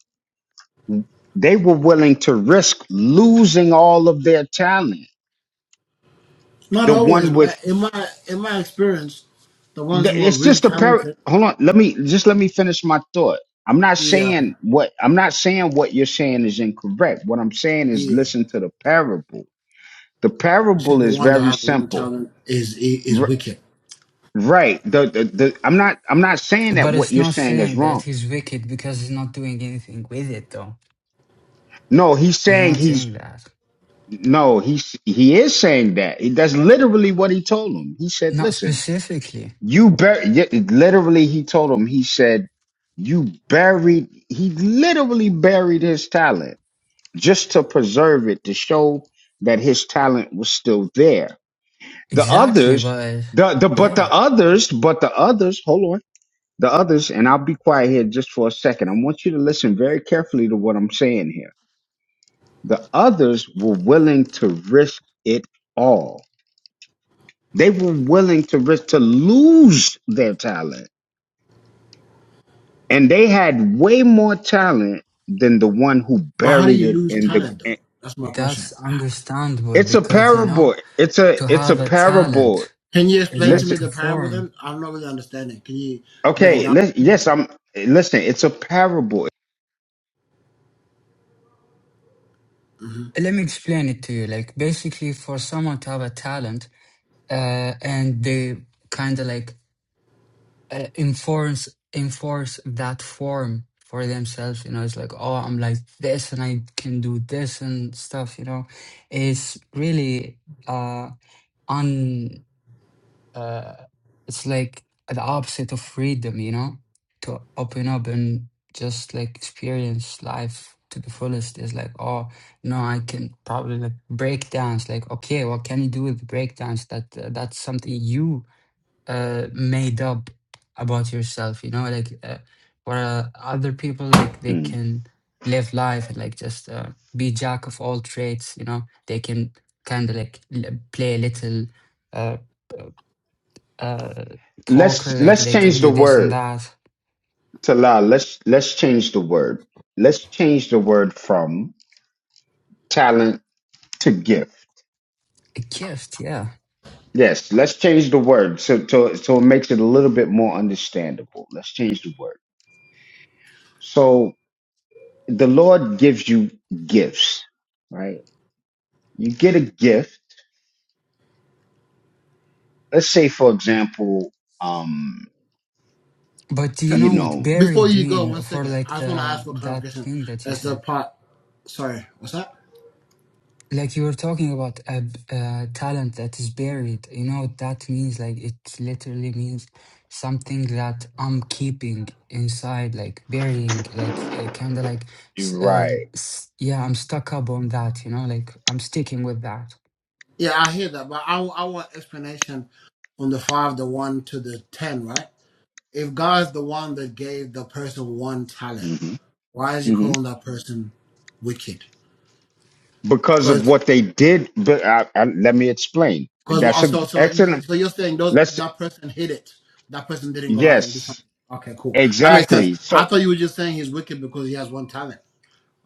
Speaker 1: they were willing to risk losing all of their talent.
Speaker 2: Not
Speaker 1: The
Speaker 2: always,
Speaker 1: one with
Speaker 2: man. In my in my experience, the ones
Speaker 1: Th-
Speaker 2: who are
Speaker 1: It's
Speaker 2: really
Speaker 1: just a par.
Speaker 2: talented.
Speaker 1: Hold on. Let me just let me finish my thought. I'm not
Speaker 2: Yeah,
Speaker 1: saying what I'm not saying what you're saying is incorrect. What I'm saying is
Speaker 2: yeah.
Speaker 1: listen to the parable. The
Speaker 2: You
Speaker 1: parable
Speaker 2: said the
Speaker 1: is
Speaker 2: one that
Speaker 1: very
Speaker 2: has one
Speaker 1: simple.
Speaker 2: talent is is
Speaker 1: R-
Speaker 2: wicked.
Speaker 1: right. The, the the I'm not I'm not saying that
Speaker 6: But
Speaker 1: what
Speaker 6: it's
Speaker 1: you're
Speaker 6: not
Speaker 1: saying is
Speaker 6: saying
Speaker 1: wrong.
Speaker 6: that he's wicked because he's not doing anything with it, though.
Speaker 1: No, he's
Speaker 6: He's
Speaker 1: saying
Speaker 6: not
Speaker 1: he's
Speaker 6: saying that.
Speaker 1: no, he's he is saying that. He- That's literally what he told him. He said,
Speaker 6: Not
Speaker 1: "Listen,
Speaker 6: specifically.
Speaker 1: you bur-, y- literally he told him he said you buried he literally buried his talent just to preserve it to show that his talent was still there. The
Speaker 6: Exactly,
Speaker 1: others,
Speaker 6: but
Speaker 1: the the but the
Speaker 6: yeah,
Speaker 1: others, but the others, hold on. The others, and I'll be quiet here just for a second. I want you to listen very carefully to what I'm saying here. The others were willing to risk it all. They were willing to risk to lose their talent. And they had way more talent than the one who
Speaker 2: But how do
Speaker 1: buried
Speaker 2: you
Speaker 1: it
Speaker 2: lose
Speaker 1: in
Speaker 2: talent though?
Speaker 1: the
Speaker 2: That's my question.
Speaker 6: that's understandable
Speaker 1: it's a
Speaker 6: because, you
Speaker 1: parable.
Speaker 6: know,
Speaker 1: It's a
Speaker 6: to
Speaker 1: it's a
Speaker 6: have a
Speaker 1: parable.
Speaker 6: talent
Speaker 2: Can you
Speaker 6: is
Speaker 2: explain to
Speaker 6: like
Speaker 2: me
Speaker 1: Listen,
Speaker 6: to
Speaker 2: the parable
Speaker 6: form.
Speaker 2: then? I'm not really understanding. Can you break it
Speaker 1: okay,
Speaker 2: down?
Speaker 1: let, yes, I'm listen, it's a parable.
Speaker 2: hmm
Speaker 6: Let me explain it to you. Like, basically, for someone to have a talent uh, and they kind of like uh, enforce enforce that form for themselves you know it's like oh i'm like this and i can do this and stuff you know it's really uh un uh it's like the opposite of freedom you know to open up and just like experience life to the fullest is like oh no i can probably like break dance like okay what can you do with break dance that uh, that's something you uh, made up about yourself, you know, like uh, where uh, other people like they
Speaker 1: Mm.
Speaker 6: can live life and like just uh, be jack of all trades, you know, they can kind of like l- play a little uh, uh, poker,
Speaker 1: Let's
Speaker 6: like
Speaker 1: let's
Speaker 6: they can
Speaker 1: change the
Speaker 6: do this and
Speaker 1: word
Speaker 6: that.
Speaker 1: to la. Let's let's change the word. Let's change the word from talent to gift.
Speaker 6: A gift, yeah.
Speaker 1: Yes, let's change the word so to, so it makes it a little bit more understandable. Let's change the word. So the Lord gives you gifts, right? You get a gift. Let's say, for example, um,
Speaker 6: But do you
Speaker 1: you
Speaker 6: know what
Speaker 1: know,
Speaker 2: Before
Speaker 6: buried
Speaker 2: you go,
Speaker 6: mean
Speaker 2: one
Speaker 6: for
Speaker 2: second.
Speaker 6: like
Speaker 2: I just want to
Speaker 6: the
Speaker 2: ask for
Speaker 6: that
Speaker 2: clarification.
Speaker 6: thing that you
Speaker 2: As the
Speaker 6: said?
Speaker 2: part, sorry, what's that?
Speaker 6: like you were talking about a, b- a talent that is buried you know what that means like it literally means something that i'm keeping inside like burying like kind of like s-
Speaker 1: you're
Speaker 6: uh,
Speaker 1: right.
Speaker 6: s- yeah i'm stuck up on that you know like i'm sticking with that
Speaker 2: Yeah, I hear that, but I, I want explanation on the five, the one to the ten, right? If God's the one that gave the person one talent,
Speaker 1: hmm
Speaker 2: why is he calling that person wicked?
Speaker 1: because of what they did. But I, I, let me explain.
Speaker 2: Because
Speaker 1: That's a
Speaker 2: also, so you-
Speaker 1: excellent.
Speaker 2: so you're saying those
Speaker 1: Let's
Speaker 2: that person hid it. That person didn't go out and do
Speaker 1: yes,
Speaker 2: something. Okay, cool. That makes sense.
Speaker 1: exactly.
Speaker 2: I
Speaker 1: So
Speaker 2: thought you were just saying he's wicked because he has one talent.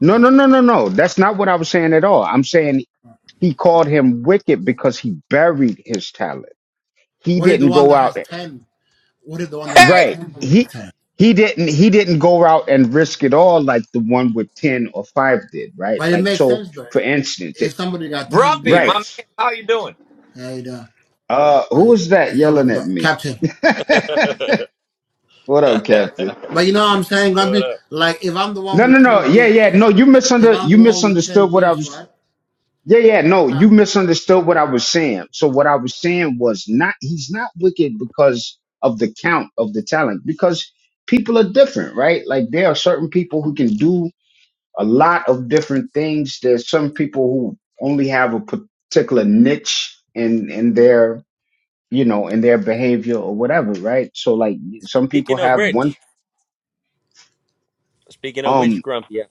Speaker 1: no,
Speaker 2: Okay.
Speaker 1: no, no, no, no. That's not what I was saying at all. I'm saying he called him wicked because he buried his talent. He
Speaker 2: What if the
Speaker 1: didn't
Speaker 2: one
Speaker 1: go
Speaker 2: that
Speaker 1: out
Speaker 2: has ten? What if the one that has
Speaker 7: Hey,
Speaker 1: right.
Speaker 2: ten buried
Speaker 1: He.
Speaker 2: ten?
Speaker 1: He didn't. He didn't go out and risk it all like the one with ten or five did, right?
Speaker 2: But it
Speaker 1: Like
Speaker 2: makes
Speaker 1: so,
Speaker 2: sense though.
Speaker 1: for instance, it,
Speaker 2: If somebody got ten
Speaker 7: Grumpy, my
Speaker 1: right?
Speaker 2: gifts,
Speaker 7: man, how you doing?
Speaker 2: and uh,
Speaker 1: Uh, who
Speaker 2: I
Speaker 1: was that
Speaker 2: it's talking
Speaker 1: yelling at
Speaker 2: about
Speaker 1: me?
Speaker 2: captain.
Speaker 7: what
Speaker 1: what up, Captain?
Speaker 2: But you know what I'm saying? I be
Speaker 7: up?
Speaker 2: like, if I'm the one
Speaker 1: No, no,
Speaker 2: with
Speaker 1: no.
Speaker 2: ten
Speaker 1: Yeah,
Speaker 2: gifts,
Speaker 1: yeah. No, you
Speaker 2: if
Speaker 1: misunderstood.
Speaker 2: I'm
Speaker 1: You
Speaker 2: the one with ten
Speaker 1: misunderstood what I
Speaker 2: gifts,
Speaker 1: was.
Speaker 2: right?
Speaker 1: Yeah, yeah. No,
Speaker 2: Now,
Speaker 1: you misunderstood what I was saying. So what I was saying was not. He's not wicked because of the count of the talent. Because people are different, right? Like there are certain people who can do a lot of different things. There's some people who only have a particular niche in in their you know in their behavior or whatever, right? So like some people
Speaker 7: Speaking of
Speaker 1: have one.
Speaker 7: which, speaking of
Speaker 1: um.
Speaker 7: which, Grumpy, yeah.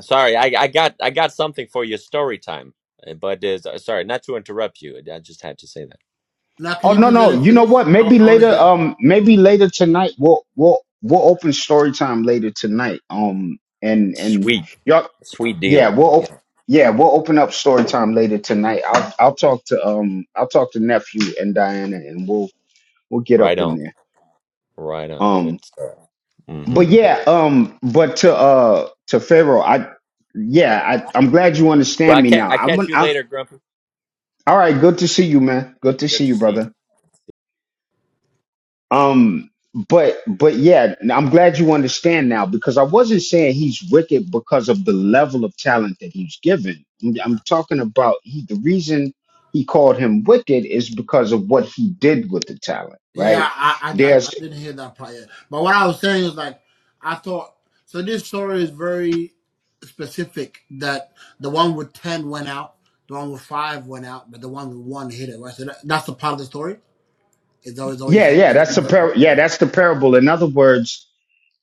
Speaker 7: sorry, I, I got I got something for your story time, Uh, but uh, sorry, not to interrupt you. I just had to say that.
Speaker 2: now, can
Speaker 1: Oh
Speaker 2: you
Speaker 1: no,
Speaker 2: please let
Speaker 1: no.
Speaker 2: him
Speaker 1: You know
Speaker 2: finish?
Speaker 1: what?
Speaker 2: I,
Speaker 1: Maybe
Speaker 2: I want to
Speaker 1: later.
Speaker 2: hear.
Speaker 1: Um, maybe later tonight. We'll we'll we'll open story time later tonight. Um, and and
Speaker 7: Sweet,
Speaker 1: y'all,
Speaker 7: sweet
Speaker 1: yeah,
Speaker 7: deal.
Speaker 1: we'll op-
Speaker 7: Yeah,
Speaker 1: yeah we'll open up story time later tonight. I'll I'll talk to um I'll talk to nephew and Diana, and we'll we'll get
Speaker 7: right
Speaker 1: up in
Speaker 7: on,
Speaker 1: there.
Speaker 7: right on. Good
Speaker 1: Um,
Speaker 7: stuff. hmm
Speaker 1: but yeah, um, but to uh to Pharaoh, I yeah, I I'm glad you
Speaker 7: Well,
Speaker 1: understand
Speaker 7: I
Speaker 1: me
Speaker 7: ca-
Speaker 1: now.
Speaker 7: I
Speaker 1: I'm
Speaker 7: catch you
Speaker 1: I,
Speaker 7: later, Grumpy.
Speaker 1: all right. Good to see you, man. Good to see
Speaker 7: Good to
Speaker 1: you,
Speaker 7: see you.
Speaker 1: brother. Um, but but yeah, I'm glad you understand now because I wasn't saying he's wicked because of the level of talent that he's given. I'm, I'm talking about he, the reason he called him wicked is because of what he did with the talent,
Speaker 2: Yeah,
Speaker 1: right?
Speaker 2: I, I, I I
Speaker 1: There's
Speaker 2: didn't hear that part yet. But what I was saying is like, I thought, so this story is very specific that the one with 10 went out, the one with five went out, but the one with one hit it, right? So that, that's the part of the story, is always always
Speaker 1: yeah, yeah,
Speaker 2: saying? And then
Speaker 1: that's a par- yeah, that's the parable. In other words,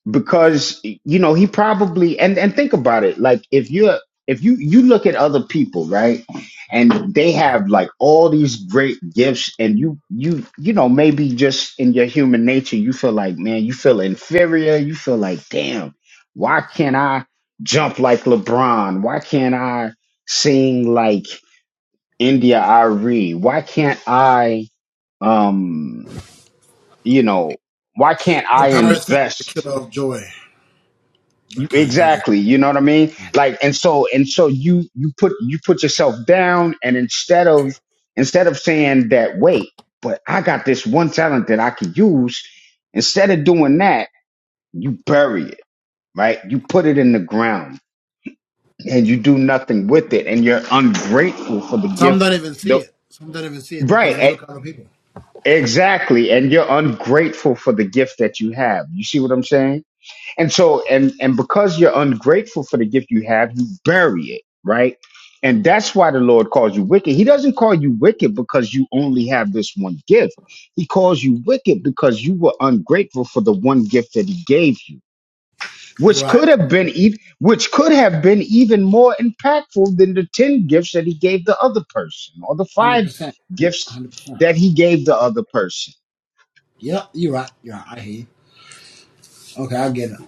Speaker 1: because you know he probably and and think about it like if you're if you you look at other people right and they have like all these great gifts and you you you know maybe just in your human nature you feel like man you feel inferior you feel like damn why can't i jump like lebron why can't i sing like india Ari? why can't i um you know why can't i
Speaker 2: comparison is the
Speaker 1: invest
Speaker 2: killer of joy.
Speaker 1: You,
Speaker 2: That kind of, is
Speaker 1: exactly. You know what I mean? Like, and so, and so you, you put, you put yourself down and instead of, instead of saying that, wait, but I got this one talent that I could use. Instead of doing that, you bury it, right? You put it in the ground and you do nothing with it and you're ungrateful for the
Speaker 2: some
Speaker 1: gift.
Speaker 2: don't even see
Speaker 1: The,
Speaker 2: it. Some don't even see it because they
Speaker 1: right. e-
Speaker 2: look at other people.
Speaker 1: Exactly. And you're ungrateful for the gift that you have. You see what I'm saying? And so, and and because you're ungrateful for the gift you have, you bury it, right? And that's why the Lord calls you wicked. He doesn't call you wicked because you only have this one gift. He calls you wicked because you were ungrateful for the one gift that He gave you, which
Speaker 2: Right.
Speaker 1: could have been even, which could have been even more impactful than the ten gifts that He gave the other person, or the five
Speaker 2: 100%.
Speaker 1: gifts
Speaker 2: 100%.
Speaker 1: that He gave the other person.
Speaker 2: Yeah, you're right. You're right. I hear you. Okay, I get it.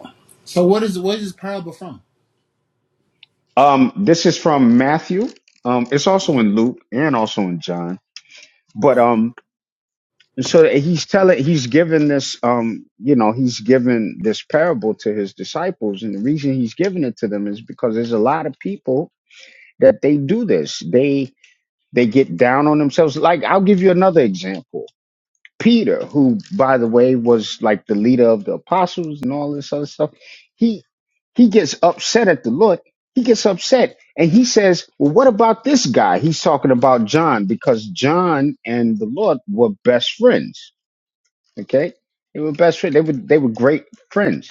Speaker 2: So what is, what is this parable from?
Speaker 1: Um, this is from Matthew. Um, it's also in Luke and also in John. But
Speaker 2: Right.
Speaker 1: um, and so he's telling, he's giving this um, you know, he's giving this parable to his disciples, and the reason he's giving it to them is because there's a lot of people that they do this. They they get down on themselves. Like I'll give you another example. Peter, who by the way was like the leader of the apostles and all this other stuff, he he gets upset at the Lord. He gets upset and he says, Well, what about this guy? He's talking about John because John and the Lord were best friends. Okay? They were best friends. They were they were great friends.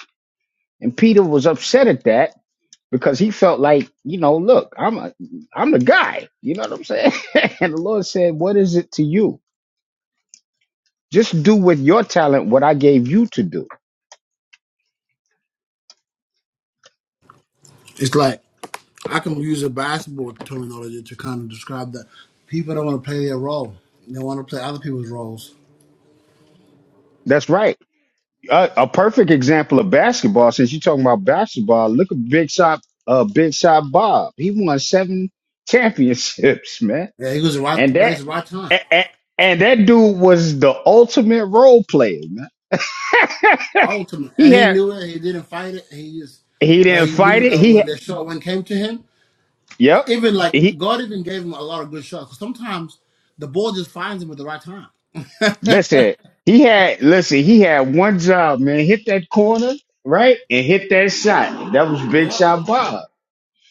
Speaker 1: And Peter was upset at that because he felt like, you know, look, I'm a I'm the guy. You know what I'm saying? and the Lord said, What is it to you? Just do with your talent what I gave you to do
Speaker 2: It's like I can use a basketball terminology to kind of describe that people don't want to play their role; they want to play other people's roles.
Speaker 1: That's right. A, a perfect example of basketball. Since you're talking about basketball, look at Big Shot, uh, Big Shot Bob. He won seven championships, man.
Speaker 2: Yeah, he was the right
Speaker 1: And
Speaker 2: place,
Speaker 1: that,
Speaker 2: at the right time,
Speaker 1: and, and that dude was the ultimate role player, man.
Speaker 2: ultimate,
Speaker 1: he
Speaker 2: and he
Speaker 1: had,
Speaker 2: knew it. He didn't fight it. He just,
Speaker 1: he
Speaker 2: but
Speaker 1: didn't
Speaker 2: he
Speaker 1: fight
Speaker 2: knew
Speaker 1: it.
Speaker 2: that
Speaker 1: He,
Speaker 2: when the shot one came to him,
Speaker 1: yep.
Speaker 2: even like
Speaker 1: He
Speaker 2: God even gave him a lot of good shots. 'Cause sometimes the ball just finds him at the right time.
Speaker 1: listen. He had listen. He had one job, man. Hit that corner, right, and hit that shot. That was Big
Speaker 2: yeah,
Speaker 1: Shot Bob.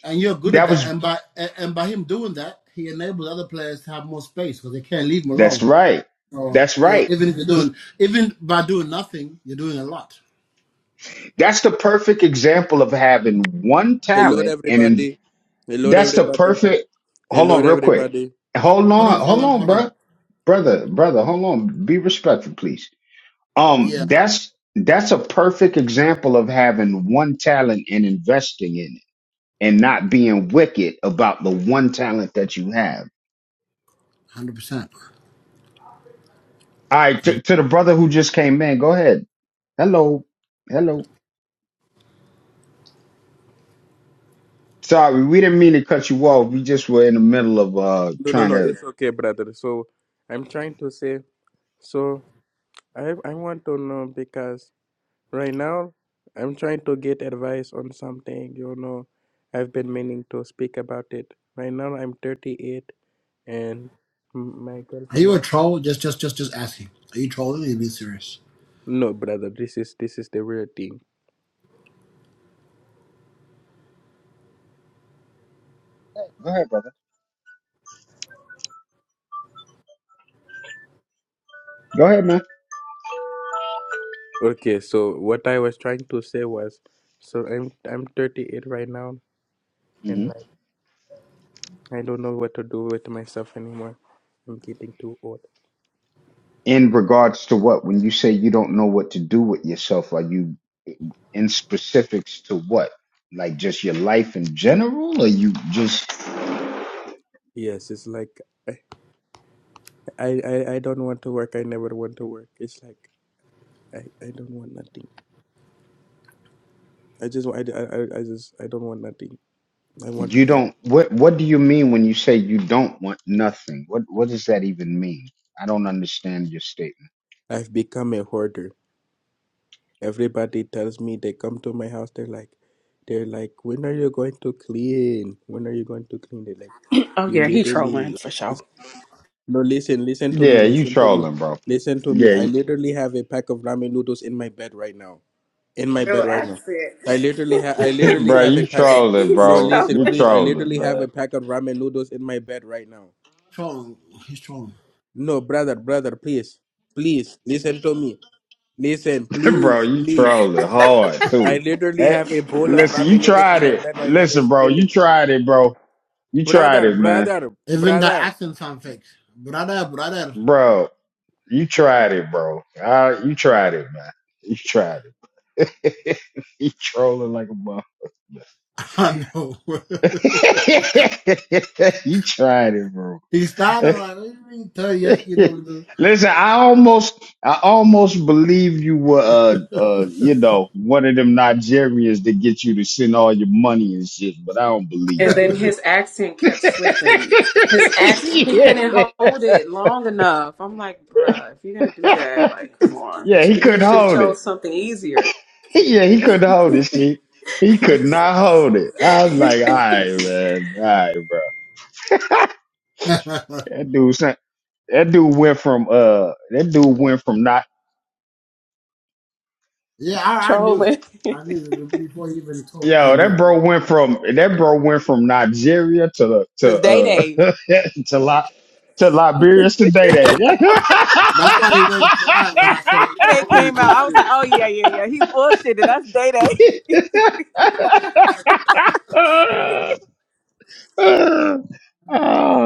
Speaker 2: and you're good at
Speaker 1: That was.
Speaker 2: that. And by and and by him doing that, he enables other players to have more space because they can't leave him alone.
Speaker 1: That's right.
Speaker 2: So
Speaker 1: That's
Speaker 2: you know,
Speaker 1: right.
Speaker 2: even if you're
Speaker 1: He,
Speaker 2: doing, even by doing nothing, you're doing a lot.
Speaker 1: that's the perfect example of having one
Speaker 8: Hello,
Speaker 1: talent and in,
Speaker 8: everybody. Hello,
Speaker 1: that's the
Speaker 8: everybody.
Speaker 1: perfect. Hold
Speaker 8: Hello,
Speaker 1: on real quick.
Speaker 8: everybody.
Speaker 1: Hold
Speaker 2: Hold on,
Speaker 1: on.
Speaker 2: hold
Speaker 1: Hold
Speaker 2: on,
Speaker 1: on,
Speaker 2: hold on.
Speaker 1: bro. Brother, brother, hold on. Be respectful, please.
Speaker 2: Yeah,
Speaker 1: Um, that's, that's a perfect example of having one talent and investing in it and not being wicked about the one talent that you have.
Speaker 2: hundred percent.
Speaker 1: All right. To,
Speaker 2: Are
Speaker 1: to the brother who just came in, go ahead. Hello. Hello. Sorry, we didn't mean to cut you off. We just were in the middle of uh
Speaker 8: No, no,
Speaker 1: trying
Speaker 8: no.
Speaker 1: to
Speaker 8: It's okay, brother. So, I'm trying to say. So, I I want to know because right now I'm trying to get advice on something. You know, I've been meaning to speak about it. Right now I'm 38 and m- my girlfriend.
Speaker 2: you a
Speaker 8: was-
Speaker 2: troll? Just, just, just, just asking. Are you trolling? Or Are you being serious?
Speaker 8: No, brother. This is this is the real thing.
Speaker 1: go ahead, brother. Go ahead, man.
Speaker 8: Okay. So what I was trying to say was, so I'm I'm 38 right now and
Speaker 1: hmm
Speaker 8: like. I don't know what to do with myself anymore. I'm getting too old.
Speaker 1: In regards to what, when you say you don't know what to do with yourself, are you in specifics to what? Like just your life in general, or you just
Speaker 8: Yes, it's like I, I, I I don't want to work. I never want to work. It's like I, I don't want nothing. I just wa- I, I, I I just I don't want nothing. I want
Speaker 1: you
Speaker 8: to.
Speaker 1: don't what what do you mean when you say you don't want nothing? What what does that even mean? I don't understand your statement.
Speaker 8: I've become a hoarder. Everybody tells me they come to my house. They're like, they're like, when are you going to clean? When are you going to clean? They're like,
Speaker 5: Oh
Speaker 8: you
Speaker 5: yeah, he
Speaker 8: literally
Speaker 5: trolling for
Speaker 8: like
Speaker 5: sure.
Speaker 8: this. No, listen, listen to me,
Speaker 1: Yeah, you
Speaker 8: listen to me,
Speaker 1: trolling, bro.
Speaker 8: listen to me.
Speaker 1: Yeah,
Speaker 8: I
Speaker 1: you,
Speaker 8: literally have a pack of ramen noodles in my bed right now. in my bed
Speaker 5: Real
Speaker 8: right now.
Speaker 5: accent.
Speaker 8: I literally have I literally
Speaker 1: bro,
Speaker 8: have
Speaker 1: you
Speaker 8: a pack of
Speaker 1: trolling,
Speaker 5: He's
Speaker 8: no
Speaker 1: bro.
Speaker 8: listen
Speaker 1: You
Speaker 5: trolling.
Speaker 8: please I
Speaker 1: trolling,
Speaker 8: literally have
Speaker 1: man.
Speaker 8: a pack of ramen noodles in my bed right now.
Speaker 2: Trolling. He's trolling.
Speaker 8: No brother brother please please listen to me listen
Speaker 1: bro,
Speaker 8: please
Speaker 1: you
Speaker 8: please
Speaker 1: trolling hard
Speaker 8: I
Speaker 1: too.
Speaker 8: literally
Speaker 1: Hey,
Speaker 8: have a bowl of
Speaker 1: listen, you
Speaker 8: ramen noodles in
Speaker 1: tried
Speaker 8: my
Speaker 1: it.
Speaker 8: bed right now. They're
Speaker 1: Listen, bro, you
Speaker 8: spilling
Speaker 1: tried it, bro. You tried
Speaker 8: brother
Speaker 1: it, man.
Speaker 8: brother
Speaker 2: Even the
Speaker 8: brother.
Speaker 2: accent sound fake. Brother, brother.
Speaker 1: Bro, you tried it, bro. Uh, you tried it, man. You tried it. you trolling like a mother.
Speaker 2: I know.
Speaker 1: you tried it, bro.
Speaker 2: he started like, what do you mean, tell you you don't do?
Speaker 1: Listen, I almost, I almost believe you were, uh, uh, you know, one of them Nigerians that get you to send all your money and shit, but I don't believe
Speaker 5: And then
Speaker 1: you,
Speaker 5: his accent kept slipping. His act, he
Speaker 1: yeah.
Speaker 5: couldn't hold it long enough. I'm like, bruh, if you're gonna do that, like, come on.
Speaker 1: yeah, he
Speaker 5: He
Speaker 1: couldn't
Speaker 5: should have
Speaker 1: hold it.
Speaker 5: chose something easier.
Speaker 1: Yeah, he couldn't hold it, see. He could not hold it. I was like, all right, man. All right, bro. That dude sent- that dude went from uh that dude went from not
Speaker 2: yeah, I, I knew it.
Speaker 5: trolling.
Speaker 2: I knew it before he even talked. I
Speaker 1: yo,
Speaker 2: knew
Speaker 1: that
Speaker 2: it.
Speaker 1: bro went from that bro went from Nigeria to uh,
Speaker 5: so
Speaker 1: to
Speaker 5: Day
Speaker 1: uh
Speaker 5: Day.
Speaker 1: to La, to Liberia today day.
Speaker 2: That's why he went quiet when I said, are you
Speaker 5: Day Day
Speaker 2: trolling? or Are you
Speaker 5: came
Speaker 2: being
Speaker 5: out. I was like,
Speaker 2: serious?
Speaker 5: oh yeah, yeah, yeah. He bullshitted. That's Day Day.
Speaker 1: oh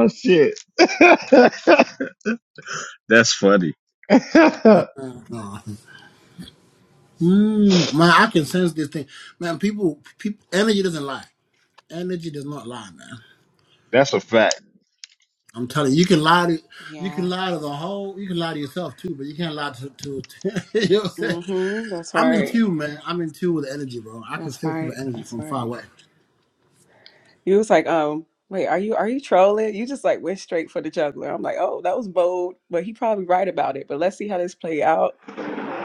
Speaker 1: shit. That's funny. That's
Speaker 2: No. Mm, man, I can sense this thing. Man, people, people, energy doesn't lie. Energy does not lie, man.
Speaker 1: a fact.
Speaker 2: I'm telling you, you can lie to, you can
Speaker 5: yeah.
Speaker 2: lie to the whole, you can lie to yourself too, but you can't lie to, to, to you know what I'm saying?
Speaker 5: Mhm. That's
Speaker 2: I'm in
Speaker 5: right.
Speaker 2: tune, man. I'm in tune with the energy, bro. I can
Speaker 5: That's
Speaker 2: feel
Speaker 5: right.
Speaker 2: people's energy
Speaker 5: That's
Speaker 2: from far
Speaker 5: right.
Speaker 2: away.
Speaker 5: He was like, um, wait, are you are you trolling? You just like went straight for the juggler. I'm like, oh, that was bold, but he probably right about it. But let's see how this play out.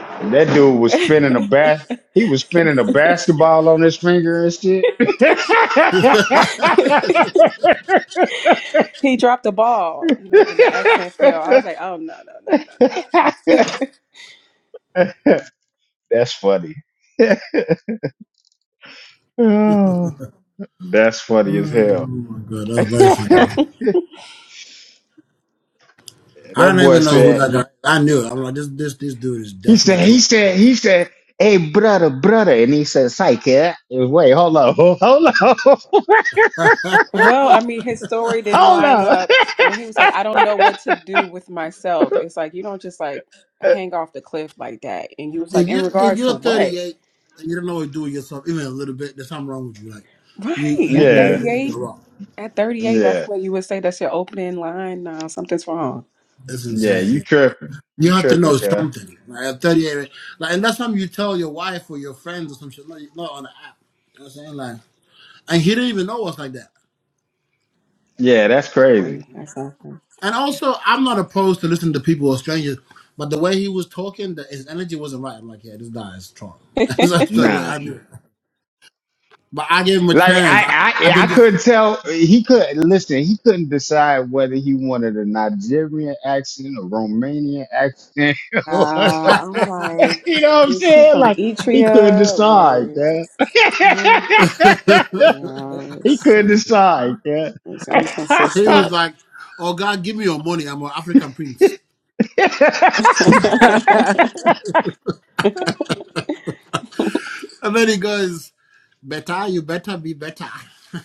Speaker 1: And that dude was spinning a bat. He was spinning a basketball on his finger and shit.
Speaker 2: oh
Speaker 5: he dropped the ball, you know, when the accent fell. I was like, oh no, no, no, no, no.
Speaker 1: That's funny. Oh, That's funny as hell.
Speaker 2: my god, that was very funny,
Speaker 1: that
Speaker 2: bro. I don't
Speaker 1: boy
Speaker 2: even know who
Speaker 1: said,
Speaker 2: that guy. I knew it. I'm like, this, this, this dude is
Speaker 1: he
Speaker 2: definitely
Speaker 1: said, he
Speaker 2: trolling.
Speaker 1: said, he said, hey, brother, brother. And he said, psych, yeah. Wait, hold on, hold on.
Speaker 5: Well, I mean, his story didn't
Speaker 1: Hold
Speaker 5: line
Speaker 1: up.
Speaker 5: up when he was like, I don't know what to do with myself. It's like, you don't just like hang off the cliff like that. And you was like,
Speaker 2: if
Speaker 5: in
Speaker 2: you if
Speaker 5: regards to
Speaker 2: you're
Speaker 5: what?
Speaker 2: 38 and you don't know what to do with yourself even a little bit, there's something wrong with you. Like you
Speaker 5: Right.
Speaker 2: you've
Speaker 5: At
Speaker 2: been
Speaker 1: yeah,
Speaker 2: living under a
Speaker 5: 38,
Speaker 2: rock.
Speaker 5: at 38,
Speaker 1: yeah,
Speaker 5: that's what you would say. That's your opening line. Nah, something's wrong.
Speaker 2: It's
Speaker 1: yeah. You
Speaker 2: insane.
Speaker 1: tripping? You
Speaker 2: You have to
Speaker 1: tripping,
Speaker 2: know
Speaker 1: cuz?
Speaker 2: something. Like at 38, right? like and that's something you tell your wife or your friends or some shit. Not not on the app. You know what I'm saying? Like and he didn't even know us like that.
Speaker 1: Yeah, that's crazy.
Speaker 5: Exactly. That's something.
Speaker 2: And also, I'm not opposed to listening to people or strangers, but the way he was talking, the, his energy wasn't right. I'm like, yeah, this guy is strong. that's the way
Speaker 1: Nah,
Speaker 2: I knew. But I gave him a
Speaker 1: like
Speaker 2: chance. I,
Speaker 1: I,
Speaker 2: I
Speaker 1: I, I
Speaker 2: didn't just.
Speaker 1: couldn't tell. He could listen. He couldn't decide whether he wanted a Nigerian accent, a Romanian accent.
Speaker 5: uh,
Speaker 1: or-
Speaker 5: I'm like,
Speaker 1: you know what I'm
Speaker 5: is he
Speaker 1: saying?
Speaker 5: from
Speaker 1: Like he couldn't
Speaker 5: Etria
Speaker 1: decide,
Speaker 5: or,
Speaker 1: cuz.
Speaker 2: he
Speaker 5: yeah,
Speaker 1: he
Speaker 5: it's,
Speaker 1: couldn't decide, cuz.
Speaker 5: it's
Speaker 2: was
Speaker 5: inconsistent.
Speaker 2: like, "Oh God, give me your money. I'm an African prince." And then he goes, "Better, you better be better."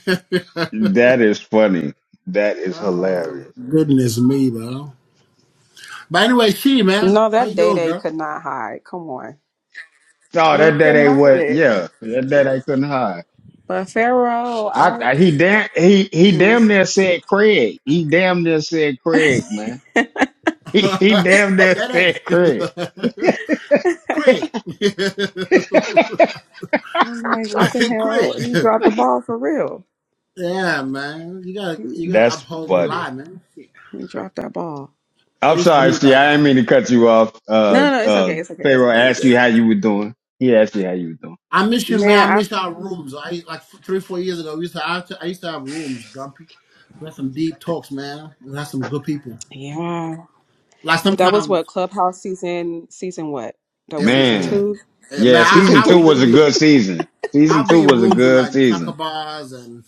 Speaker 1: That is funny. That is
Speaker 2: oh
Speaker 1: hilarious.
Speaker 2: goodness me, bro! But anyway, she man,
Speaker 5: no,
Speaker 2: how
Speaker 5: that
Speaker 2: you
Speaker 5: day
Speaker 2: doing,
Speaker 5: day
Speaker 2: girl?
Speaker 5: could not hide. Come on.
Speaker 1: No,
Speaker 5: And he
Speaker 1: that that
Speaker 5: couldn't
Speaker 1: ain't
Speaker 5: hide
Speaker 1: what.
Speaker 5: it.
Speaker 1: Yeah, that that I couldn't hide.
Speaker 5: But Pharaoh, I,
Speaker 1: I, I he damn he he damn
Speaker 5: mhm.
Speaker 1: near said Craig. He damn near said Craig, man. He he damn near
Speaker 2: Daddy,
Speaker 1: said Craig.
Speaker 2: Craig,
Speaker 5: I'm like, what the
Speaker 2: Craig.
Speaker 5: hell? He dropped the ball for real.
Speaker 2: Yeah, man, you gotta
Speaker 5: He,
Speaker 2: you gotta
Speaker 1: That's
Speaker 2: uphold the
Speaker 1: funny.
Speaker 2: lie, man.
Speaker 5: he dropped that ball.
Speaker 2: At
Speaker 1: I'm
Speaker 2: least we
Speaker 1: sorry,
Speaker 2: need
Speaker 1: see,
Speaker 2: that
Speaker 1: I didn't
Speaker 2: laugh.
Speaker 1: mean to cut you off. Uh,
Speaker 5: No, no, no, it's
Speaker 1: uh,
Speaker 5: okay. It's okay. It's
Speaker 1: Pharaoh
Speaker 5: okay. You're
Speaker 1: asked you
Speaker 5: good.
Speaker 1: how you were doing. He asked you how you were doing.
Speaker 2: I miss you, man.
Speaker 5: Man,
Speaker 2: I
Speaker 5: I,
Speaker 2: miss our rooms. I like f- three, four years ago. We used to, I, used to, I used to have rooms, Grumpy. We had some deep talks, man. We had some good people.
Speaker 5: yeah.
Speaker 2: Like
Speaker 5: That was what
Speaker 2: sometimes
Speaker 5: Clubhouse season, season what? That
Speaker 2: it
Speaker 5: was
Speaker 2: was
Speaker 5: season
Speaker 1: Man,
Speaker 2: good.
Speaker 5: two,
Speaker 2: Eh,
Speaker 1: yeah,
Speaker 2: man, I,
Speaker 5: season
Speaker 1: season
Speaker 2: I
Speaker 1: two
Speaker 2: was
Speaker 5: three.
Speaker 1: was a
Speaker 2: literally,
Speaker 1: good season. Season
Speaker 2: I'd
Speaker 1: two
Speaker 2: be in
Speaker 1: was a
Speaker 2: rooms with
Speaker 1: good
Speaker 2: like
Speaker 1: season.
Speaker 2: Chaka Bars and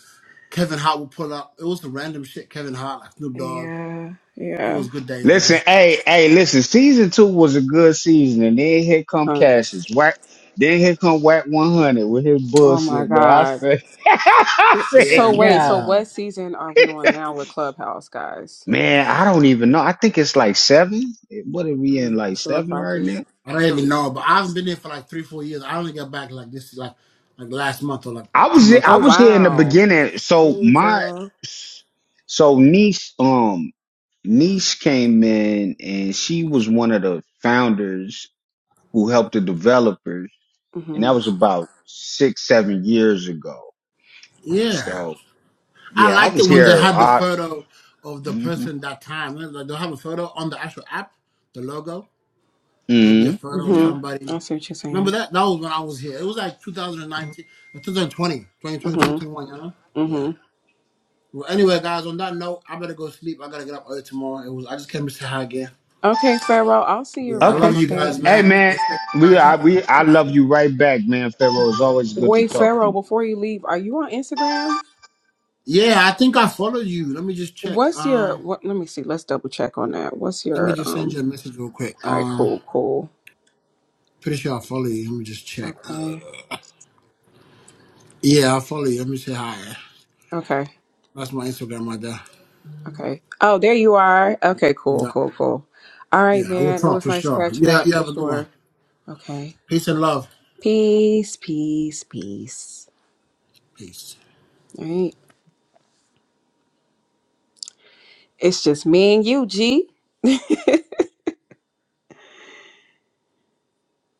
Speaker 2: Kevin Hart would pull up. It was the random shit. Kevin Hart, like Snoop Dogg.
Speaker 5: Yeah,
Speaker 2: It
Speaker 5: yeah.
Speaker 2: was good days,
Speaker 1: Listen,
Speaker 2: man.
Speaker 1: hey, hey, listen. Season two was a good season, and then here come
Speaker 5: Huh.
Speaker 1: Cassius. Whack. Then here come Whack One Hundred with his
Speaker 5: Oh my
Speaker 1: bullshit. Man, I
Speaker 5: God.
Speaker 1: said, I said,
Speaker 2: Yeah,
Speaker 5: So wait, so
Speaker 2: man.
Speaker 1: God,
Speaker 5: what season are we on now with Clubhouse, guys?
Speaker 1: man, I don't even know. I think it's like seven. What are we in?
Speaker 5: Hmm,
Speaker 1: Like
Speaker 5: so if
Speaker 1: seven
Speaker 5: I
Speaker 1: right
Speaker 5: could
Speaker 1: now?
Speaker 2: I don't even
Speaker 5: something like
Speaker 2: know, but
Speaker 5: that.
Speaker 2: I haven't been there for like three, four years. I only got back like this, like like last month or like
Speaker 1: I
Speaker 2: two
Speaker 1: was,
Speaker 2: months
Speaker 1: I
Speaker 5: Oh
Speaker 2: ago.
Speaker 1: was here in the
Speaker 5: wow.
Speaker 1: beginning. So
Speaker 5: Dang,
Speaker 1: my,
Speaker 5: Pharaoh.
Speaker 1: so niece, um, niece came in, and she was one of the founders who helped the developers. and that
Speaker 5: Mhm.
Speaker 1: was about six, seven years ago.
Speaker 2: Yeah.
Speaker 1: So
Speaker 2: I
Speaker 1: yeah, I
Speaker 2: liked it
Speaker 1: was
Speaker 2: when they
Speaker 1: here.
Speaker 2: had the
Speaker 1: I,
Speaker 2: photo of the
Speaker 1: mm-hmm,
Speaker 2: person that time. Remember, Like they'll have a photo on the actual app, the logo. There'll be a
Speaker 1: hmm
Speaker 2: photo of
Speaker 1: yeah.
Speaker 5: Mhm.
Speaker 2: somebody.
Speaker 5: I see what you're
Speaker 2: Remember
Speaker 5: saying.
Speaker 2: that? That was when I was here. It was like 2019, uh, 2020, twenty twenty twenty twenty
Speaker 5: Mhm.
Speaker 2: one. you know? Yeah.
Speaker 5: Mhm.
Speaker 2: Well, anyway, guys, on that note, I better go sleep. I gotta get up early tomorrow. It was I just came to say hi again.
Speaker 5: Okay, Pharaoh. I'll see you
Speaker 2: Yeah, I
Speaker 1: Okay.
Speaker 2: love
Speaker 5: around.
Speaker 2: you
Speaker 5: Okay.
Speaker 2: guys,
Speaker 1: Hey
Speaker 2: man.
Speaker 1: man,
Speaker 2: Respect you
Speaker 1: we
Speaker 2: guys.
Speaker 1: I we I love you right back, man. Pharaoh, it's always good to
Speaker 5: Wait,
Speaker 1: talk to
Speaker 5: Pharaoh.
Speaker 1: you.
Speaker 5: Before you leave, are you on Instagram?
Speaker 2: Yeah, I think I followed you. Let me just check.
Speaker 5: What's your?
Speaker 2: Um,
Speaker 5: What? Let me see. Let's double check on that. What's
Speaker 2: let me
Speaker 5: your?
Speaker 2: just send
Speaker 5: Um.
Speaker 2: you a message real quick.
Speaker 5: All right.
Speaker 2: Um,
Speaker 5: Cool. Cool.
Speaker 2: pretty sure I follow you. Let me just check.
Speaker 5: Okay.
Speaker 2: Uh, Yeah, I'll follow you. Let me say hi.
Speaker 5: Okay.
Speaker 2: That's my Instagram right there.
Speaker 5: Okay. Oh, there you are. Okay. Cool.
Speaker 2: Yeah.
Speaker 5: Cool. Cool. All right,
Speaker 2: Yeah, I will
Speaker 5: man. It
Speaker 2: talk
Speaker 5: was
Speaker 2: for
Speaker 5: nice
Speaker 2: sure.
Speaker 5: catching
Speaker 2: Yeah,
Speaker 5: up
Speaker 2: you
Speaker 5: for
Speaker 2: have a good one.
Speaker 5: sure. Okay.
Speaker 2: Peace and love.
Speaker 5: Peace. Peace. Peace.
Speaker 2: Peace.
Speaker 5: All right. It's just me and you, G.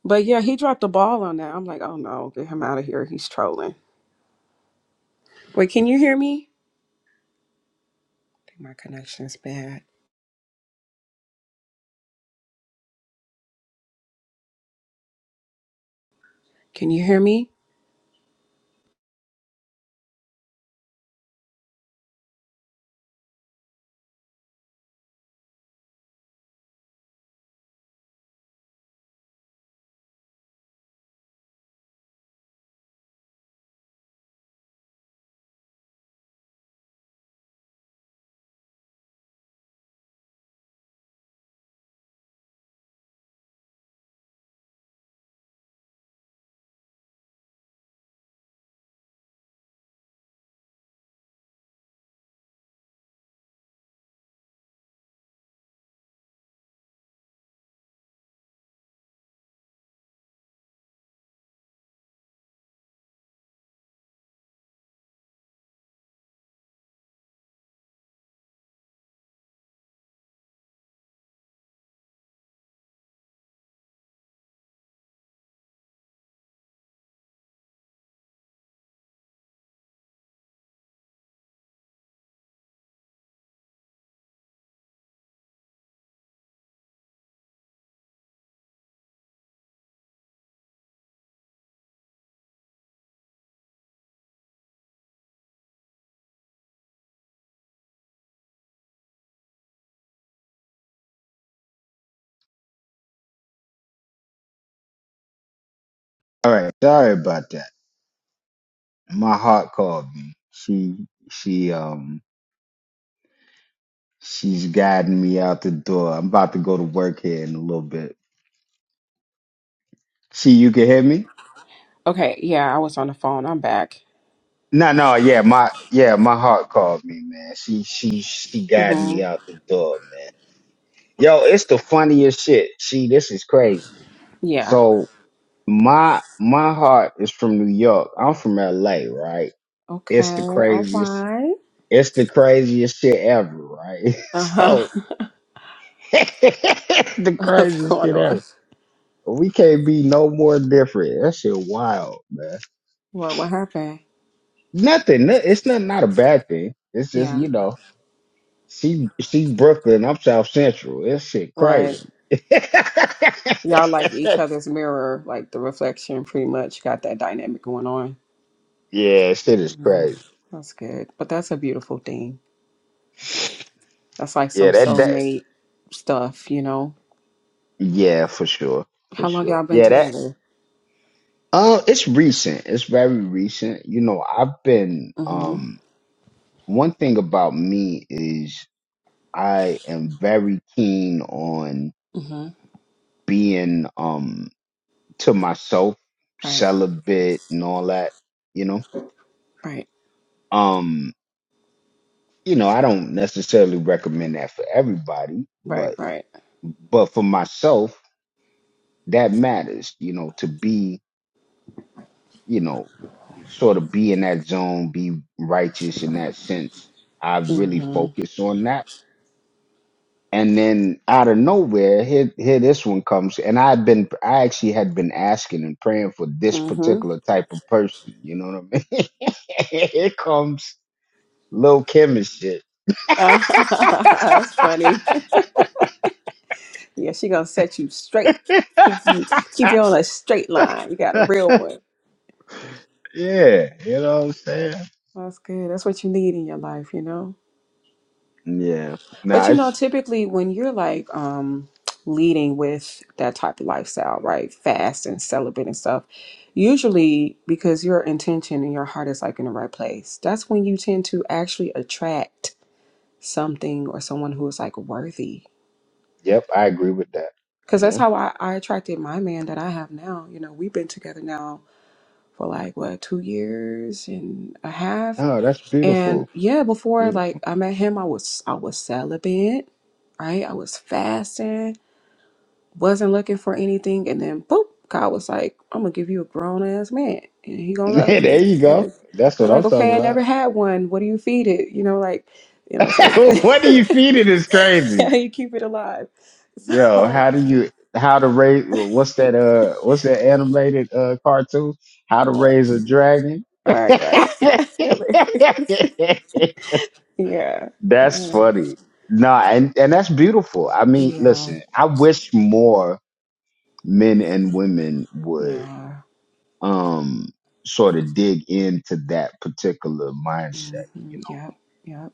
Speaker 5: But yeah, he dropped the ball on that. I'm like, oh no, get him out of here. He's trolling. Wait, can you hear me? I think my connection's bad. Can you hear me?
Speaker 1: All right, sorry about that. My heart called me. She she um she's guiding me out the door. I'm about to go to work here in a little bit. See, you can hear me?
Speaker 5: Okay, yeah, I was on the phone. I'm back.
Speaker 1: No, no, yeah, my yeah, my heart called me, man. She she she guided me
Speaker 5: Mm-hmm.
Speaker 1: out the door, man. Yo, it's the funniest shit. See, this is crazy.
Speaker 5: Yeah.
Speaker 1: So my my heart is from New York. I'm from LA, right?
Speaker 5: Okay,
Speaker 1: It's the
Speaker 5: all
Speaker 1: craziest.
Speaker 5: right.
Speaker 1: It's the craziest shit ever, right?
Speaker 5: Uh-huh.
Speaker 1: So it's the
Speaker 5: What's
Speaker 1: craziest
Speaker 5: going
Speaker 1: shit
Speaker 5: on?
Speaker 1: ever. We can't be no more different. That shit wild, man.
Speaker 5: What what happened?
Speaker 1: Nothing. no- It's not not a bad thing. It's just
Speaker 5: Yeah.
Speaker 1: you know, she she Brooklyn. I'm South Central. This shit
Speaker 5: Right.
Speaker 1: crazy.
Speaker 5: Y'all like each other's mirror, like the reflection pretty much got that dynamic going on.
Speaker 1: yeah, shit is
Speaker 5: Yeah.
Speaker 1: crazy.
Speaker 5: That's good. But that's a beautiful thing. That's like
Speaker 1: Yeah,
Speaker 5: some
Speaker 1: that that
Speaker 5: soulmate stuff, you know?
Speaker 1: yeah, for sure. For
Speaker 5: How long
Speaker 1: sure.
Speaker 5: y'all been
Speaker 1: Yeah, that
Speaker 5: together?
Speaker 1: uh it's recent. It's very recent. You know, I've been
Speaker 5: Mm-hmm.
Speaker 1: um one thing about me is I am very keen on
Speaker 5: Mm-hmm.
Speaker 1: being um to myself,
Speaker 5: Right.
Speaker 1: celibate and all that, you know.
Speaker 5: Right.
Speaker 1: Um, you know, I don't necessarily recommend that for everybody,
Speaker 5: Right.
Speaker 1: but
Speaker 5: Right.
Speaker 1: but for myself, that matters, you know, to be you know, sort of be in that zone, be righteous in that sense. I really
Speaker 5: Mm-hmm.
Speaker 1: focus on that. And then out of nowhere, here, here this one comes. And I've been, I actually had been asking and praying for this
Speaker 5: Mm-hmm.
Speaker 1: particular type of person. You know what I mean? here comes Lil Kim and shit.
Speaker 5: That's funny. Yeah, she gonna set you straight. Keep you keep you on a straight line. You got a real one.
Speaker 1: yeah, you know what I'm saying?
Speaker 5: That's good. That's what you need in your life, you know?
Speaker 1: Yeah.
Speaker 5: But
Speaker 1: Nah,
Speaker 5: you know,
Speaker 1: it's,
Speaker 5: typically when you're like um leading with that type of lifestyle, right? Fast and celibate and stuff, usually because your intention and your heart is like in the right place, that's when you tend to actually attract something or someone who is like worthy.
Speaker 1: yep, I agree with that.
Speaker 5: Because that's
Speaker 1: Yeah.
Speaker 5: how I, I attracted my man that I have now. You know, we've been together now for like what two years and a half.
Speaker 1: Oh, that's
Speaker 5: And
Speaker 1: beautiful.
Speaker 5: yeah, before
Speaker 1: Beautiful.
Speaker 5: like I met him, I was I was celibate, right? I was fasting. wasn't looking for anything, and then boop, God was like, "I'm gonna give you a grown ass man, and he gonna love
Speaker 1: there
Speaker 5: you."
Speaker 1: you go.
Speaker 5: And
Speaker 1: That's
Speaker 5: I'm
Speaker 1: what I'm
Speaker 5: like,
Speaker 1: talking
Speaker 5: "Okay, I
Speaker 1: about.
Speaker 5: never had one. What do you feed it? You know, like, you know, so
Speaker 1: what do you feed it is
Speaker 5: how
Speaker 1: crazy.
Speaker 5: you keep it alive?" So,
Speaker 1: Yo,
Speaker 5: all
Speaker 1: how do you how to raise what's that uh what's that animated uh cartoon? How to
Speaker 5: right,
Speaker 1: raise a dragon?
Speaker 5: right, right, really, yeah,
Speaker 1: that's
Speaker 5: uh,
Speaker 1: funny. No, and, and that's beautiful. I mean,
Speaker 5: yeah,
Speaker 1: listen, I wish more men and women would
Speaker 5: yeah,
Speaker 1: um sort of dig into that particular mindset
Speaker 5: mm-hmm. yep, yep,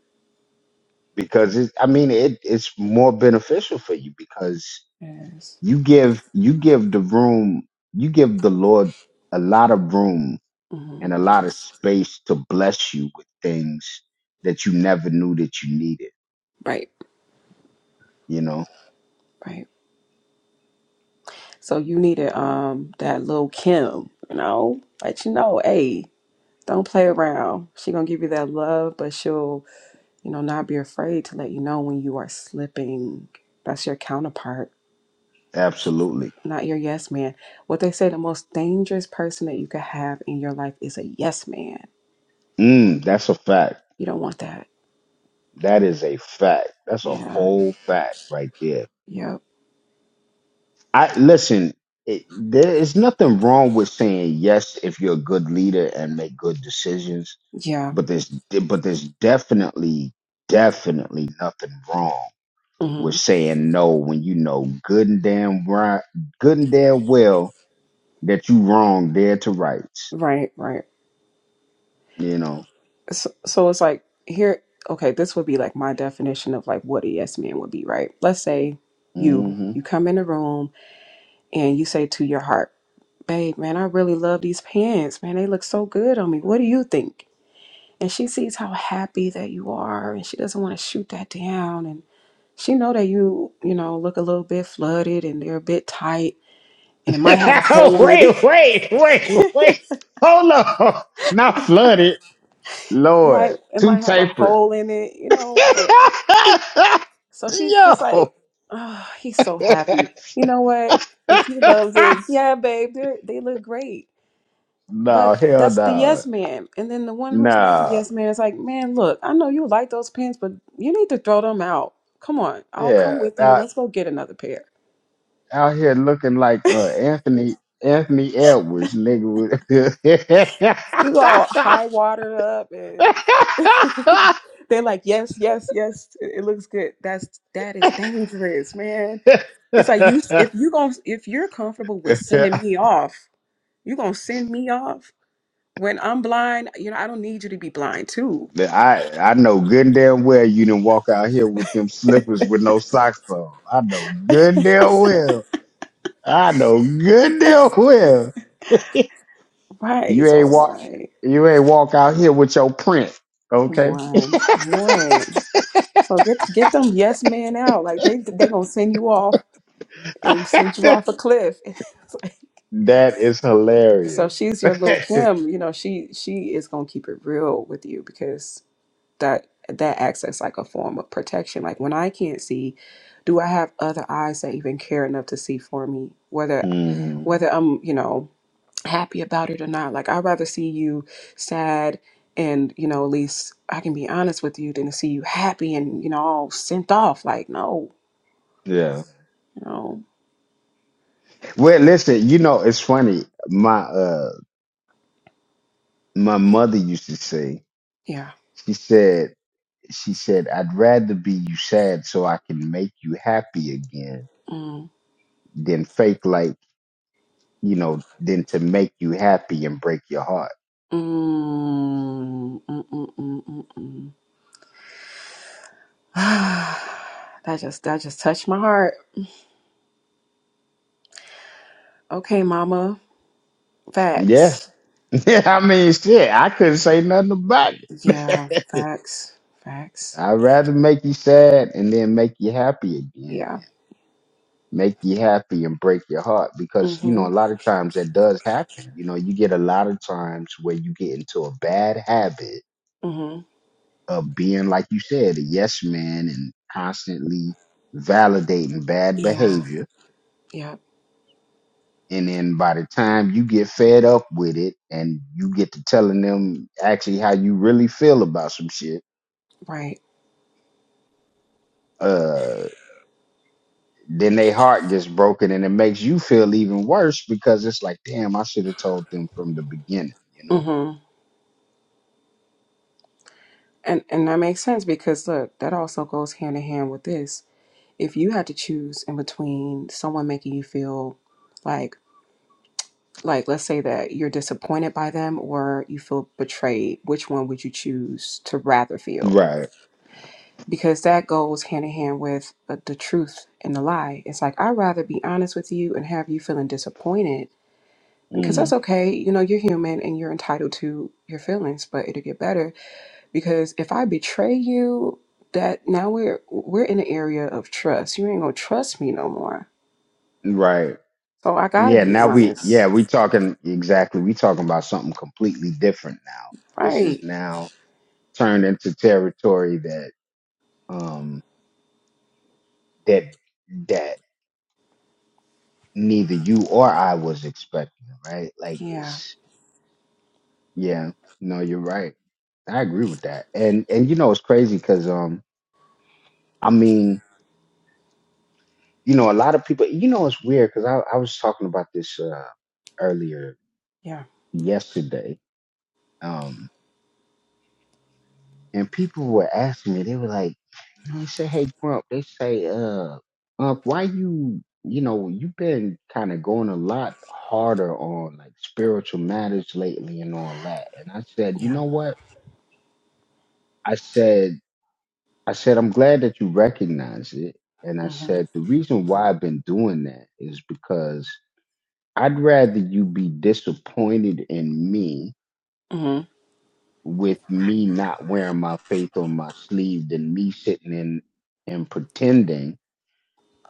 Speaker 1: because it, I mean it it's more beneficial for you because
Speaker 5: yes,
Speaker 1: you give you give the room you give the Lord a lot of room
Speaker 5: mm-hmm.
Speaker 1: and a lot of space to bless you with things that you never knew that you needed,
Speaker 5: right,
Speaker 1: you know?
Speaker 5: right. So you needed um that little Kim, you know, let you know, hey. Don't play around. She gonna give you that love, but she'll, you know, not be afraid to let you know when you are slipping. That's your counterpart,
Speaker 1: Absolutely.
Speaker 5: not your yes man. What they say the most dangerous person that you could have in your life is a yes man.
Speaker 1: Mm, that's a fact.
Speaker 5: You don't want that.
Speaker 1: That is a fact. That's a
Speaker 5: Yeah.
Speaker 1: whole fact right there.
Speaker 5: Yep.
Speaker 1: I listen, it, there is nothing wrong with saying yes if you're a good leader and make good decisions
Speaker 5: Yeah.
Speaker 1: but there's but there's definitely definitely nothing wrong with
Speaker 5: hmm
Speaker 1: saying no when you know good and damn right good and damn well that you wrong dead to rights
Speaker 5: Right. Right.
Speaker 1: you know
Speaker 5: So, so it's like here. Okay, this would be like my definition of like what a yes man would be, right? Let's say you
Speaker 1: hmm
Speaker 5: you come in the room and you say to your heart. babe, man, I really love these pants, man. They look so good on me. What do you think? And she sees how happy that you are and she doesn't want to shoot that down and she know that you, you know, look a little bit flooded and they're a bit tight and it might have a hole in it.
Speaker 1: wait wait wait
Speaker 5: it
Speaker 1: wait hold on not flooded lord
Speaker 5: might it
Speaker 1: too
Speaker 5: might have a
Speaker 1: tapered
Speaker 5: hole in it, you know, but so she's just like,
Speaker 1: yo
Speaker 5: "Oh, he's so happy. You know what? If he loves it, yeah, babe, they they look great."
Speaker 1: no
Speaker 5: But
Speaker 1: hell
Speaker 5: that's the
Speaker 1: no
Speaker 5: yes man. And then the one who's not the
Speaker 1: no
Speaker 5: yes man is like, man, look, I know you like those pants, but you need to throw them out. Come on, I'll come
Speaker 1: yeah
Speaker 5: with you.
Speaker 1: nah.
Speaker 5: Let's go get another pair.
Speaker 1: out here looking like uh, Anthony Anthony Edwards, nigga. with-
Speaker 5: You all high watered up and they're like, yes, yes, yes, it, it looks good. That's that is dangerous, man. It's like you if you going if you're comfortable with sending me off, you're gonna send me off when I'm blind, you know, I don't need you to be blind too.
Speaker 1: I I know good and damn well you didn't walk out here with them slippers with no socks on. I know good damn well. I know good damn well.
Speaker 5: Right.
Speaker 1: You
Speaker 5: So
Speaker 1: ain't
Speaker 5: it's
Speaker 1: walk
Speaker 5: like,
Speaker 1: you ain't walk out here with your print,
Speaker 5: come
Speaker 1: okay?
Speaker 5: on, come on. So get get them yes men out. Like they they gonna send you off and send you
Speaker 1: that
Speaker 5: off a cliff. It's like-
Speaker 1: is
Speaker 5: so
Speaker 1: hilarious.
Speaker 5: she's your little Kim. You know she she is gonna keep it real with you because that that acts as like a form of protection. Like when I can't see, do I have other eyes that even care enough to see for me? Whether
Speaker 1: Hmm.
Speaker 5: whether I'm you know happy about it or not. Like I'd rather see you sad and you know at least I can be honest with you than to see you happy and you know all sent off. Like no.
Speaker 1: Yeah.
Speaker 5: you know.
Speaker 1: Well, listen, you know, it's funny. My uh my mother used to say,
Speaker 5: Yeah.
Speaker 1: she said, she said, I'd rather be you sad so I can make you happy again
Speaker 5: Mm,
Speaker 1: than fake like, you know, than to make you happy and break your heart.
Speaker 5: mm, mm, mm, mm, mm, mm. that just that just touched my heart. Okay, mama.
Speaker 1: Yeah.
Speaker 5: Facts.
Speaker 1: Yeah, I mean, shit, I couldn't say nothing about it.
Speaker 5: Yeah, facts. Facts.
Speaker 1: I'd rather make you sad and then make you happy again
Speaker 5: Yeah.
Speaker 1: make you happy and break your heart because you know a
Speaker 5: Mm-hmm.
Speaker 1: lot of times that does happen you know you get a lot of times where you get into a bad habit
Speaker 5: Mm-hmm.
Speaker 1: of being like you said a yes man and constantly validating bad
Speaker 5: Yeah.
Speaker 1: behavior
Speaker 5: Yeah.
Speaker 1: and then by the time you get fed up with it and you get to telling them actually how you really feel about some shit
Speaker 5: Right.
Speaker 1: uh then their heart gets broken and it makes you feel even worse because it's like damn i should have told them from the beginning you know
Speaker 5: Mm-hmm. And and that makes sense because look, that also goes hand in hand with this. If you had to choose in between someone making you feel like like let's say that you're disappointed by them or you feel betrayed which one would you choose to rather feel
Speaker 1: Right.
Speaker 5: because that goes hand in hand with uh, the truth and the lie it's like i'd rather be honest with you and have you feeling disappointed because that's
Speaker 1: Mm,
Speaker 5: okay you know you're human and you're entitled to your feelings but it'll get better because if i betray you that now we're we're in an area of trust you ain't gonna trust me no more
Speaker 1: right.
Speaker 5: so i gotta
Speaker 1: Yeah.
Speaker 5: be
Speaker 1: Now we, yeah,
Speaker 5: honest
Speaker 1: we talking exactly. We talking about something completely different now. This is
Speaker 5: right
Speaker 1: now turned into territory that, um, that, that neither you or I was expecting, right? Like
Speaker 5: yeah
Speaker 1: it's, yeah, no, you're right. I agree with that. And, and you know, it's crazy because, um, I mean, you know, a lot of people, you know, it's weird because I, I was talking about this, uh, earlier
Speaker 5: yeah
Speaker 1: yesterday. um. and people were asking me, they were like, you know, they say, hey, Grump, they say, uh, Grump, why you, you know, you've been kind of going a lot harder on like spiritual matters lately and all that. And I said, you
Speaker 5: yeah
Speaker 1: know what? I said, I said, I'm glad that you recognize it. And I
Speaker 5: Mm-hmm.
Speaker 1: said, the reason why I've been doing that is because I'd rather you be disappointed in me
Speaker 5: Mm,
Speaker 1: with me not wearing my faith on my sleeve than me sitting in and pretending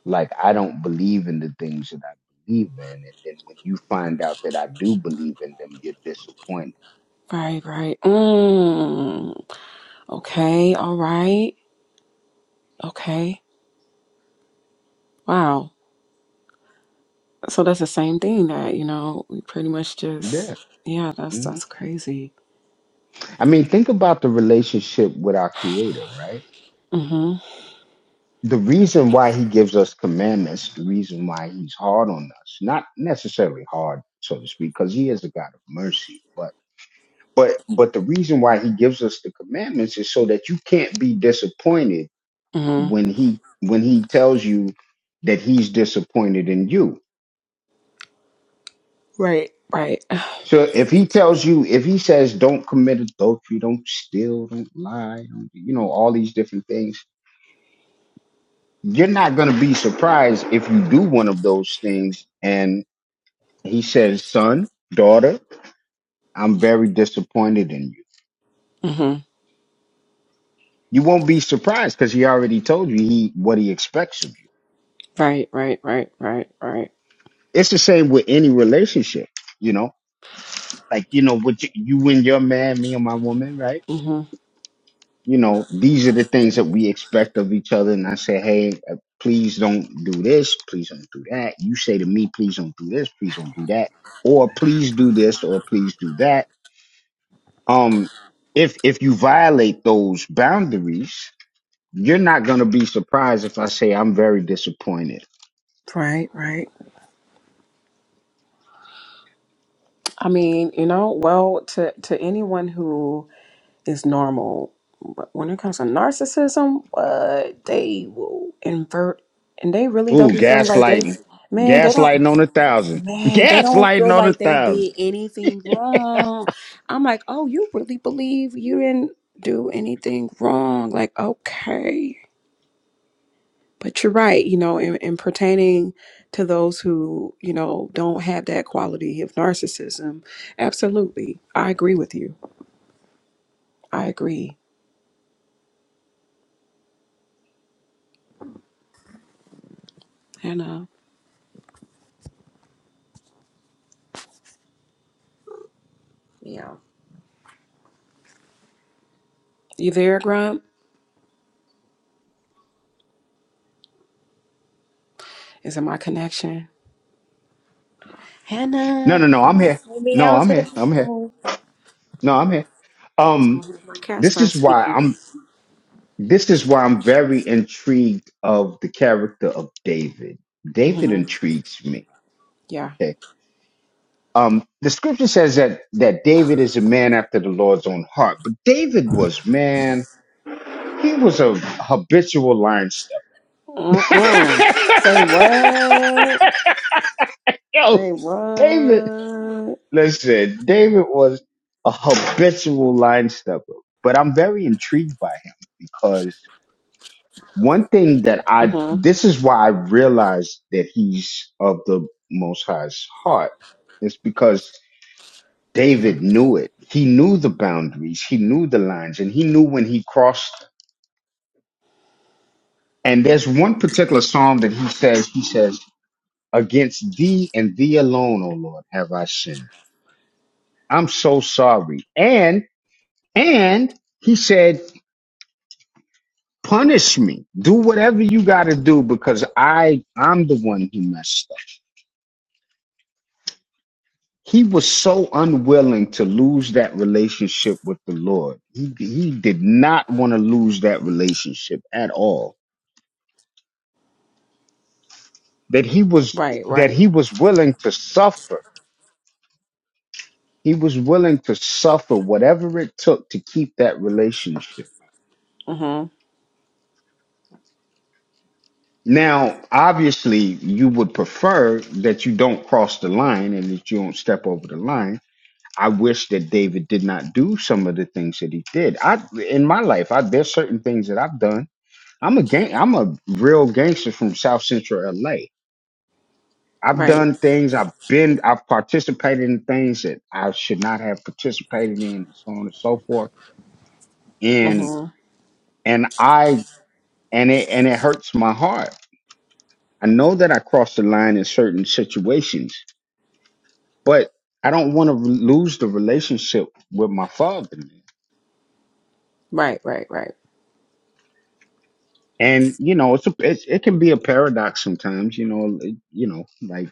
Speaker 1: like I don't believe in the things that I believe in. And then when you find out that I do believe in them, you're disappointed.
Speaker 5: right, right. Mm, okay, all right. Okay. Wow. So that's the same thing that, you know, we pretty much
Speaker 1: Yeah.
Speaker 5: just yeah, that's
Speaker 1: hmm
Speaker 5: that's crazy.
Speaker 1: I mean, think about the relationship with our creator, right?
Speaker 5: Mm-hmm.
Speaker 1: The reason why he gives us commandments, the reason why he's hard on us, not necessarily hard, so to speak, because he is a God of mercy, but But but the reason why he gives us the commandments is so that you can't be disappointed
Speaker 5: Mm-hmm.
Speaker 1: when he when he tells you that he's disappointed in you.
Speaker 5: Right, right.
Speaker 1: So if he tells you if he says don't commit adultery, don't steal, don't lie, don't, you know all these different things, you're not going to be surprised if you do one of those things and he says, "Son, daughter, I'm very disappointed in you."
Speaker 5: Mm-hmm.
Speaker 1: You won't be surprised cuz he already told you he what he expects of you.
Speaker 5: Right, right, right, right, right.
Speaker 1: It's the same with any relationship, you know, like, you know, with y- you and your man, me and my woman, right?
Speaker 5: Mm-hmm.
Speaker 1: You know, these are the things that we expect of each other. And I say, hey, uh, please don't do this. Please don't do that. You say to me, please don't do this. Please don't do that. Or please do this or please do that. Um, if, if you violate those boundaries, you're not going to be surprised if I say I'm very disappointed.
Speaker 5: Right, right. I mean, you know, well, to to anyone who is normal. But when it comes to narcissism, what they will invert and they really don't
Speaker 1: Ooh,
Speaker 5: be feeling like they
Speaker 1: gaslighting,
Speaker 5: man, they don't
Speaker 1: gaslighting on a thousand,
Speaker 5: man, they don't
Speaker 1: gaslighting
Speaker 5: feel
Speaker 1: on a
Speaker 5: like they
Speaker 1: thousand.
Speaker 5: did anything wrong. I'm like, oh, you really believe you didn't do anything wrong. Like, okay. But you're right, you know, in, in pertaining to those who, you know, don't have that quality of narcissism, absolutely. I agree with you. I agree. And uh yeah. You there, Grump? Is it my connection?
Speaker 1: No,
Speaker 5: Hannah.
Speaker 1: no, no. I'm here. No, I'm here. I'm here. No, I'm here.
Speaker 5: What's
Speaker 1: Um,
Speaker 5: going on? if My cat
Speaker 1: this is
Speaker 5: starts
Speaker 1: why
Speaker 5: speaking.
Speaker 1: I'm. This is why I'm very intrigued of the character of David. David
Speaker 5: hmm
Speaker 1: intrigues me.
Speaker 5: Yeah.
Speaker 1: Okay. Um, the scripture says that that David is a man after the Lord's own heart, but David was man. He was a habitual line step.
Speaker 5: Mm-mm. Say what?
Speaker 1: Yo,
Speaker 5: Say
Speaker 1: David.
Speaker 5: what?
Speaker 1: Listen, David was a habitual line stepper, but I'm very intrigued by him because one thing that I
Speaker 5: hmm
Speaker 1: this is why I realized that he's of the Most High's heart is because
Speaker 5: Yeah.
Speaker 1: David knew it. He knew the boundaries, he knew the lines, and he knew when he crossed. them. And there's one particular psalm that he says, he says, "Against thee and thee alone, O Lord, have I sinned. I'm so sorry." And and he said. Punish me. Do whatever you got to do because I I'm the one who messed up. He was so unwilling to lose that relationship with the Lord. He he did not want to lose that relationship at all. That he was
Speaker 5: Right,
Speaker 1: that
Speaker 5: right.
Speaker 1: he was willing to suffer. He was willing to suffer whatever it took to keep that relationship.
Speaker 5: hmm
Speaker 1: Now, obviously, you would prefer that you don't cross the line and that you don't step over the line I wish that David did not do some of the things that he did. I in my life, I there's certain things that I've done. I'm a gang I'm a real gangster from South Central LA. I've
Speaker 5: Right.
Speaker 1: done things, I've been I've participated in things that I should not have participated in, and so on and so forth. And
Speaker 5: hmm
Speaker 1: and I and it and it hurts my heart. I know that I crossed the line in certain situations, but I don't want to lose the relationship with my father.
Speaker 5: Right, right, right.
Speaker 1: and you know it's a it, it can be a paradox sometimes you know it, you know like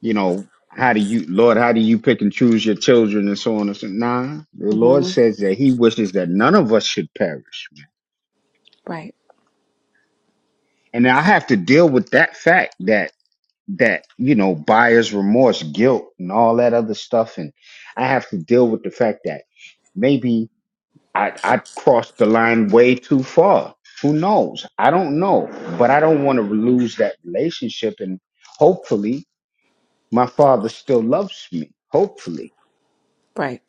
Speaker 1: you know how do you lord how do you pick and choose your children and so on and so nah the lord
Speaker 5: hmm
Speaker 1: says that he wishes that none of us should perish man.
Speaker 5: Right,
Speaker 1: and i have to deal with that fact that that you know buyer's remorse guilt and all that other stuff and i have to deal with the fact that maybe. I, I crossed the line way too far. Who knows? I don't know. But I don't want to lose that relationship. And hopefully, my father still loves me. Hopefully.
Speaker 5: right.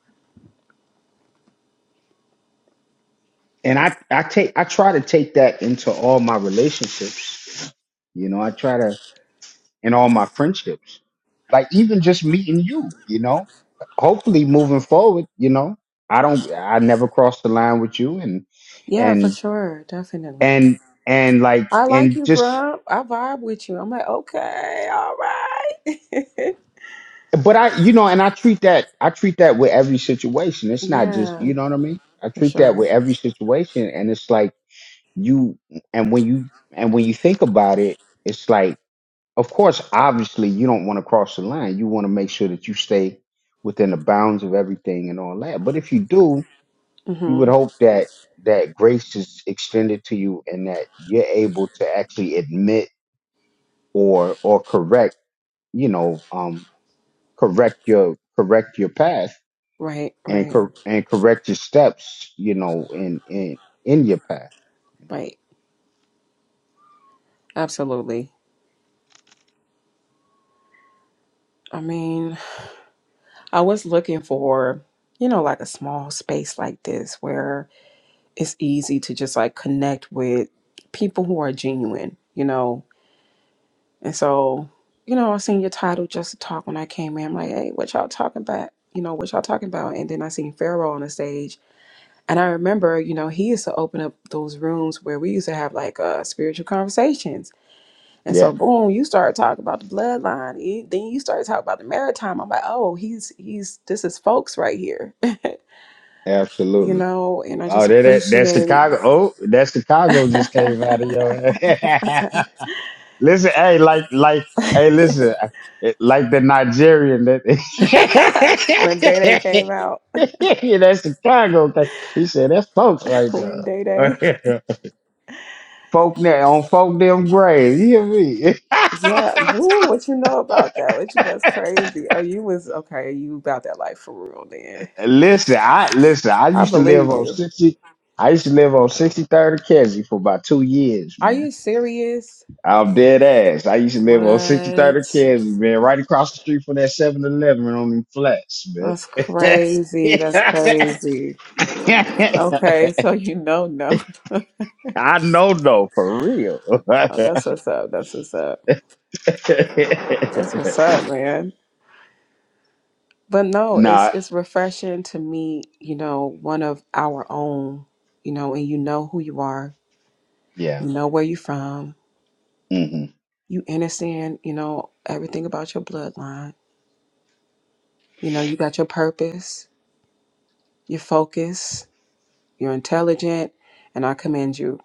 Speaker 1: And I, I take I try to take that into all my relationships. You know, I try to in all my friendships. Like even just meeting you, you know. Hopefully moving forward, you know. I don't I never crossed the line with you and
Speaker 5: Yeah, for
Speaker 1: and
Speaker 5: sure. Definitely.
Speaker 1: and and like
Speaker 5: I like
Speaker 1: and
Speaker 5: you,
Speaker 1: just
Speaker 5: Grump. I vibe with you. I'm like, okay, all right.
Speaker 1: But I, you know, and I treat that, I treat that with every situation. It's not just,
Speaker 5: yeah,
Speaker 1: you know what I mean? I
Speaker 5: for
Speaker 1: treat that with
Speaker 5: sure.
Speaker 1: every situation. And it's like you, and when you, and when you think about it, it's like, of course, obviously you don't want to cross the line. You want to make sure that you stay within the bounds of everything and all that. But if you do, you would
Speaker 5: hmm
Speaker 1: hope that that grace is extended to you and that you're able to actually admit or, or correct, you know, um, correct your, correct your path
Speaker 5: Right,
Speaker 1: and
Speaker 5: right,
Speaker 1: cor- and correct your steps, you know, in in in your path.
Speaker 5: right. Absolutely. I mean, I was looking for, you know, like a small space like this where it's easy to just like connect with people who are genuine, you know. And so, you know, I seen your title just to talk when I came in. I'm like, hey, what y'all talking about? You know, what y'all talking about? And then I seen Pharaoh on the stage. And I remember, you know, he used to open up those rooms where we used to have like uh spiritual conversations. And
Speaker 1: Yeah,
Speaker 5: so boom, you start talking about the bloodline. You- Then you start talking about the maritime. I'm like, oh, he's he's this is folks right here. you
Speaker 1: absolutely.
Speaker 5: know, and I
Speaker 1: Oh,
Speaker 5: just
Speaker 1: that that, that
Speaker 5: appreciate
Speaker 1: Chicago. Oh, that Chicago just came out of your. listen, hey, like like hey, listen, it- like the Nigerian that.
Speaker 5: when Day Day came out.
Speaker 1: yeah, that's Chicago. thing. He said that's folks right
Speaker 5: when Day Day
Speaker 1: there. folk na- on folk damn grave. You hear me?
Speaker 5: yeah, ooh, what you know about that? What you that's crazy. Oh, you was okay, you about that life for real then.
Speaker 1: Listen, I listen. I
Speaker 5: I
Speaker 1: used to live
Speaker 5: believe
Speaker 1: on
Speaker 5: you.
Speaker 1: sixty. I used to live on sixty third Kesey for about two years,
Speaker 5: Are you
Speaker 1: man.
Speaker 5: serious?
Speaker 1: I'm dead ass. I used to live on sixty
Speaker 5: What?
Speaker 1: third Kesey, man, right across the street from that Seven Eleven on them flats, man.
Speaker 5: That's crazy. That's crazy. Okay, so you know no.
Speaker 1: I know, though, for real.
Speaker 5: Oh, that's what's up. That's what's up. That's what's up, man. But no,
Speaker 1: nah,
Speaker 5: it's it's refreshing to meet, you know, one of our own, you know, and you know who you are,
Speaker 1: yeah.
Speaker 5: you know where you're from,
Speaker 1: hmm
Speaker 5: you understand, you know, everything about your bloodline. You know, you got your purpose, your focus, you're intelligent, and I commend you.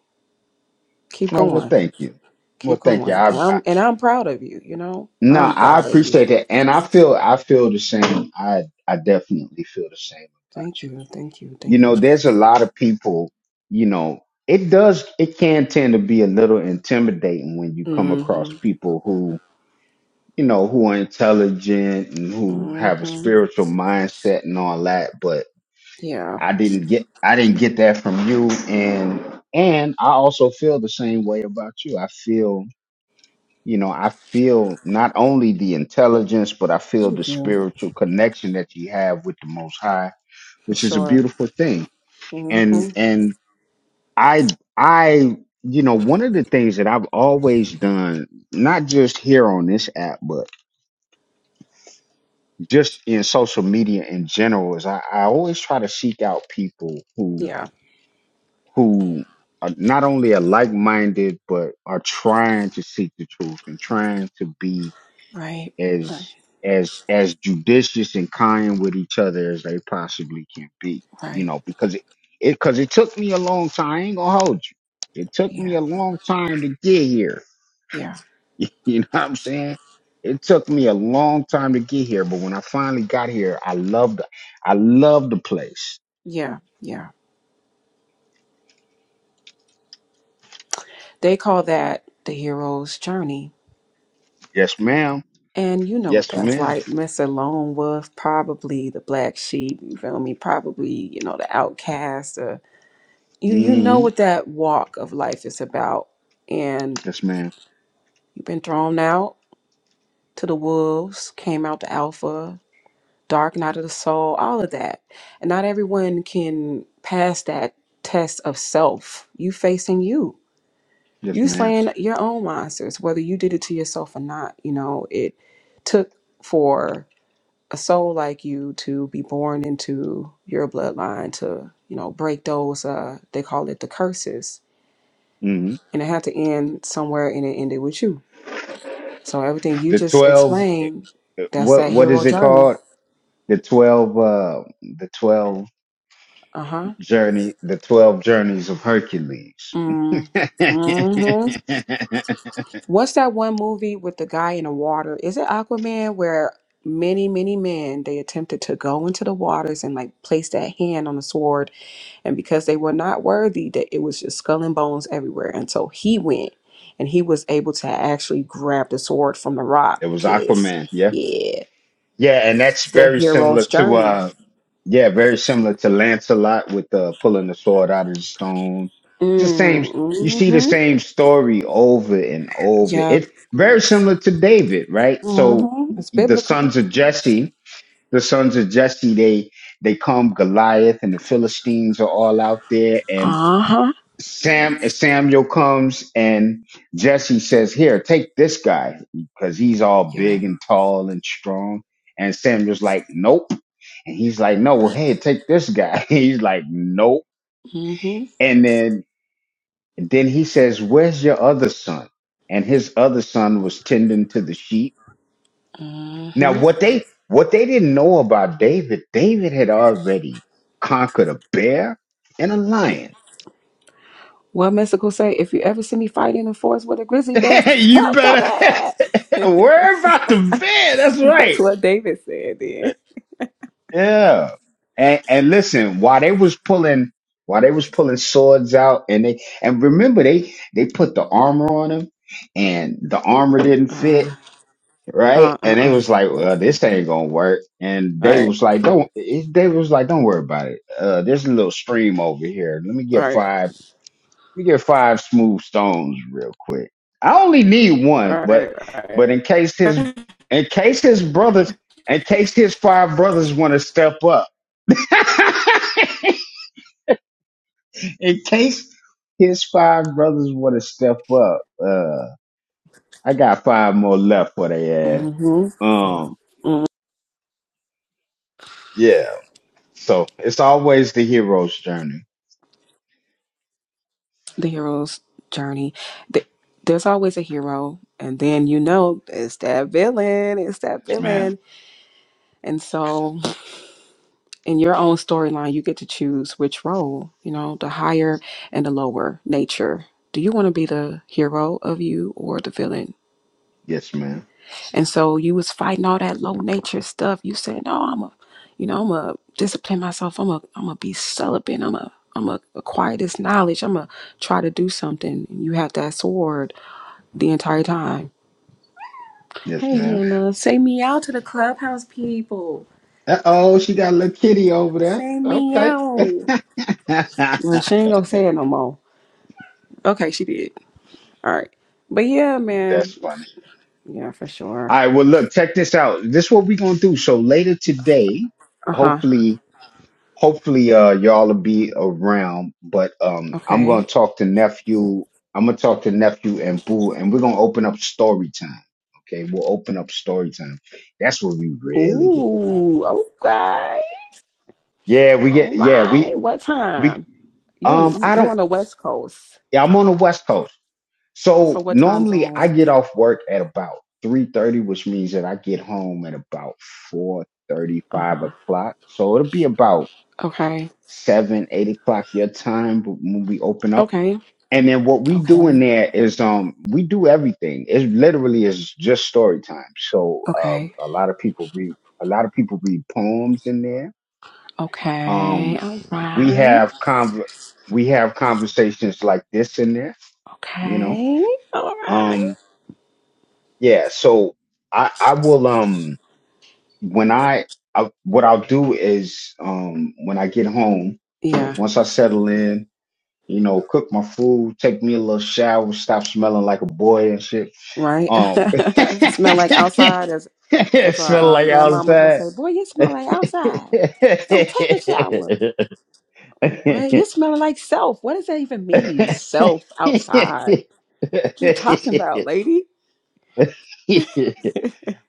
Speaker 5: Keep
Speaker 1: No, well,
Speaker 5: going.
Speaker 1: thank you.
Speaker 5: Keep
Speaker 1: Well, thank you.
Speaker 5: going. And
Speaker 1: I,
Speaker 5: I'm and I'm proud of you, you know.
Speaker 1: No,
Speaker 5: I'm
Speaker 1: I
Speaker 5: proud of you.
Speaker 1: appreciate that, and I feel I feel the same. I I definitely feel the same
Speaker 5: Thank
Speaker 1: about you.
Speaker 5: you. Thank you.
Speaker 1: You
Speaker 5: Thank
Speaker 1: know,
Speaker 5: you.
Speaker 1: there's a lot of people. You know, it does it can tend to be a little intimidating when you come across
Speaker 5: Mm-hmm.
Speaker 1: people who you know who are intelligent and who have a
Speaker 5: Mm-hmm.
Speaker 1: spiritual mindset and all that. But
Speaker 5: Yeah.
Speaker 1: I didn't get I didn't get that from you, and and I also feel the same way about you. I feel you know, I feel not only the intelligence, but I feel the
Speaker 5: Thank you.
Speaker 1: spiritual connection that you have with the Most High,
Speaker 5: For
Speaker 1: which is a
Speaker 5: sure.
Speaker 1: beautiful thing. And
Speaker 5: Mm-hmm.
Speaker 1: and I I you know one of the things that I've always done, not just here on this app, but just in social media in general, is I, I always try to seek out people who
Speaker 5: Yeah.
Speaker 1: who are not only are like minded, but are trying to seek the truth and trying to be
Speaker 5: Right. Right.
Speaker 1: as as as judicious and kind with each other as they possibly can be. You
Speaker 5: Right.
Speaker 1: know, because it it because it took me a long time. I ain't gonna hold you. It took me
Speaker 5: Yeah.
Speaker 1: a long time to get here.
Speaker 5: Yeah.
Speaker 1: You know what I'm saying? It took me a long time to get here, but when I finally got here, I loved I loved the place.
Speaker 5: Yeah. Yeah. They call that the hero's journey.
Speaker 1: Yes, ma'am.
Speaker 5: And you know what
Speaker 1: Yes,
Speaker 5: that's
Speaker 1: madam
Speaker 5: like. Mr. Lone Wolf, probably the black sheep, you feel me? Probably, you know, the outcast. Or, you you know
Speaker 1: Mm-hmm.
Speaker 5: what that walk of life is about. And
Speaker 1: Yes, ma'am.
Speaker 5: you've been thrown out to the wolves, came out the alpha, dark night of the soul, all of that. And not everyone can pass that test of self. You facing you.
Speaker 1: Yes,
Speaker 5: You
Speaker 1: madam
Speaker 5: slaying your own monsters, whether you did it to yourself or not. You know, it took for a soul like you to be born into your bloodline to, you know, break those uh they call it the curses.
Speaker 1: Mm-hmm.
Speaker 5: And it had to end somewhere and it ended with you. So everything you
Speaker 1: The
Speaker 5: just
Speaker 1: twelve. eh,
Speaker 5: explained,
Speaker 1: eh,
Speaker 5: that's
Speaker 1: What
Speaker 5: that
Speaker 1: what
Speaker 5: hero
Speaker 1: is it
Speaker 5: journey.
Speaker 1: called? The twelve. Uh, the twelve.
Speaker 5: Uh-huh.
Speaker 1: journey, the 12 journeys of Hercules.
Speaker 5: Mm.
Speaker 1: it
Speaker 5: What's that one movie with the guy in the water? Is it Aquaman where many, many men they attempted to go into the waters and like place that hand on the sword and because they were not worthy that it was just skull and bones everywhere and so he went and he was able to actually grab the sword from the rock
Speaker 1: was
Speaker 5: because
Speaker 1: Aquaman, yeah.
Speaker 5: yeah,
Speaker 1: Yeah, and that's
Speaker 5: the
Speaker 1: very similar
Speaker 5: hero's
Speaker 1: to
Speaker 5: journey.
Speaker 1: uh yeah, very similar to Lancelot with uh pulling the sword out of the stone. It's the same
Speaker 5: Mm,
Speaker 1: you see the
Speaker 5: mm-hmm.
Speaker 1: same story over and over.
Speaker 5: Yep.
Speaker 1: It's very similar to David, right? So
Speaker 5: Mm-hmm. It's
Speaker 1: the
Speaker 5: biblical.
Speaker 1: sons of Jesse, the sons of Jesse, they they come Goliath and the Philistines are all out there and
Speaker 5: Uh-huh.
Speaker 1: Sam uh, Samuel comes and Jesse says, "Here, take this guy because he's all
Speaker 5: Yeah.
Speaker 1: big and tall and strong." And Samuel's like, "Nope," and he's like, "No, well, hey, take this guy." he's like, "Nope,"
Speaker 5: Mm-hmm.
Speaker 1: and then then he says, "Where's your other son?" And his other son was tending to the sheep.
Speaker 5: Mm-hmm.
Speaker 1: Now, what they what they didn't know about David, David had already conquered a bear and a lion
Speaker 5: Well, Mystical say, if you ever see me fighting in forest with a grizzly bear,
Speaker 1: you
Speaker 5: help the
Speaker 1: better worry about the
Speaker 5: bear.
Speaker 1: van. That's
Speaker 5: That's
Speaker 1: right.
Speaker 5: what David said then.
Speaker 1: Yeah. And and listen, while they was pulling, while they was pulling swords out, and they and remember they they put the armor on him, and the armor didn't fit
Speaker 5: Uh,
Speaker 1: right,
Speaker 5: uh, uh,
Speaker 1: and they
Speaker 5: uh.
Speaker 1: was like, well, this ain't gonna work, and
Speaker 5: All
Speaker 1: they
Speaker 5: right,
Speaker 1: was like, don't, it- they was like, don't worry about it. Uh, there's a little stream over here. Let me
Speaker 5: all
Speaker 1: get
Speaker 5: right,
Speaker 1: five. Let me get five smooth stones real quick. I only need one,
Speaker 5: all
Speaker 1: but
Speaker 5: right,
Speaker 1: but in case
Speaker 5: all
Speaker 1: his
Speaker 5: right.
Speaker 1: in case his brothers in case his five brothers want to step up. in case his five brothers want to step up. Uh I got five more left for they ass.
Speaker 5: Mm-hmm.
Speaker 1: Um
Speaker 5: hmm
Speaker 1: yeah. So it's always the hero's journey.
Speaker 5: The hero's journey. Th- There's always a hero, and then you know it's that villain. It's that
Speaker 1: Yes, ma'am.
Speaker 5: villain, and so. in your own storyline, you get to choose which role, you know, the higher and the lower nature. Do you want to be the hero of you or the villain?
Speaker 1: Yes, ma'am.
Speaker 5: And so you was fighting all that low nature stuff. You said, "No, I'm a, you know, I'm a discipline myself. I'm a, I'm a be celibate. I'm a, I'm a acquire this knowledge. I'm a try to do something." And you had that sword the entire time.
Speaker 1: Yes,
Speaker 5: Hey,
Speaker 1: ma'am.
Speaker 5: Hannah, say me out to the clubhouse people.
Speaker 1: Uh oh, she got a little kitty over there.
Speaker 5: Say me
Speaker 1: Okay.
Speaker 5: out. Well, she ain't gonna say it no more. Okay, she did. All right. But yeah,
Speaker 1: That's
Speaker 5: man.
Speaker 1: funny.
Speaker 5: Yeah, for sure.
Speaker 1: I will look, check this out. This is what we're gonna do. So later today,
Speaker 5: Uh huh.
Speaker 1: hopefully, hopefully uh y'all will be around. But um I'm
Speaker 5: Okay.
Speaker 1: gonna talk to nephew. I'm gonna talk to nephew and boo, and we're gonna open up story time. Okay, we'll open up story time. That's where we really get to have
Speaker 5: Ooh.
Speaker 1: fun.
Speaker 5: Okay.
Speaker 1: Yeah, we
Speaker 5: All
Speaker 1: get yeah, we
Speaker 5: right. What
Speaker 1: we
Speaker 5: time? You on
Speaker 1: um
Speaker 5: the
Speaker 1: I don't.
Speaker 5: you on the West Coast.
Speaker 1: Yeah, I'm on the West Coast.
Speaker 5: So
Speaker 1: So
Speaker 5: what time
Speaker 1: normally I
Speaker 5: zone?
Speaker 1: get off work at about three thirty, which means that I get home at about four thirty,
Speaker 5: Uh
Speaker 1: five
Speaker 5: huh.
Speaker 1: o'clock. So it'll be about
Speaker 5: Okay.
Speaker 1: seven, eight o'clock your time when we open up.
Speaker 5: Okay.
Speaker 1: And then what we do in
Speaker 5: Okay.
Speaker 1: there is um we do everything. It literally is just story time. So uh,
Speaker 5: Okay.
Speaker 1: a lot of people read a lot of people read poems in there.
Speaker 5: Okay.
Speaker 1: Um
Speaker 5: All
Speaker 1: we
Speaker 5: right.
Speaker 1: have conver- we have conversations like this in there, you know.
Speaker 5: Okay. All right.
Speaker 1: Um, yeah, so I I will um when I, I what I'll do is um when I get home,
Speaker 5: Yeah.
Speaker 1: once I settle in, you know, cook my food, take me a little shower, stop smelling like a boy and shit.
Speaker 5: Right.
Speaker 1: Um
Speaker 5: smell like outside as as our
Speaker 1: smell
Speaker 5: um,
Speaker 1: like
Speaker 5: grandmamas would
Speaker 1: outside.
Speaker 5: say. Boy, you smell like outside. Oh, take a shower. Like, what? You smelling like self. What does that even mean? Self outside. What you talking about, lady?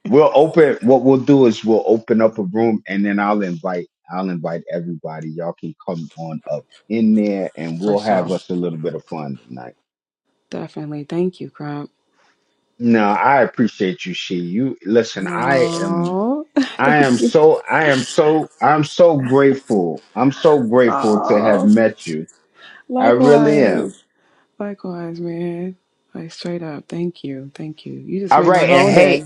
Speaker 1: We'll open. What we'll do is we'll open up a room, and then I'll invite. I'll invite everybody. Y'all can come on up in there, and
Speaker 5: For
Speaker 1: we'll
Speaker 5: sure.
Speaker 1: have us a little bit of fun tonight.
Speaker 5: Definitely. Thank you, Grump.
Speaker 1: No, I appreciate you, she. You listen. I am.
Speaker 5: Oh,
Speaker 1: I
Speaker 5: thank
Speaker 1: am
Speaker 5: you.
Speaker 1: so. I am so. I'm so grateful. I'm so grateful to have
Speaker 5: Oh,
Speaker 1: met you. I really am.
Speaker 5: likewise. Likewise, man. Like, straight up. Thank you. Thank you. You just
Speaker 1: All
Speaker 5: made my
Speaker 1: right, and
Speaker 5: whole day.
Speaker 1: hey,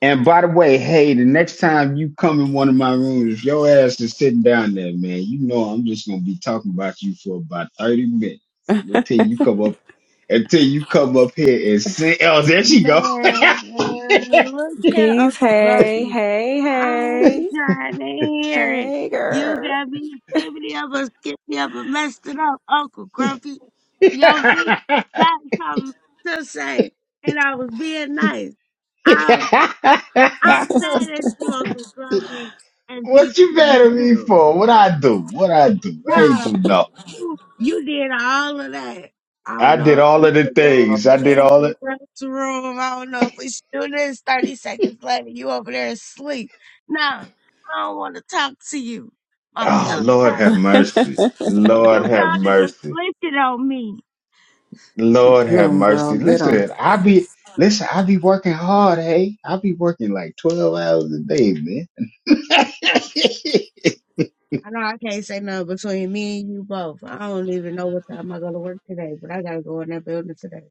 Speaker 1: And by the way, hey, the next time you come in one of my rooms, if your ass is sitting down there, man, you know I'm just gonna be talking about you for about 30 minutes until you come up until you come up here and say, Oh, there she go.
Speaker 9: Man, look here,
Speaker 5: Peace.
Speaker 9: Uncle
Speaker 5: Hey,
Speaker 9: Grumpy.
Speaker 5: hey,
Speaker 9: I'm
Speaker 5: hey.
Speaker 9: trying to hear it.
Speaker 5: Hey,
Speaker 9: You
Speaker 5: girl.
Speaker 9: got me skippity up and skippity up and messed it up, Uncle Grumpy. Yo, nigga got something to say, and I was being nice. Um, I'm mad at you, Uncle Grumpy, and peace
Speaker 1: what you
Speaker 9: to
Speaker 1: mad
Speaker 9: you
Speaker 1: at me
Speaker 9: too.
Speaker 1: for? What I do? What I do? I ain't
Speaker 9: Nah,
Speaker 1: do nothing.
Speaker 9: you you did all of that. I
Speaker 1: I
Speaker 9: don't know
Speaker 1: did
Speaker 9: if
Speaker 1: all
Speaker 9: we
Speaker 1: of the
Speaker 9: should go
Speaker 1: things. I
Speaker 9: over
Speaker 1: did
Speaker 9: there in
Speaker 1: all
Speaker 9: the
Speaker 1: the
Speaker 9: restroom. I don't know if we should do this. 30 seconds later, you over there asleep. Nah, I don't want to talk to you. My
Speaker 1: Oh
Speaker 9: feelings
Speaker 1: Lord
Speaker 9: hurt.
Speaker 1: have
Speaker 5: Get
Speaker 1: mercy. Lord
Speaker 9: You
Speaker 1: have
Speaker 9: found it
Speaker 1: mercy.
Speaker 9: afflicted on me.
Speaker 1: Lord have
Speaker 5: 'em, girl.
Speaker 1: mercy.
Speaker 5: Get 'em.
Speaker 1: Listen, I be listen, I be working hard, hey. I be working like 12 hours a day, man.
Speaker 9: I know I can't say nothing between me and you both. I don't even know what time I go to work today, but I gotta go in that building today.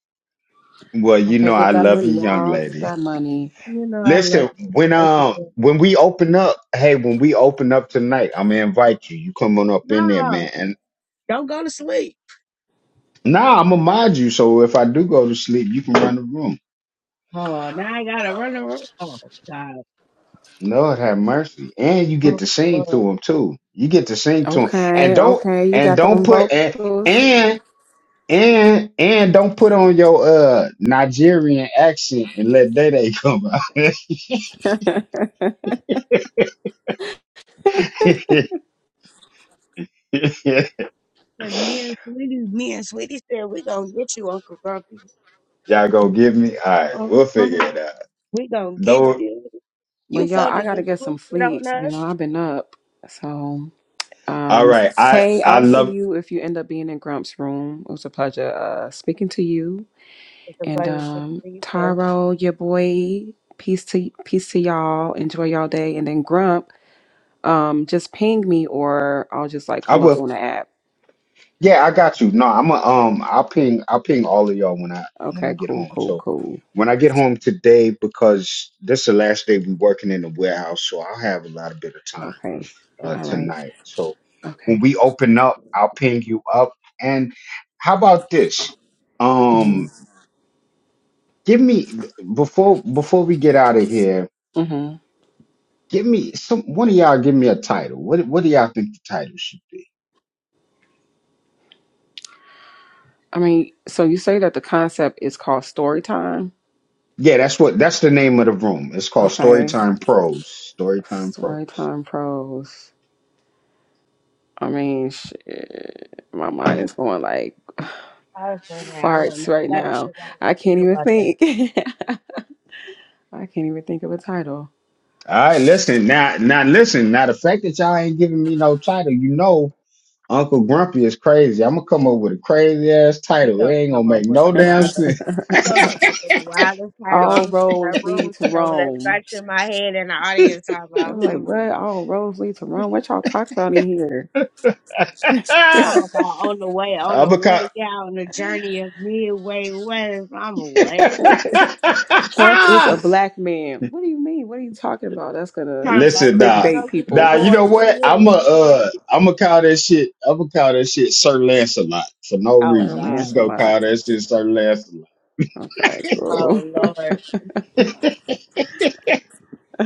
Speaker 1: well, you
Speaker 5: Okay,
Speaker 1: know
Speaker 5: get
Speaker 1: I
Speaker 5: that
Speaker 1: love you,
Speaker 5: money,
Speaker 1: young
Speaker 5: y'all. Get
Speaker 1: lady.
Speaker 5: that money.
Speaker 9: You know I
Speaker 1: Listen,
Speaker 9: love you,
Speaker 1: when
Speaker 9: Uncle
Speaker 1: um
Speaker 9: Jesse.
Speaker 1: when we open up, hey, when we open up tonight, I'm gonna invite you. You come on up in there,
Speaker 9: No,
Speaker 1: man. And
Speaker 9: don't go to sleep.
Speaker 1: now I'm gonna mod you, so if I do go to sleep, you can run the room.
Speaker 9: Oh, now I gotta run around. Oh God.
Speaker 1: Lord have mercy. And you get
Speaker 9: Oh,
Speaker 1: to sing
Speaker 9: Lord.
Speaker 1: to him too. You get to sing to him. And
Speaker 5: Okay,
Speaker 1: don't
Speaker 5: okay, you
Speaker 1: and
Speaker 5: got
Speaker 1: don't
Speaker 5: them
Speaker 1: put and
Speaker 5: vocals.
Speaker 1: and And and don't put on your uh Nigerian accent and let Day Day come out.
Speaker 5: but
Speaker 9: Cause me and Sweetie, me and Sweetie said, we gonna get you, Uncle Grumpy.
Speaker 1: Y'all gonna give me? All right, we'll figure
Speaker 9: Uh-huh.
Speaker 1: it out.
Speaker 9: We gonna get
Speaker 1: Though,
Speaker 9: you. You
Speaker 5: y'all,
Speaker 9: felt the
Speaker 5: I gotta get some
Speaker 9: distinction
Speaker 5: sleep.
Speaker 9: on
Speaker 5: You
Speaker 9: us.
Speaker 5: know, I've been up. So,
Speaker 1: all
Speaker 5: um,
Speaker 1: right, I
Speaker 5: hey,
Speaker 1: I
Speaker 5: I'll see
Speaker 1: love.
Speaker 5: you if you end up being in Grump's room. It was a pleasure uh speaking to you.
Speaker 9: It's a
Speaker 5: And
Speaker 9: budget six
Speaker 5: um,
Speaker 9: so
Speaker 5: Taro, your boy, peace to peace to y'all. Enjoy y'all day. And then Grump, um, just ping me or I'll just like
Speaker 1: I
Speaker 5: come up
Speaker 1: will.
Speaker 5: on the app.
Speaker 1: Yeah, I got you. No, I'm a um. I'll ping. I'll ping all of y'all when I when
Speaker 5: Okay,
Speaker 1: I get
Speaker 5: cool,
Speaker 1: home.
Speaker 5: cool,
Speaker 1: So
Speaker 5: cool.
Speaker 1: when I get home today, because this is the last day we working in the warehouse, so I'll have a lot of bit of time.
Speaker 5: Okay.
Speaker 1: uh,
Speaker 5: All right.
Speaker 1: tonight. So when
Speaker 5: Okay.
Speaker 1: we open up, I'll ping you up. And how about this?
Speaker 5: Mm-hmm.
Speaker 1: Um, give me before before we get out of here.
Speaker 5: mm-hmm.
Speaker 1: Give me some one of y'all. Give me a title. What what do y'all think the title should be?
Speaker 5: I mean, so you say that the concept is called story time.
Speaker 1: Yeah, that's what that's the name of the room. It's called
Speaker 5: Okay.
Speaker 1: Storytime Pros. Storytime
Speaker 5: Story
Speaker 1: Pros.
Speaker 5: time pros. I mean, shit, my mind is going like
Speaker 9: I was saying, I don't
Speaker 5: farts
Speaker 9: know.
Speaker 5: right
Speaker 9: I gotta
Speaker 5: now.
Speaker 9: sit down and
Speaker 5: I
Speaker 9: think
Speaker 5: can't even
Speaker 9: about that.
Speaker 5: think. I can't even think of a title.
Speaker 1: All right, listen now. Now listen. Now the fact that y'all ain't giving me no title, you know Uncle Grumpy is crazy. I'm gonna come up with a crazy ass
Speaker 9: We
Speaker 1: title. It
Speaker 9: gonna
Speaker 1: ain't
Speaker 9: come
Speaker 1: gonna
Speaker 9: up
Speaker 1: make
Speaker 9: with
Speaker 1: no
Speaker 9: a
Speaker 1: damn
Speaker 9: wild,
Speaker 1: sense.
Speaker 9: we gonna come up with a wildest title.
Speaker 5: All
Speaker 9: I'm in my
Speaker 5: roads
Speaker 9: room
Speaker 5: lead to
Speaker 9: just over there
Speaker 5: Rome.
Speaker 9: scratching my head in the audience talking
Speaker 5: I
Speaker 9: about,
Speaker 5: was like,
Speaker 9: hmm.
Speaker 5: what? All roads lead to Rome? What y'all talking about in here?
Speaker 1: I'm
Speaker 9: Talking about on the way, on the
Speaker 1: a
Speaker 9: way
Speaker 1: con-
Speaker 9: down the journey of midway west. I'm away.
Speaker 5: Trump is a black man. What do you mean? What are you talking about? That's gonna
Speaker 9: Talking about
Speaker 1: Listen,
Speaker 9: those
Speaker 1: nah,
Speaker 5: clickbait
Speaker 9: struggles of
Speaker 1: nah.
Speaker 5: people.
Speaker 1: You know
Speaker 9: going
Speaker 1: what?
Speaker 9: through
Speaker 1: I'm
Speaker 9: this
Speaker 1: a,
Speaker 9: and that.
Speaker 1: uh, I'm gonna call that shit. I'm gonna call that shit Sir Lancelot for no
Speaker 9: Oh
Speaker 5: That'll
Speaker 1: reason. I'm
Speaker 9: God.
Speaker 5: land
Speaker 1: just
Speaker 5: a
Speaker 1: gonna
Speaker 5: lot.
Speaker 1: call that shit Sir Lancelot.
Speaker 5: Okay, cool.
Speaker 9: Oh Lord.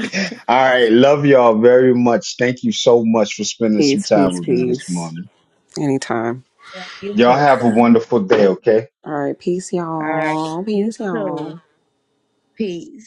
Speaker 1: All right, love y'all very much. Thank you so much for spending some
Speaker 5: Peace,
Speaker 1: time
Speaker 5: peace,
Speaker 1: with me this
Speaker 5: peace.
Speaker 1: morning.
Speaker 5: Anytime.
Speaker 9: You
Speaker 1: Y'all
Speaker 9: too,
Speaker 1: have
Speaker 9: sir.
Speaker 1: a
Speaker 9: All
Speaker 1: wonderful day. Okay.
Speaker 5: All right. Peace,
Speaker 9: right.
Speaker 5: y'all.
Speaker 9: You
Speaker 5: Peace, y'all.
Speaker 9: too. Peace.